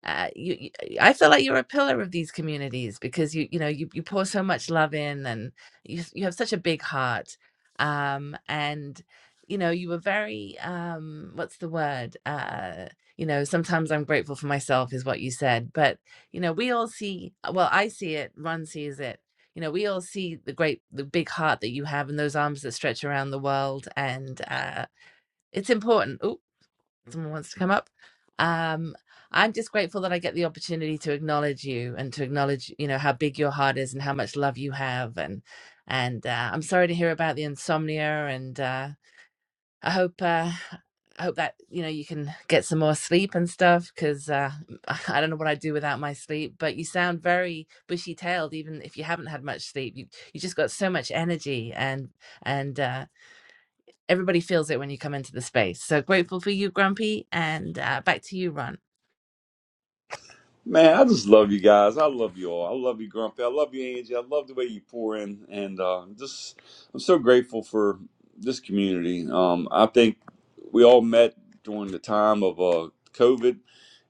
S5: uh, you, you I feel like you're a pillar of these communities because you you know you you pour so much love in and you s- you have such a big heart um and you know you were very um what's the word uh you know sometimes I'm grateful for myself is what you said but you know we all see uh, well I see it Ron sees it you know we all see the great the big heart that you have and those arms that stretch around the world and uh it's important someone wants to come up. Um, I'm just grateful that I get the opportunity to acknowledge you and to acknowledge, you know, how big your heart is and how much love you have. And and uh, I'm sorry to hear about the insomnia. And uh, I hope uh, I hope that you know you can get some more sleep and stuff because uh, I don't know what I'd do without my sleep. But you sound very bushy tailed, even if you haven't had much sleep. You you just got so much energy and and uh, everybody feels it when you come into the space. So grateful for you, Grumpy, and uh, back to you, Ron.
S6: Man, I just love you guys. I love you all. I love you, Grumpy. I love you, Angie. I love the way you pour in, and uh, just I'm so grateful for this community. Um, I think we all met during the time of uh, COVID,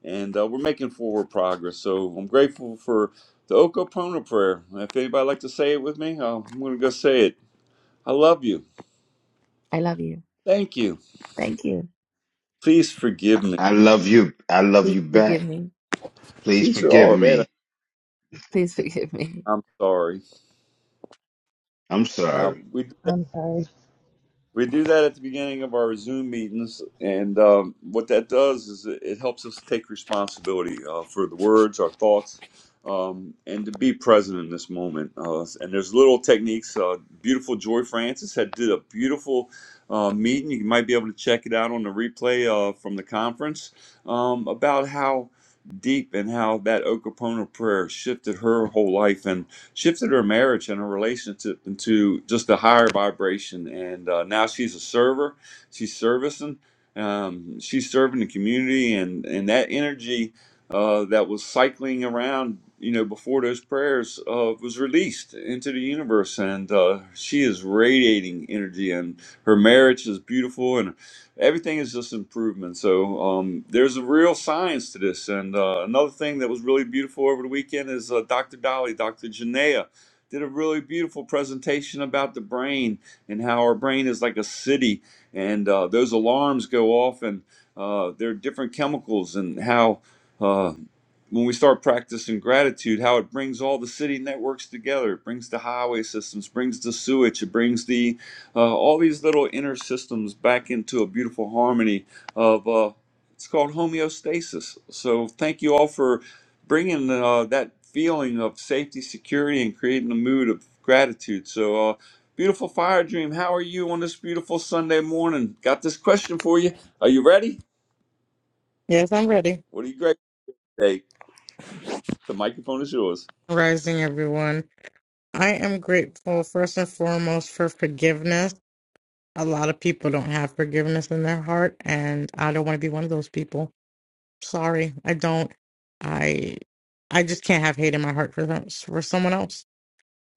S6: and uh, we're making forward progress. So I'm grateful for the Okapona prayer. If anybody like to say it with me, uh, I'm gonna go say it. I love you.
S5: I love you.
S6: Thank you.
S5: Thank you.
S6: Please forgive me.
S8: I love you. I love
S5: Please
S8: you
S5: forgive
S8: back.
S5: me.
S8: Please
S6: Please, for
S8: forgive
S6: oh man,
S8: me.
S5: Please forgive me.
S6: I'm sorry.
S8: I'm
S6: Now
S8: sorry.
S6: we.
S3: I'm sorry.
S6: We do that at the beginning of our Zoom meetings, and um, what that does is it it helps us take responsibility uh, for the words, our thoughts, um, and to be present in this moment. Uh, and there's little techniques. Uh, beautiful Joy Francis had did a beautiful uh, meeting. You might be able to check it out on the replay uh, from the conference um, about how deep and how that Okapona prayer shifted her whole life shifted her marriage and her relationship into just a higher vibration. And uh, now she's a server. She's servicing. Um, she's serving the community, and and that energy uh, that was cycling around, you know, before those prayers uh, was released into the universe, and uh, she is radiating energy, and her marriage is beautiful, and everything is just improvement. So um, there's a real science to this. And uh, another thing that was really beautiful over the weekend is uh, Dr. Dolly, Dr. Janaea, did a really beautiful presentation about the brain and how our brain is like a city, and uh, those alarms go off, and uh, there are different chemicals, and how. Uh, when we start practicing gratitude, how it brings all the city networks together. It brings the highway systems, brings the sewage, it brings the uh, all these little inner systems back into a beautiful harmony of uh, it's called homeostasis. So thank you all for bringing uh, that feeling of safety, security, and creating a mood of gratitude. So uh, beautiful fire dream. How are you on this beautiful Sunday morning? Got this question for you. Are you ready?
S10: Yes, I'm ready.
S6: What are you grateful for today? The microphone is yours.
S10: Rising, everyone. I am grateful first and foremost for forgiveness. A lot of people don't have forgiveness in their heart, and I don't want to be one of those people. Sorry, I don't. I I just can't have hate in my heart for them, for someone else.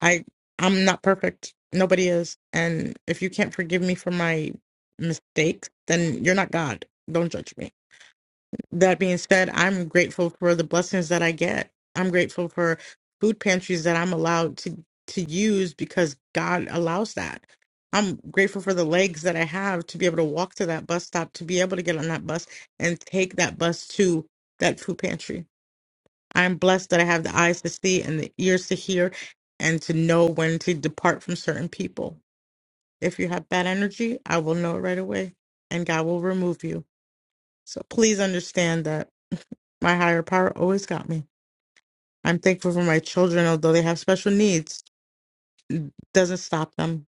S10: I I'm not perfect. Nobody is. And if you can't forgive me for my mistakes, then you're not God. Don't judge me. that being said, I'm grateful for the blessings that I get. I'm grateful for food pantries that I'm allowed to to use because God allows that. I'm grateful for the legs that I have to be able to walk to that bus stop, to be able to get on that bus and take that bus to that food pantry. I'm blessed that I have the eyes to see and the ears to hear and to know when to depart from certain people. If you have bad energy, I will know it right away and God will remove you. So please understand that my higher power always got me. I'm thankful for my children, although they have special needs. Doesn't stop them.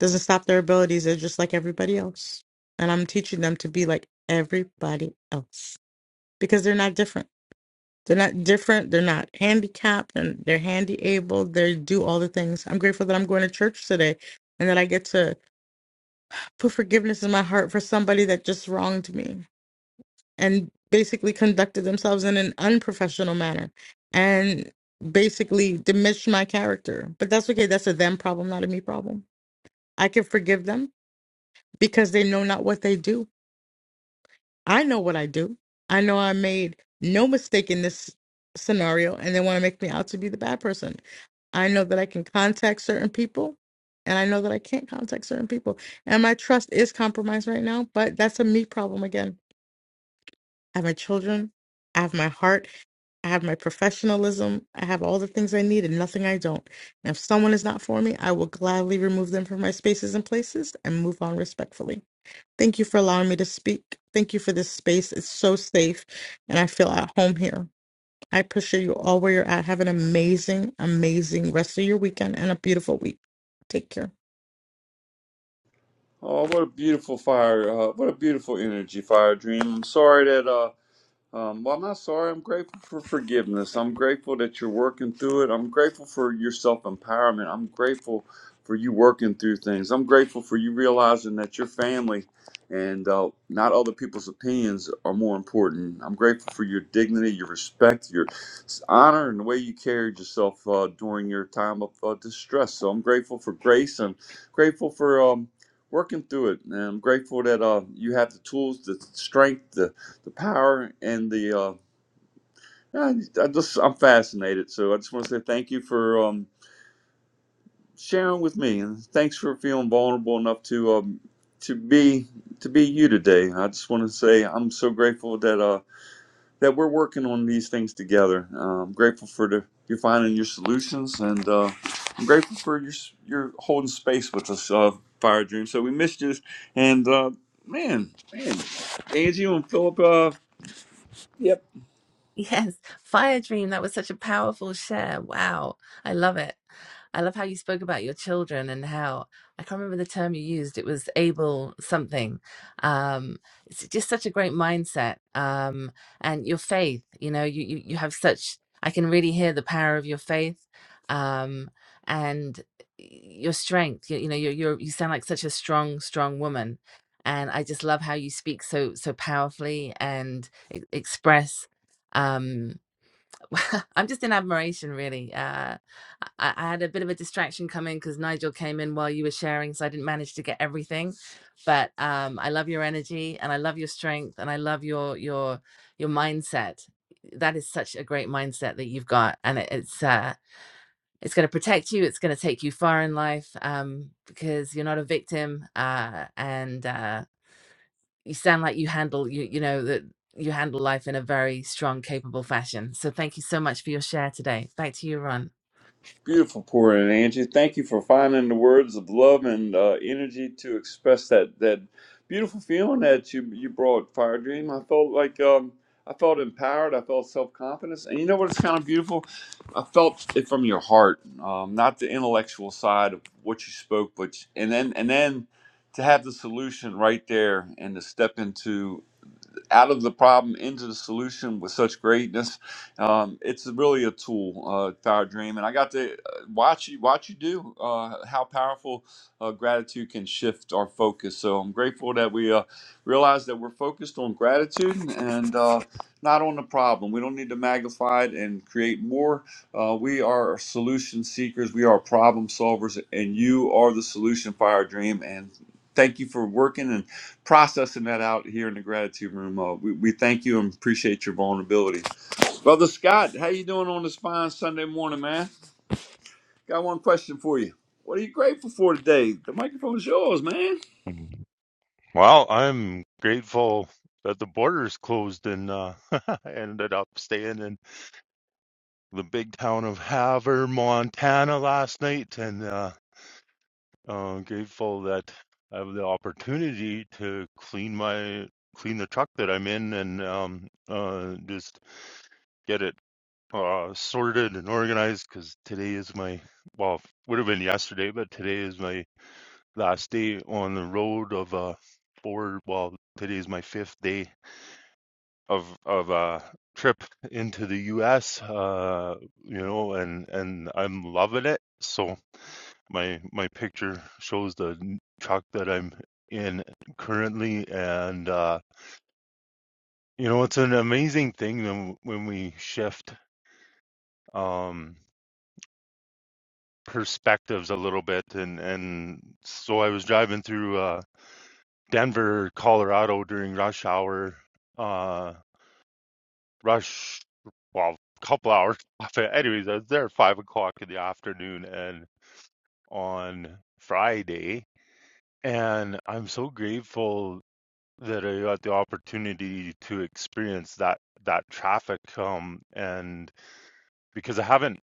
S10: Doesn't stop their abilities. They're just like everybody else. And I'm teaching them to be like everybody else because they're not different. They're not different. They're not handicapped and they're handy able. They do all the things. I'm grateful that I'm going to church today and that I get to put forgiveness in my heart for somebody that just wronged me. and basically conducted themselves in an unprofessional manner and basically diminished my character. But that's okay. That's a them problem, not a me problem. I can forgive them because they know not what they do. I know what I do. I know I made no mistake in this scenario and they want to make me out to be the bad person. I know that I can contact certain people and I know that I can't contact certain people. And my trust is compromised right now, but that's a me problem again. I have my children, I have my heart, I have my professionalism. I have all the things I need and nothing I don't. And if someone is not for me, I will gladly remove them from my spaces and places and move on respectfully. Thank you for allowing me to speak. Thank you for this space. It's so safe and I feel at home here. I appreciate you all where you're at. Have an amazing, amazing rest of your weekend and a beautiful week. Take care.
S6: Oh, what a beautiful fire! Uh, what a beautiful energy, fire dream. I'm sorry that. uh, Um, well, I'm not sorry. I'm grateful for forgiveness. I'm grateful that you're working through it. I'm grateful for your self empowerment. I'm grateful for you working through things. I'm grateful for you realizing that your family and uh, not other people's opinions are more important. I'm grateful for your dignity, your respect, your s- honor, and the way you carried yourself uh, during your time of uh, distress. So I'm grateful for grace. I'm grateful for um, working through it. And I'm grateful that uh, you have the tools, the strength, the the power and the uh, yeah, I, I just I'm fascinated. So I just want to say thank you for um, sharing with me, and thanks for feeling vulnerable enough to um, to be to be you today. I just want to say I'm so grateful that uh, that we're working on these things together. Uh, I'm grateful for the you're finding your solutions, and uh, I'm grateful for your s- your holding space with us, uh, Fire Dream. So we missed you, and uh, man, man, Angie and Philip. Uh, Yep.
S5: Yes, Fire Dream, that was such a powerful share. Wow. I love it. I love how you spoke about your children and how I can't remember the term you used. It was able something. Um, it's just such a great mindset. Um, and your faith, you know, you, you, you have such, I can really hear the power of your faith. Um, and your strength, you, you know, you're, you're, you sound like such a strong, strong woman. And I just love how you speak so, so powerfully and e- express um i'm just in admiration really uh i, I had a bit of a distraction coming because nigel came in while you were sharing so i didn't manage to get everything but um i love your energy and i love your strength and i love your your your mindset that is such a great mindset that you've got and it, it's uh it's going to protect you it's going to take you far in life um because you're not a victim uh and uh you sound like you handle you you know that you handle life in a very strong capable fashion so thank you so much for your share today back to you ron
S6: Beautiful pouring, Angie. Thank you for finding the words of love and uh, energy to express that that beautiful feeling that you you brought, Fire Dream. I felt like um, I felt empowered. I felt self confidence, and you know what? It's kind of beautiful. I felt it from your heart, um, not the intellectual side of what you spoke, but and then and then to have the solution right there and to step into out of the problem into the solution with such greatness. Um, it's really a tool, uh, Power Dream, and I got to uh, watch you watch you do uh, how powerful uh, gratitude can shift our focus. So I'm grateful that we uh, realize that we're focused on gratitude and uh, not on the problem. We don't need to magnify it and create more. Uh, we are solution seekers. We are problem solvers, and you are the solution, Fire Dream, and. Thank you for working processing that out here in the gratitude room. Uh, we, we thank you and appreciate your vulnerability, brother Scott. How you doing on this fine Sunday morning, man? Got one question for you. What are you grateful for today? The microphone is yours, man.
S11: Mm. Well, I'm grateful that the borders closed and uh, I ended up staying in the big town of Havre, Montana last night. And uh, I'm grateful that I have the opportunity to clean my clean the truck that I'm in and um, uh, just get it uh, sorted and organized because today is my well would have been yesterday, but today is my last day on the road of uh, four. Well, today is my fifth day of of a trip into the U.S. Uh, you know, and and I'm loving it. So my my picture shows the truck that I'm in currently, and uh, you know, it's an amazing thing when when we shift um, perspectives a little bit, and and so I was driving through uh, Denver, Colorado during rush hour. uh, rush well a couple hours anyways i was there at five o'clock in the afternoon and on friday and i'm so grateful that i got the opportunity to experience that that traffic um and because i haven't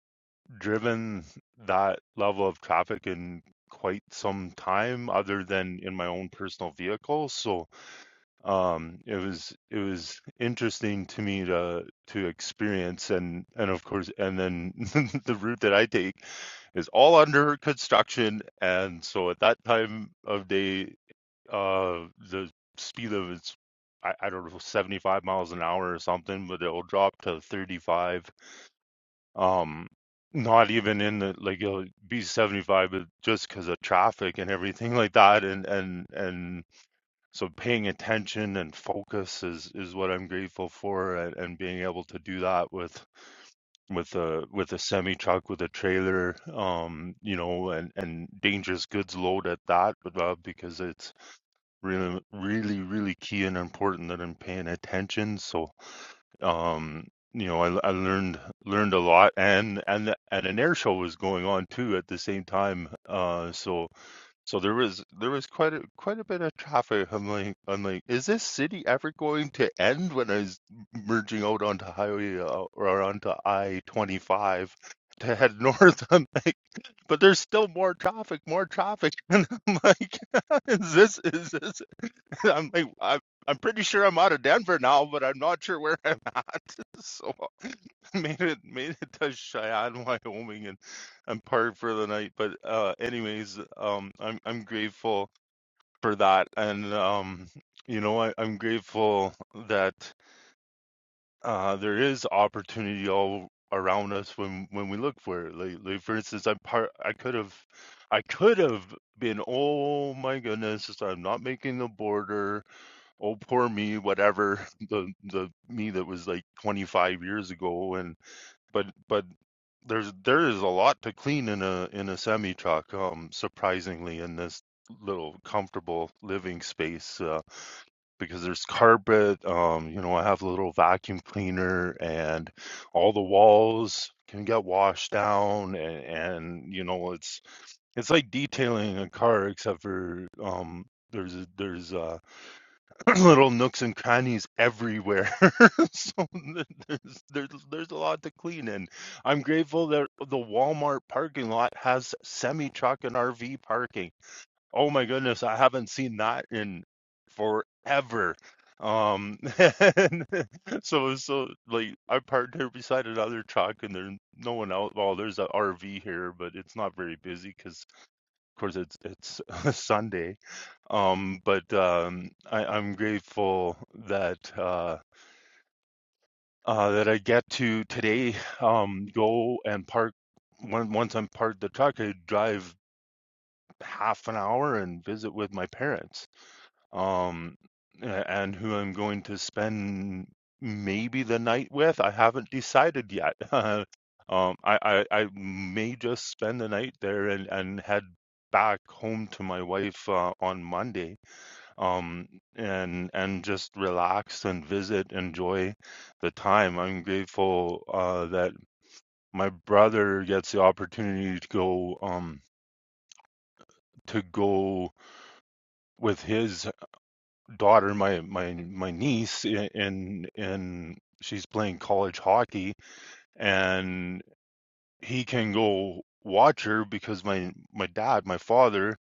S11: driven that level of traffic in quite some time other than in my own personal vehicle so um it was it was interesting to me to to experience and and of course and then the route that i take is all under construction and so at that time of day uh the speed of it's i, I don't know 75 miles an hour or something but it'll drop to 35 um not even in the like it'll be 75 but just because of traffic and everything like that and and and so paying attention and focus is is what I'm grateful for and, and being able to do that with with a with a semi truck with a trailer um you know and and dangerous goods load at that but, uh, because it's really really really key and important that I'm paying attention so um you know I, I learned learned a lot and and and an air show was going on too at the same time uh so so there was there was quite a quite a bit of traffic. I'm like I'm like, is this city ever going to end? When I was merging out onto highway uh, or onto I-25 to head north, I'm like, but there's still more traffic, more traffic, and I'm like, is this is this? I'm like, I'm I'm pretty sure I'm out of Denver now, but I'm not sure where I'm at. So I made it made it to Cheyenne, Wyoming, and I'm parked for the night. But uh, anyways, um, I'm I'm grateful for that. And, um, you know, I, I'm grateful that uh, there is opportunity all around us when, when we look for it. Like, like for instance, I'm part, I could have, I could have been, oh my goodness, I'm not making the border. Oh, poor me, whatever. The, the me that was like 25 years ago. And, but, but there's, there is a lot to clean in a, in a semi truck, um, surprisingly in this little comfortable living space. Uh, because there's carpet. Um, you know, I have a little vacuum cleaner, and all the walls can get washed down, and, and you know, it's it's like detailing a car, except for um, there's there's uh, little nooks and crannies everywhere. so th- there's, there's there's a lot to clean, and I'm grateful that the Walmart parking lot has semi truck and RV parking Oh my goodness, I haven't seen that in forever. Um, and so so like I parked here beside another truck, and there's no one out. Well, there's an RV here, but it's not very busy because, of course, it's it's Sunday. Um, but um, I, I'm grateful that uh, uh, that I get to today um, go and park. When, once I'm parked the truck, I drive half an hour and visit with my parents um, a- and who I'm going to spend maybe the night with. I haven't decided yet. Um, I, I, I may just spend the night there and, and head back home to my wife uh, on Monday, um, and and just relax and visit, enjoy the time. I'm grateful uh, that my brother gets the opportunity to go um, to go with his daughter, my my my niece, and and she's playing college hockey, and he can go watch her because my my dad, my father,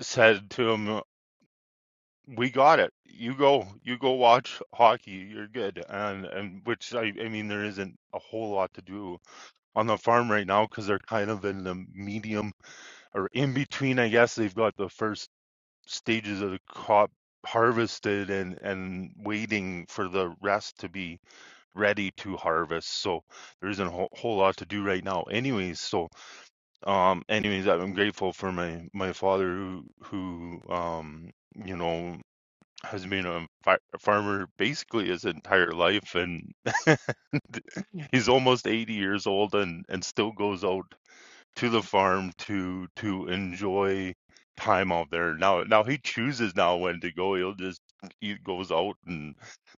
S11: said to him, "We got it. You go, you go watch hockey. You're good." And and which I I mean, there isn't a whole lot to do on the farm right now because they're kind of in the medium or in between. I guess they've got the first stages of the crop harvested and and waiting for the rest to be ready to harvest so there isn't a whole, whole lot to do right now anyways so um anyways i'm grateful for my my father who who um you know has been a fa- farmer basically his entire life and he's almost 80 years old and and still goes out to the farm to to enjoy time out there. Now now he chooses now when to go. He'll just he goes out and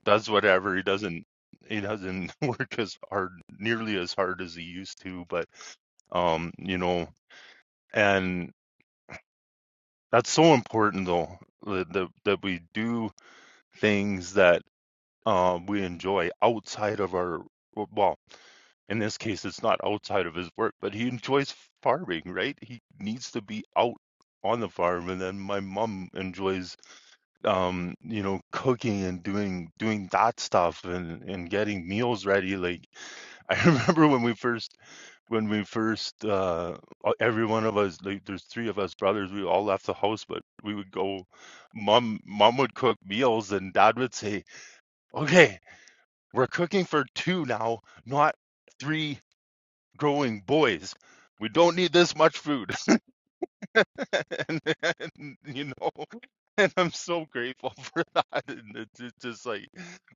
S11: does whatever. He doesn't he doesn't work as hard nearly as hard as he used to, but um you know and that's so important though that that, that we do things that um, we enjoy outside of our well in this case it's not outside of his work but he enjoys farming right he needs to be out on the farm and then my mom enjoys um you know cooking and doing doing that stuff and and getting meals ready like i remember when we first when we first uh uh, every one of us like there's three of us brothers we all left the house but we would go mom mom would cook meals and dad would say okay we're cooking for two now, not three growing boys. We don't need this much food. and, and, you know, and I'm so grateful for that. And it's, it's just like,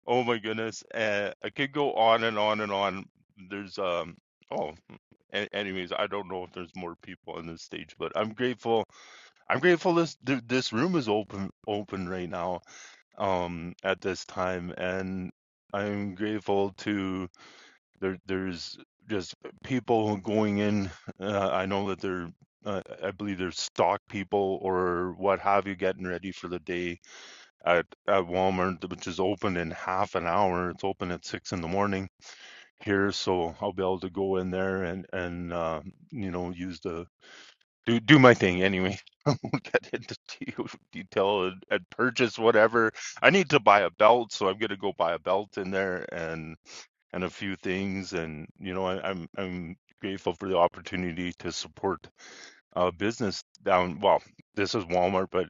S11: oh my goodness. Uh, I could go on and on and on. There's, um, oh, a- anyways, I don't know if there's more people on this stage, but I'm grateful. I'm grateful this th- this room is open open right now, um, at this time, and I'm grateful to there there's just people going in uh, i know that they're uh, i believe there's stock people or what have you getting ready for the day at, at walmart which is open in half an hour it's open at six in the morning here so i'll be able to go in there and and uh, you know use the do do my thing anyway I won't get into detail and, and purchase whatever i need to buy a belt so i'm going to go buy a belt in there and and a few things. And you know, I, I'm I'm grateful for the opportunity to support uh, business down. Well, this is Walmart, but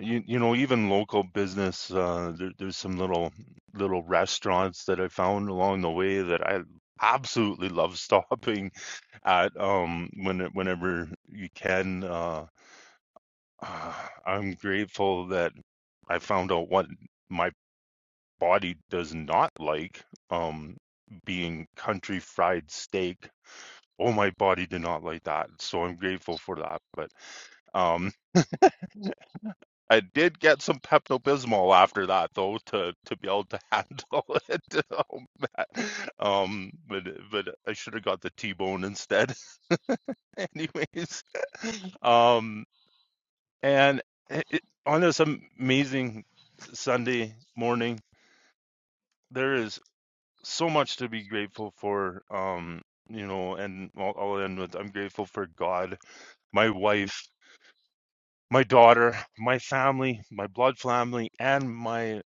S11: you you know, even local business. Uh, there, there's some little little restaurants that I found along the way that I absolutely love stopping at um when whenever you can. Uh, uh, I'm grateful that I found out what my body does not like um being country fried steak. Oh, my body did not like that. So I'm grateful for that. But um I did get some Pepto Bismol after that though to to be able to handle it. Oh, man. Um but but I should have got the T bone instead. Anyways. Um and eh, it, on this amazing Sunday morning, there is. so much to be grateful for. Um, you know, and I'll, I'll end with I'm grateful for God, my wife, my daughter, my family, my blood family, and my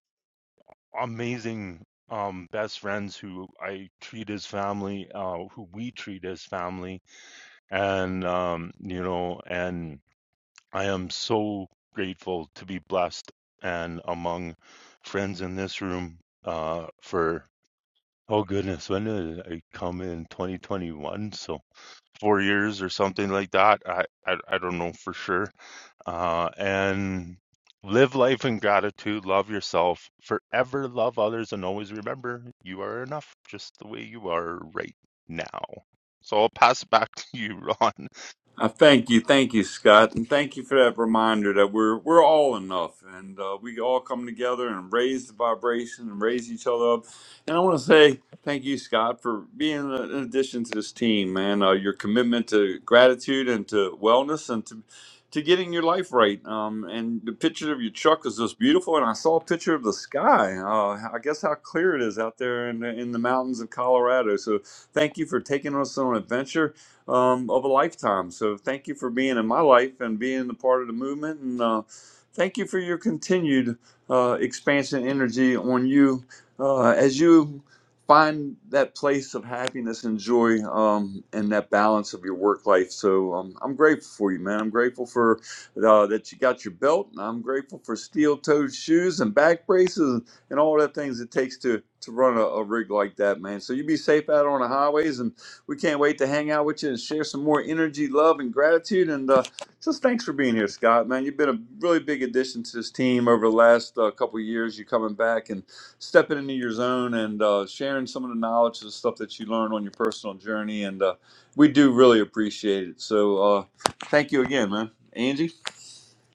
S11: amazing um best friends who I treat as family, uh, who we treat as family, and um, you know, and I am so grateful to be blessed and among friends in this room uh for Oh goodness, when did I come in? 2021, so four years or something like that. I I, I don't know for sure. Uh, and live life in gratitude, love yourself, forever love others, and always remember you are enough just the way you are right now. So I'll pass it back to you, Ron.
S6: I thank you, thank you, Scott, and thank you for that reminder that we're we're all enough, and uh, we all come together and raise the vibration and raise each other up. And I want to say thank you, Scott, for being a- an addition to this team, man. Uh, your commitment to gratitude and to wellness and to to getting your life right. Um, and the picture of your truck is just beautiful, and I saw a picture of the sky. Uh, I guess how clear it is out there in the, in the mountains of Colorado. So thank you for taking us on an adventure um, of a lifetime. So thank you for being in my life and being a part of the movement. And uh, thank you for your continued uh, expansion energy on you uh, as you find that place of happiness and joy um, and that balance of your work life. So um, I'm grateful for you, man. I'm grateful for uh, that you got your belt. And I'm grateful for steel toed shoes and back braces and all the things it takes to, to run a, a rig like that, man. So you be safe out on the highways and we can't wait to hang out with you and share some more energy, love, and gratitude. And uh, just thanks for being here, Scott. Man, you've been a really big addition to this team over the last uh, couple of years. You coming back and stepping into your zone and uh, sharing some of the knowledge and stuff that you learned on your personal journey. And uh, we do really appreciate it. So uh, thank you again, man. Angie.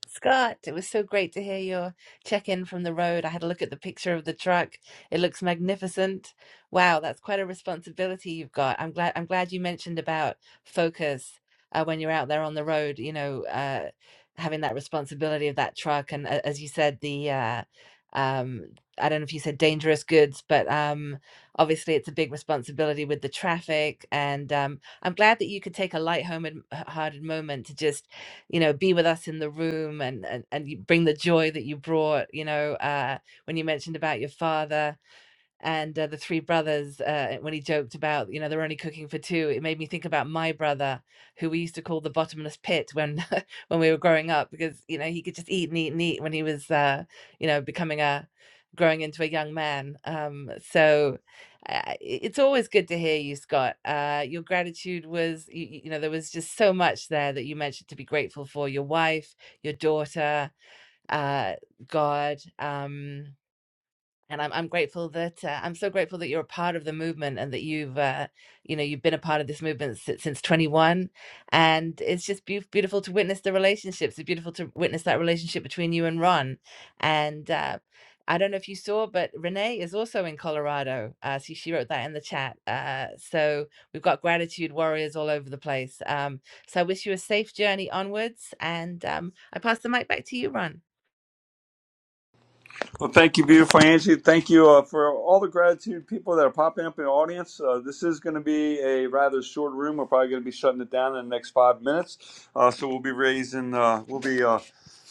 S5: Scott, it was so great to hear your check in from the road. I had a look at the picture of the truck. It looks magnificent. Wow, that's quite a responsibility you've got. I'm glad I'm glad you mentioned about focus uh, when you're out there on the road, you know, uh, having that responsibility of that truck and a- as you said the uh, um, I don't know if you said dangerous goods, but um, obviously it's a big responsibility with the traffic. And um, I'm glad that you could take a light-hearted hearted moment to just you know be with us in the room and and, and you bring the joy that you brought you know uh, when you mentioned about your father and uh, the three brothers uh, when he joked about you know they're only cooking for two it made me think about my brother who we used to call the bottomless pit when when we were growing up because you know he could just eat and eat and eat when he was uh, you know becoming a growing into a young man um, so uh, it's always good to hear you scott uh, your gratitude was you, you know there was just so much there that you mentioned to be grateful for your wife your daughter uh, god um, and I'm I'm grateful that uh, I'm so grateful that you're a part of the movement and that you've uh, you know you've been a part of this movement since, since 21, and it's just beau beautiful to witness the relationships. It's beautiful to witness that relationship between you and Ron, and uh, I don't know if you saw, but Renee is also in Colorado. Uh, so she wrote that in the chat. Uh, so we've got gratitude warriors all over the place. Um, so I wish you a safe journey onwards, and um, I pass the mic back to you, Ron.
S6: Well, thank you, beautiful Angie. Thank you uh, for all the gratitude people that are popping up in the audience. Uh, this is going to be a rather short room. We're probably going to be shutting it down in the next five minutes. Uh, so we'll be raising, uh, we'll be uh,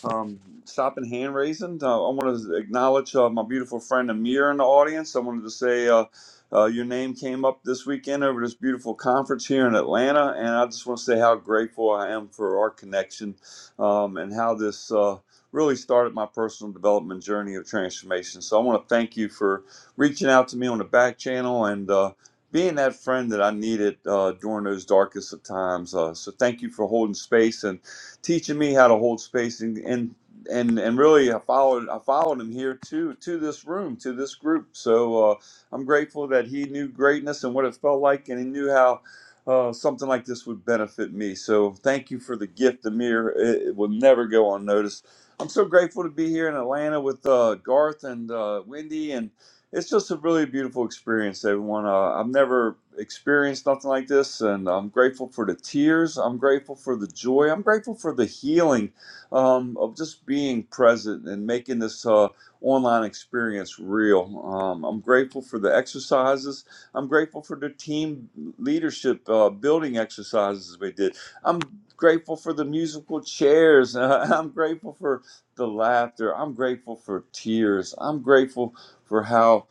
S6: um, stopping hand raising. Uh, I want to acknowledge uh, my beautiful friend Amir in the audience. I wanted to say uh, uh, your name came up this weekend over this beautiful conference here in Atlanta. And I just want to say how grateful I am for our connection um, and how this. Uh, really started my personal development journey of transformation. So I want to thank you for reaching out to me on the back channel and uh, being that friend that I needed uh, during those darkest of times. Uh, so thank you for holding space and teaching me how to hold space and. and and and really, I followed I followed him here to to this room to this group. So uh, I'm grateful that he knew greatness and what it felt like, and he knew how uh, something like this would benefit me. So thank you for the gift, Amir. It, it will never go unnoticed. I'm so grateful to be here in Atlanta with uh, Garth and uh, Wendy, and it's just a really beautiful experience, everyone. Uh, I've never experienced nothing like this, and I'm grateful for the tears. I'm grateful for the joy. I'm grateful for the healing um, of just being present and making this uh, online experience real. Um, I'm grateful for the exercises. I'm grateful for the team leadership uh, building exercises we did. I'm grateful for the musical chairs. I'm grateful for the laughter. I'm grateful for tears. I'm grateful for how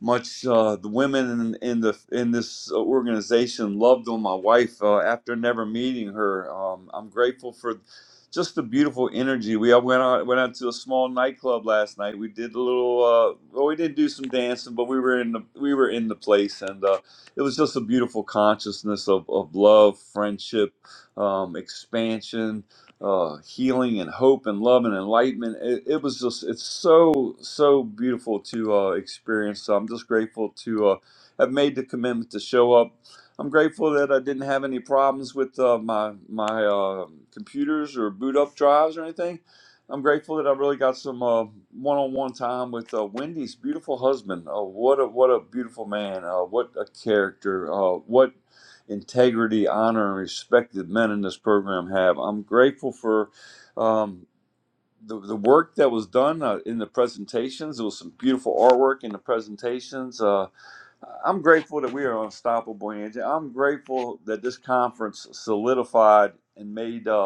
S6: much uh, the women in, in the in this organization loved on my wife uh, after never meeting her. Um, I'm grateful for just the beautiful energy. We all went out went out to a small nightclub last night. We did a little. Uh, well, we did do some dancing, but we were in the we were in the place, and uh, it was just a beautiful consciousness of of love, friendship, um, expansion uh, healing and hope and love and enlightenment. It, it was just, it's so, so beautiful to uh, experience. So I'm just grateful to uh, have made the commitment to show up. I'm grateful that I didn't have any problems with uh, my, my uh, computers or boot up drives or anything. I'm grateful that I really got some uh, one-on-one time with uh, Wendy's beautiful husband. Uh, what a what a beautiful man! Uh, what a character! Uh, what integrity, honor, and respect that men in this program have. I'm grateful for um, the, the work that was done uh, in the presentations. There was some beautiful artwork in the presentations. Uh, I'm grateful that we are unstoppable, Angie. I'm grateful that this conference solidified and made. uh,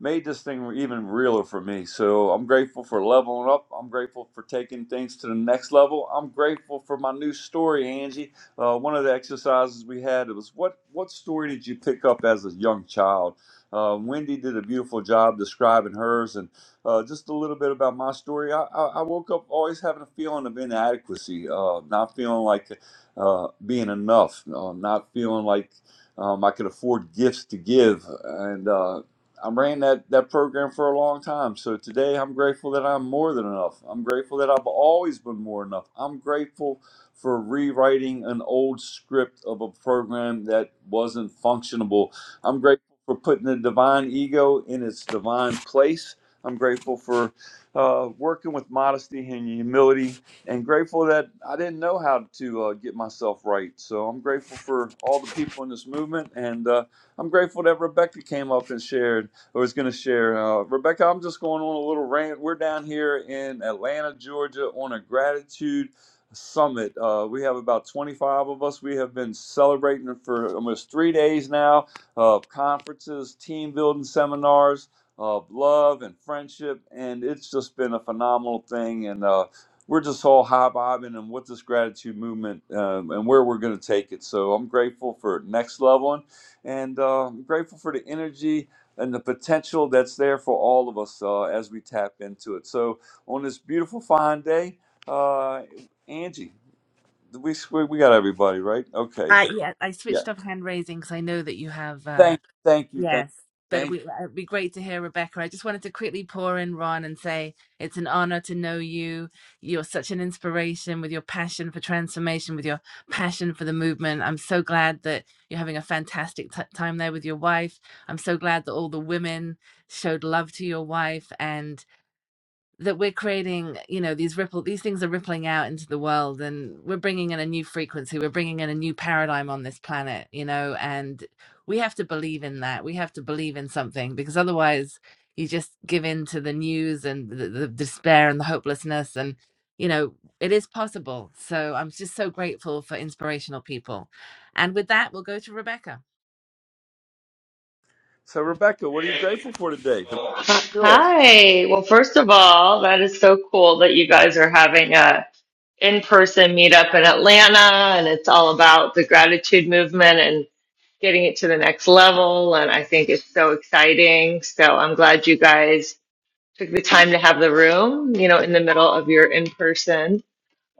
S6: made this thing even realer for me. So I'm grateful for leveling up. I'm grateful for taking things to the next level. I'm grateful for my new story, Angie. Uh, one of the exercises we had was what what story did you pick up as a young child? Uh, Wendy did a beautiful job describing hers, and uh, just a little bit about my story. I, I, I woke up always having a feeling of inadequacy, uh, not feeling like uh, being enough, uh, not feeling like um, I could afford gifts to give, and uh, I ran that, that program for a long time. So today I'm grateful that I'm more than enough. I'm grateful that I've always been more than enough. I'm grateful for rewriting an old script of a program that wasn't functionable. I'm grateful for putting the divine ego in its divine place. I'm grateful for uh, working with modesty and humility and grateful that I didn't know how to uh, get myself right. So I'm grateful for all the people in this movement and uh, I'm grateful that Rebecca came up and shared I was going to share. Uh, Rebecca, I'm just going on a little rant. We're down here in Atlanta, Georgia, on a gratitude summit. Uh, we have about 25 of us. We have been celebrating for almost three days now of conferences, team building seminars, of love and friendship. And it's just been a phenomenal thing. And uh, we're just all high bobbing and what this gratitude movement um, and where we're going to take it. So I'm grateful for Next leveling, And uh, I'm grateful for the energy and the potential that's there for all of us uh, as we tap into it. So on this beautiful fine day, uh, Angie, we swear we got everybody right. Okay,
S5: Uh, yeah, I
S6: yeah.
S5: switched off hand raising because I know that you have. Uh,
S6: Thank, thank you, thank,
S5: Yes, but
S6: thank.
S5: we, it'd be great to hear Rebecca. I just wanted to quickly pour in, Ron, and say it's an honor to know you. You're such an inspiration with your passion for transformation, with your passion for the movement. I'm so glad that you're having a fantastic t- time there with your wife. I'm so glad that all the women showed love to your wife, and that we're creating you know these ripple these things are rippling out into the world and we're bringing in a new frequency we're bringing in a new paradigm on this planet you know and we have to believe in that we have to believe in something because otherwise you just give in to the news and the, the despair and the hopelessness and you know it is possible so i'm just so grateful for inspirational people and with that we'll go to rebecca
S6: So Rebecca, what are you grateful for today? The microphone is yours.
S12: Hi. Well, first of all, that is so cool that you guys are having a in-person meetup in Atlanta and it's all about the gratitude movement and getting it to the next level. And I think it's so exciting. So I'm glad you guys took the time to have the room, you know, in the middle of your in-person.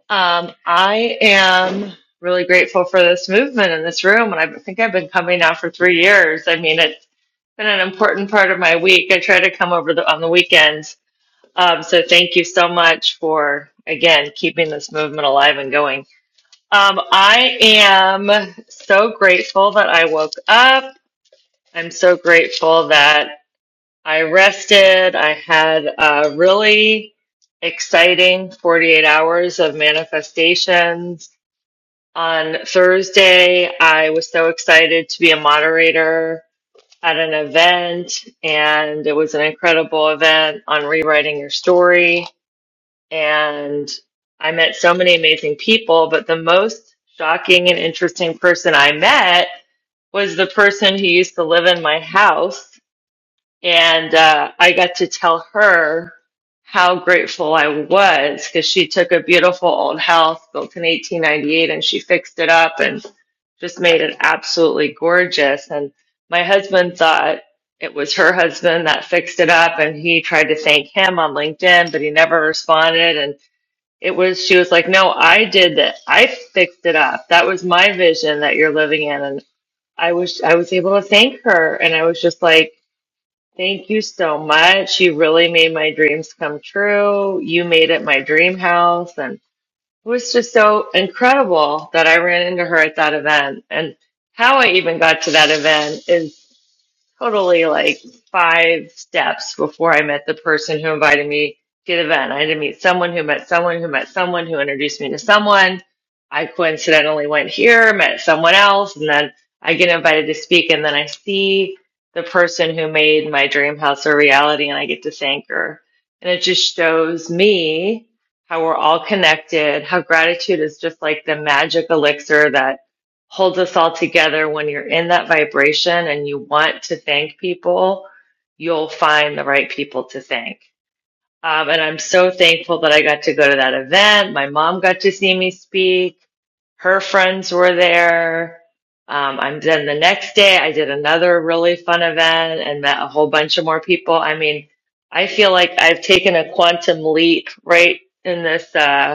S12: Um, I am really grateful for this movement in this room. And I think I've been coming now for three years. I mean, it's been an important part of my week. I try to come over the, on the weekends. Um, so thank you so much for, again, keeping this movement alive and going. Um, I am so grateful that I woke up. I'm so grateful that I rested. I had a really exciting 48 hours of manifestations. On Thursday, I was so excited to be a moderator at an event, and it was an incredible event on rewriting your story. And I met so many amazing people, but the most shocking and interesting person I met was the person who used to live in my house. And uh, I got to tell her how grateful I was because she took a beautiful old house built in 1898 and she fixed it up and just made it absolutely gorgeous. And my husband thought it was her husband that fixed it up and he tried to thank him on LinkedIn, but he never responded. And it was, she was like, No, I did that. I fixed it up. That was my vision that you're living in. And I was, I was able to thank her. And I was just like, Thank you so much. You really made my dreams come true. You made it my dream house. And it was just so incredible that I ran into her at that event. And how I even got to that event is totally like five steps before I met the person who invited me to the event. I had to meet someone who met someone who met someone who introduced me to someone. I coincidentally went here, met someone else, and then I get invited to speak. And then I see the person who made my dream house a reality and I get to thank her. And it just shows me how we're all connected, how gratitude is just like the magic elixir that holds us all together when you're in that vibration and you want to thank people, you'll find the right people to thank. Um, and I'm so thankful that I got to go to that event. My mom got to see me speak. Her friends were there. Um, I'm then the next day I did another really fun event and met a whole bunch of more people. I mean, I feel like I've taken a quantum leap right in this, uh,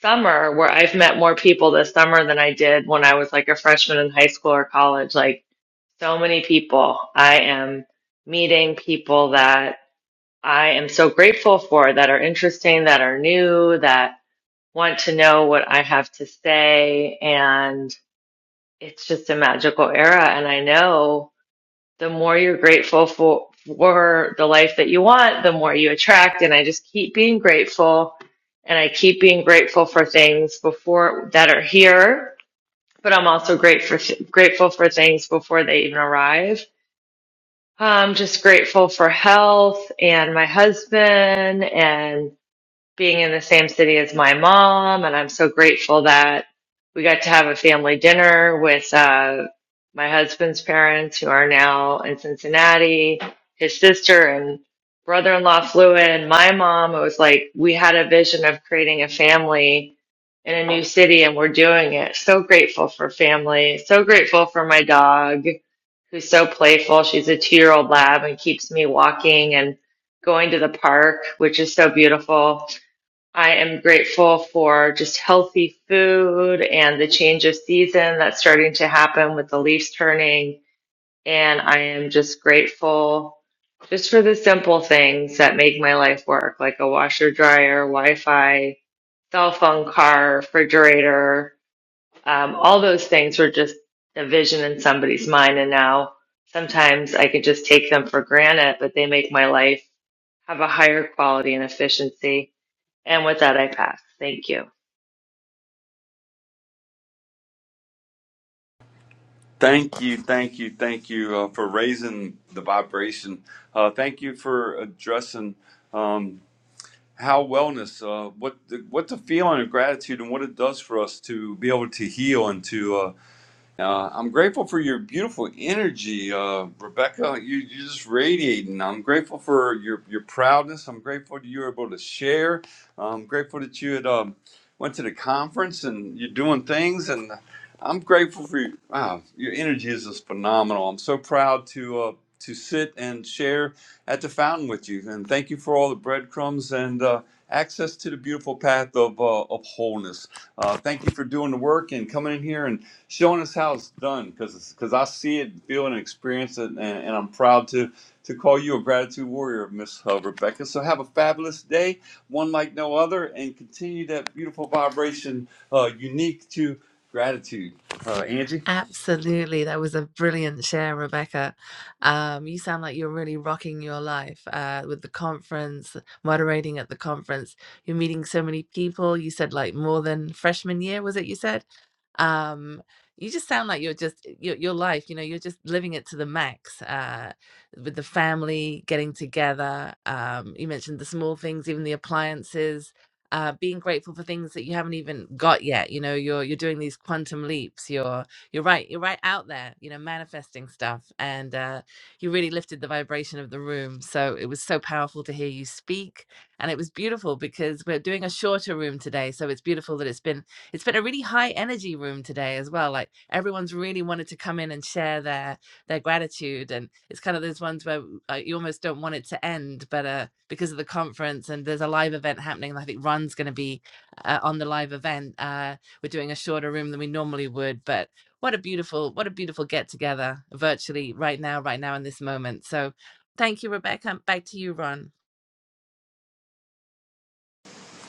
S12: summer where I've met more people this summer than I did when I was like a freshman in high school or college. Like so many people. I am meeting people that I am so grateful for that are interesting, that are new, that want to know what I have to say. And it's just a magical era. And I know the more you're grateful for for the life that you want, the more you attract. And I just keep being grateful and I keep being grateful for things before that are here, but I'm also grateful grateful for things before they even arrive. I'm just grateful for health and my husband and being in the same city as my mom, and I'm so grateful that we got to have a family dinner with uh, my husband's parents, who are now in Cincinnati. His sister and brother-in-law flew in. My mom. It was like we had a vision of creating a family in a new city, and we're doing it. So grateful for family. So grateful for my dog, who's so playful. She's a two-year-old lab and keeps me walking and going to the park, which is so beautiful I am grateful for just healthy food and the change of season that's starting to happen with the leaves turning. And I am just grateful just for the simple things that make my life work, like a washer, dryer, Wi Fi, cell phone, car, refrigerator. Um, all those things were just a vision in somebody's mind. And now sometimes I can just take them for granted, but they make my life have a higher quality and efficiency. And with that, I pass. Thank you.
S6: Thank you, thank you, thank you uh, for raising the vibration. Uh, thank you for addressing um, how wellness, uh, what the, what the feeling of gratitude and what it does for us to be able to heal and to Uh, I'm grateful for your beautiful energy, uh, Rebecca. You, you're just radiating. I'm grateful for your, your proudness. I'm grateful that you were able to share. I'm grateful that you had um, went to the conference and you're doing things. And I'm grateful for you. Wow, your energy is just phenomenal. I'm so proud to uh, to sit and share at the fountain with you. And thank you for all the breadcrumbs and uh, access to the beautiful path of uh, of wholeness. Uh, thank you for doing the work and coming in here and showing us how it's done because because I see it, feel it, and experience it, and, and I'm proud to to call you a gratitude warrior, Miss uh, Rebecca. So have a fabulous day, one like no other, and continue that beautiful vibration, uh, unique to gratitude. Uh, Angie,
S5: Absolutely. That was a brilliant share, Rebecca. Um, you sound like you're really rocking your life uh, with the conference, moderating at the conference. You're meeting so many people. You said like more than freshman year, was it you said? um you just sound like you're just eh, your, your life you know you're just living it to the max uh with the family getting together um you mentioned the small things even the appliances uh being grateful for things that you haven't even got yet you know you're you're doing these quantum leaps you're you're right you're right out there you know manifesting stuff and uh you really lifted the vibration of the room so it was so powerful to hear you speak and it was beautiful because we're doing a shorter room today so it's beautiful that it's been it's been a really high energy room today as well. Like everyone's really wanted to come in and share their their gratitude, and it's kind of those ones where uh, you almost don't want it to end, but uh, because of the conference and there's a live event happening, and I think Run's going to be uh, on the live event. Uh, we're doing a shorter room than we normally would, but what a beautiful what a beautiful get together virtually right now, right now in this moment. So thank you, Rebecca. Back to you, Ron.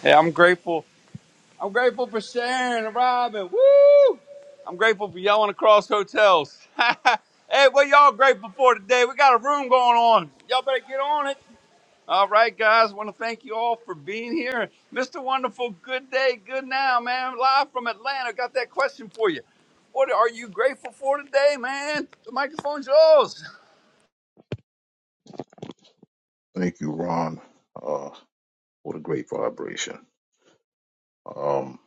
S6: yeah, I'm grateful. I'm grateful for Sharon and Robin. Woo! I'm grateful for y'all and across hotels. hey, what y'all grateful for today? We got a room going on. Y'all better get on it. All right, guys. Want to thank you all for being here. Mr. Wonderful, good day, good now, man. Live from Atlanta. Got that question for you. What are you grateful for today, man? The microphone's yours.
S13: Thank you, Ron. Uh, what a great vibration. Um,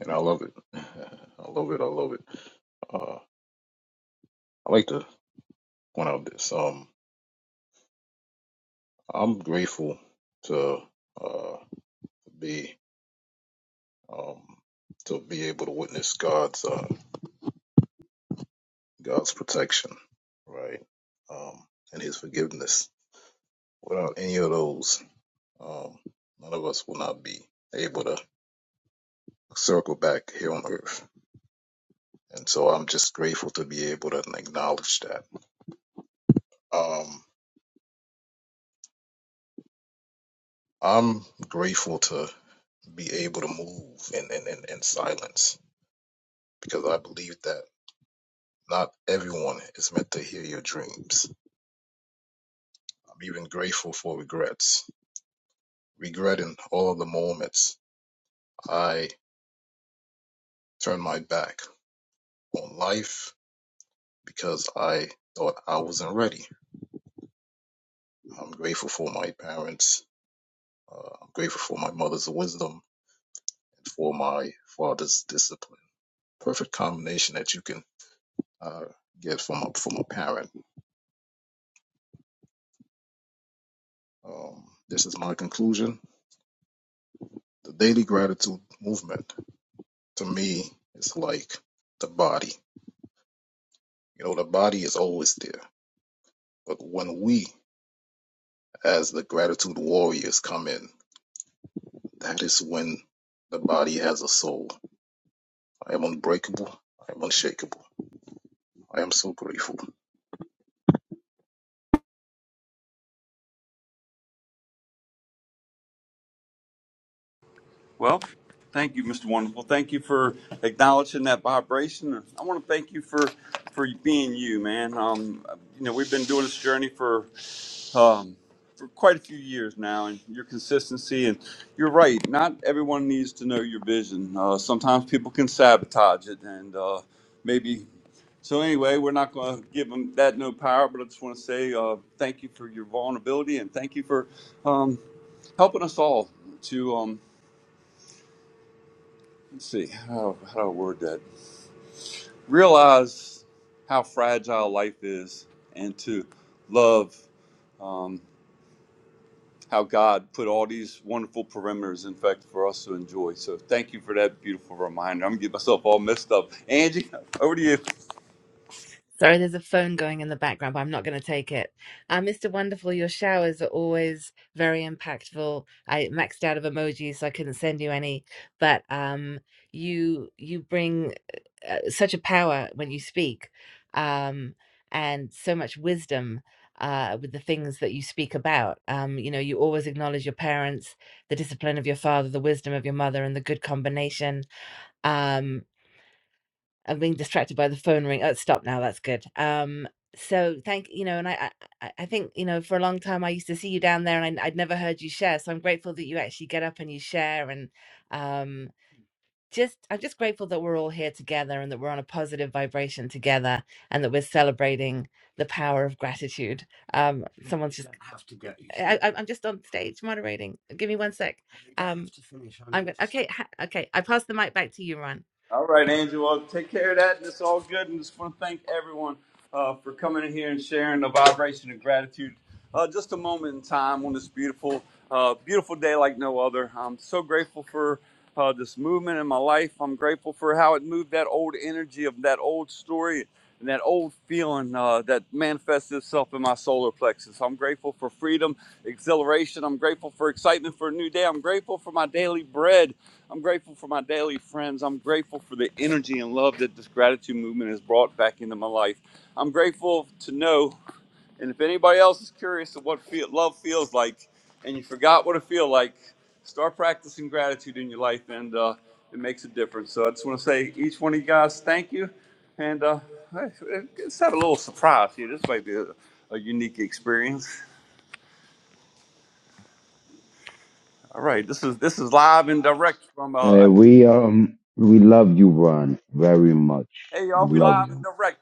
S13: and I love it. I love it. I love it. Uh, I like to point out this. Um, I'm grateful to uh, be um, to be able to witness God's uh, God's protection, right, um, and His forgiveness. Without any of those, um, none of us will not be able to circle back here on earth. And so I'm just grateful to be able to acknowledge that Um, I'm grateful to be able to move in, in, in, in silence because I believe that not everyone is meant to hear your dreams. I'm even grateful for regrets, regretting all of the moments I turned my back on life because I thought I wasn't ready. I'm grateful for my parents. Uh, I'm grateful for my mother's wisdom and for my father's discipline. Perfect combination that you can uh, get from a, from a parent Um, this is my conclusion. The daily gratitude movement to me is like the body. You know, the body is always there. But when we, as the gratitude warriors, come in, that is when the body has a soul. I am unbreakable. I am unshakable. I am so grateful.
S6: Well, thank you, Mr. Wonderful. Thank you for acknowledging that vibration. I want to thank you for for being you, man. Um, you know, we've been doing this journey for um, for quite a few years now, and your consistency. And you're right; not everyone needs to know your vision. Uh, sometimes people can sabotage it, and uh, maybe. So anyway, we're not going to give them that no power, but I just want to say uh, thank you for your vulnerability and thank you for um, helping us all to um, let's see how, how do I word that realize how fragile life is and to love. Um, how God put all these wonderful perimeters, in fact, for us to enjoy. So thank you for that beautiful reminder. I'm gonna get myself all messed up. Angie, over to you.
S5: Sorry, there's a phone going in the background, but I'm not going to take it. Uh, Mr. Wonderful, your showers are always very impactful. I maxed out of emojis, so I couldn't send you any. But um, you you bring uh, such a power when you speak, um, and so much wisdom uh, with the things that you speak about. Um, you know, you always acknowledge your parents, the discipline of your father, the wisdom of your mother, and the good combination. Um, I'm being distracted by the phone ring. Oh, stop now. That's good. Um, so thank you know, and I, I, I think you know, for a long time I used to see you down there, and I, I'd never heard you share. So I'm grateful that you actually get up and you share, and um, just I'm just grateful that we're all here together, and that we're on a positive vibration together, and that we're celebrating the power of gratitude. Um, I'm, I'm just on stage moderating. Give me one sec. Hey, ha- Okay, I pass the mic back to you, Ron.
S6: All right, Angel. Well, take care of that. And it's all good. And just want to thank everyone uh, for coming in here and sharing the vibration of gratitude. Uh, just a moment in time on this beautiful, uh, beautiful day like no other. I'm so grateful for uh, this movement in my life. I'm grateful for how it moved that old energy of that old story and that old feeling uh, that manifests itself in my solar plexus. I'm grateful for freedom, exhilaration. I'm grateful for excitement for a new day. I'm grateful for my daily bread. I'm grateful for my daily friends. I'm grateful for the energy and love that this gratitude movement has brought back into my life. I'm grateful to know, and if anybody else is curious of what feel, love feels like, and you forgot what it feels like, start practicing gratitude in your life, and uh, it makes a difference. So I just want to say, each one of you guys, thank you, and uh, hey, let's have a little surprise here. This might be a, a unique experience. All right, this is this is live and direct from. Uh,
S8: Uh, we um we love you, Ron, very much.
S6: hey y'all,
S8: We
S6: we
S8: love
S6: live and
S8: you.
S6: direct.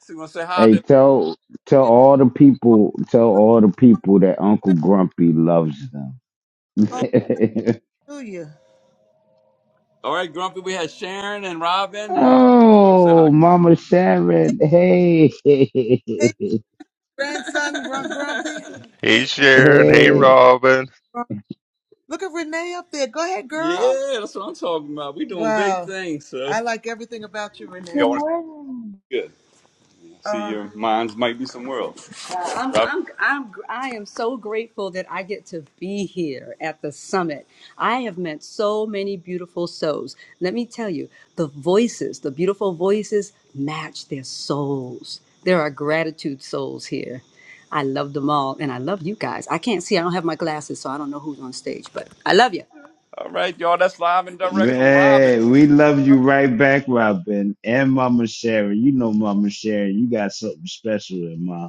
S6: So you want to say hi to
S8: Hey, tell tell all the people tell all the people that Uncle Grumpy loves them.
S6: Hallelujah. All right, Grumpy, we had Sharon and Robin and uh, you say hi.
S8: oh, Mama Sharon, hey.
S6: Hey, grandson, Grump Grumpy.
S11: Hey
S6: Hey,
S11: Sharon,
S6: Angie.
S11: hey
S8: Hey,
S11: Robin.
S6: Grump- Look at Renee up there. Go ahead, girl. Yeah, that's what I'm talking about. We doing big Wow. things, sir. I like everything about you, Renee.
S3: Good
S6: Y'all want to?
S3: morning.
S6: good. See, um, your minds might be somewhere else. Uh, I'm, I'm, I'm, I am so grateful that I get to be here at the summit. I have met so many beautiful souls. Let me tell you, the voices, the beautiful voices match their souls. There are gratitude souls here. I love them all, and I love you guys. I can't see, I don't have my glasses, so I don't know who's on stage, but I love you. All right, y'all. That's live and direct from Robin.
S8: man, we love you right back, Robin, and Mama Sharon. You know, Mama Sharon, you got something special in my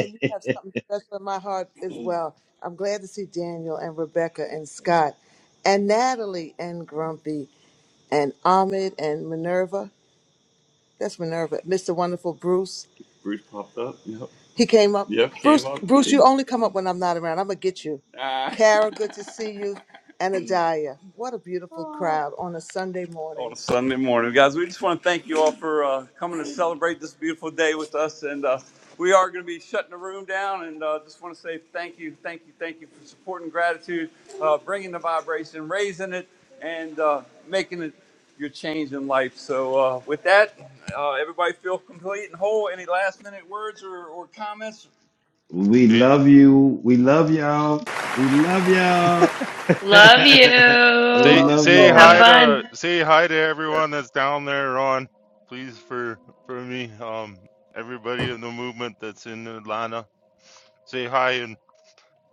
S8: heart.
S6: you have something special in my heart as well. I'm glad to see Daniel and Rebecca and Scott and Natalie and Grumpy and Ahmed and Minerva. That's Minerva. Mr. Wonderful Bruce. Bruce popped up. Yep. He came up. Yep. Came Bruce, up. Bruce, you only come up when I'm not around. I'm gonna get you. Ah. Kara, good to see you. And Adiah. What a beautiful crowd on a Sunday morning. on a Sunday morning. Guys, we just want to thank you all for uh, coming to celebrate this beautiful day with us. And uh, we are going to be shutting the room down. And uh, just want to say thank you, thank you, thank you for supporting gratitude, uh, bringing the vibration, raising it, and uh, making it your change in life. So, uh, with that, uh, everybody feel complete and whole. Any last minute words or, or comments?
S8: we
S11: Hey.
S8: love you. We love y'all. We love y'all.
S12: Love
S8: we
S11: Say
S12: you.
S6: Love
S8: love
S11: say
S6: y'all.
S12: Have
S8: y'all.
S11: hi
S12: fun.
S11: to say hi to everyone that's down there on please for for me um everybody in the movement that's in Atlanta say hi and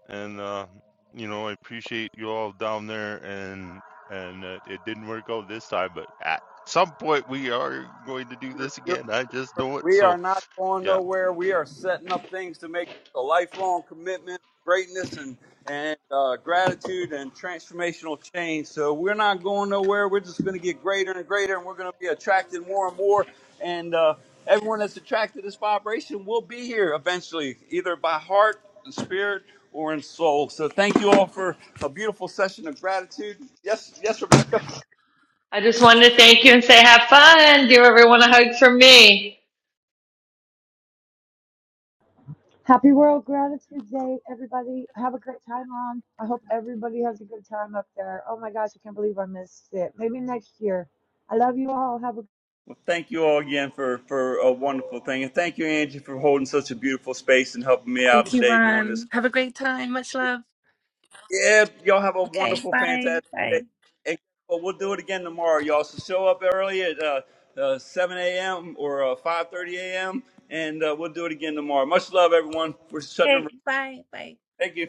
S11: and uh you know I appreciate you all down there and and uh, it didn't work out this time but at some point we are going to do this again I just know it
S6: We
S11: so
S6: are not going
S11: yeah,
S6: nowhere. We are setting up things to make a lifelong commitment, greatness, and and uh, gratitude and transformational change. So we're not going nowhere. We're just going to get greater and greater, and we're going to be attracted more and more. And uh, everyone that's attracted to this vibration will be here eventually, either by heart, and spirit, or in soul. So thank you all for a beautiful session of gratitude. Yes, yes, Rebecca.
S12: I just wanted to thank you and say have fun. Give everyone a hug from me.
S3: Happy World Gratitude Day, everybody. Have a great time on. I hope everybody has a good time up there. Oh my gosh, I can't believe I missed it. Maybe next year. I love you all. Have a
S6: Well, thank you all again for, for a wonderful thing. And thank you, Angie, for holding such a beautiful space and helping me out
S5: Thank you,
S6: today during this.
S5: Ron. Have a great time. Much love.
S6: Yeah, y'all have a
S5: Okay,
S6: wonderful,
S5: bye.
S6: fantastic day.
S5: Bye.
S6: And well, we'll do it again tomorrow, y'all. So show up early at uh, uh, 7 a.m. or uh, 5.30 a.m. And uh, we'll do it again tomorrow. Much love, everyone. We're shutting the room.
S5: Okay, bye. Bye.
S6: Thank you.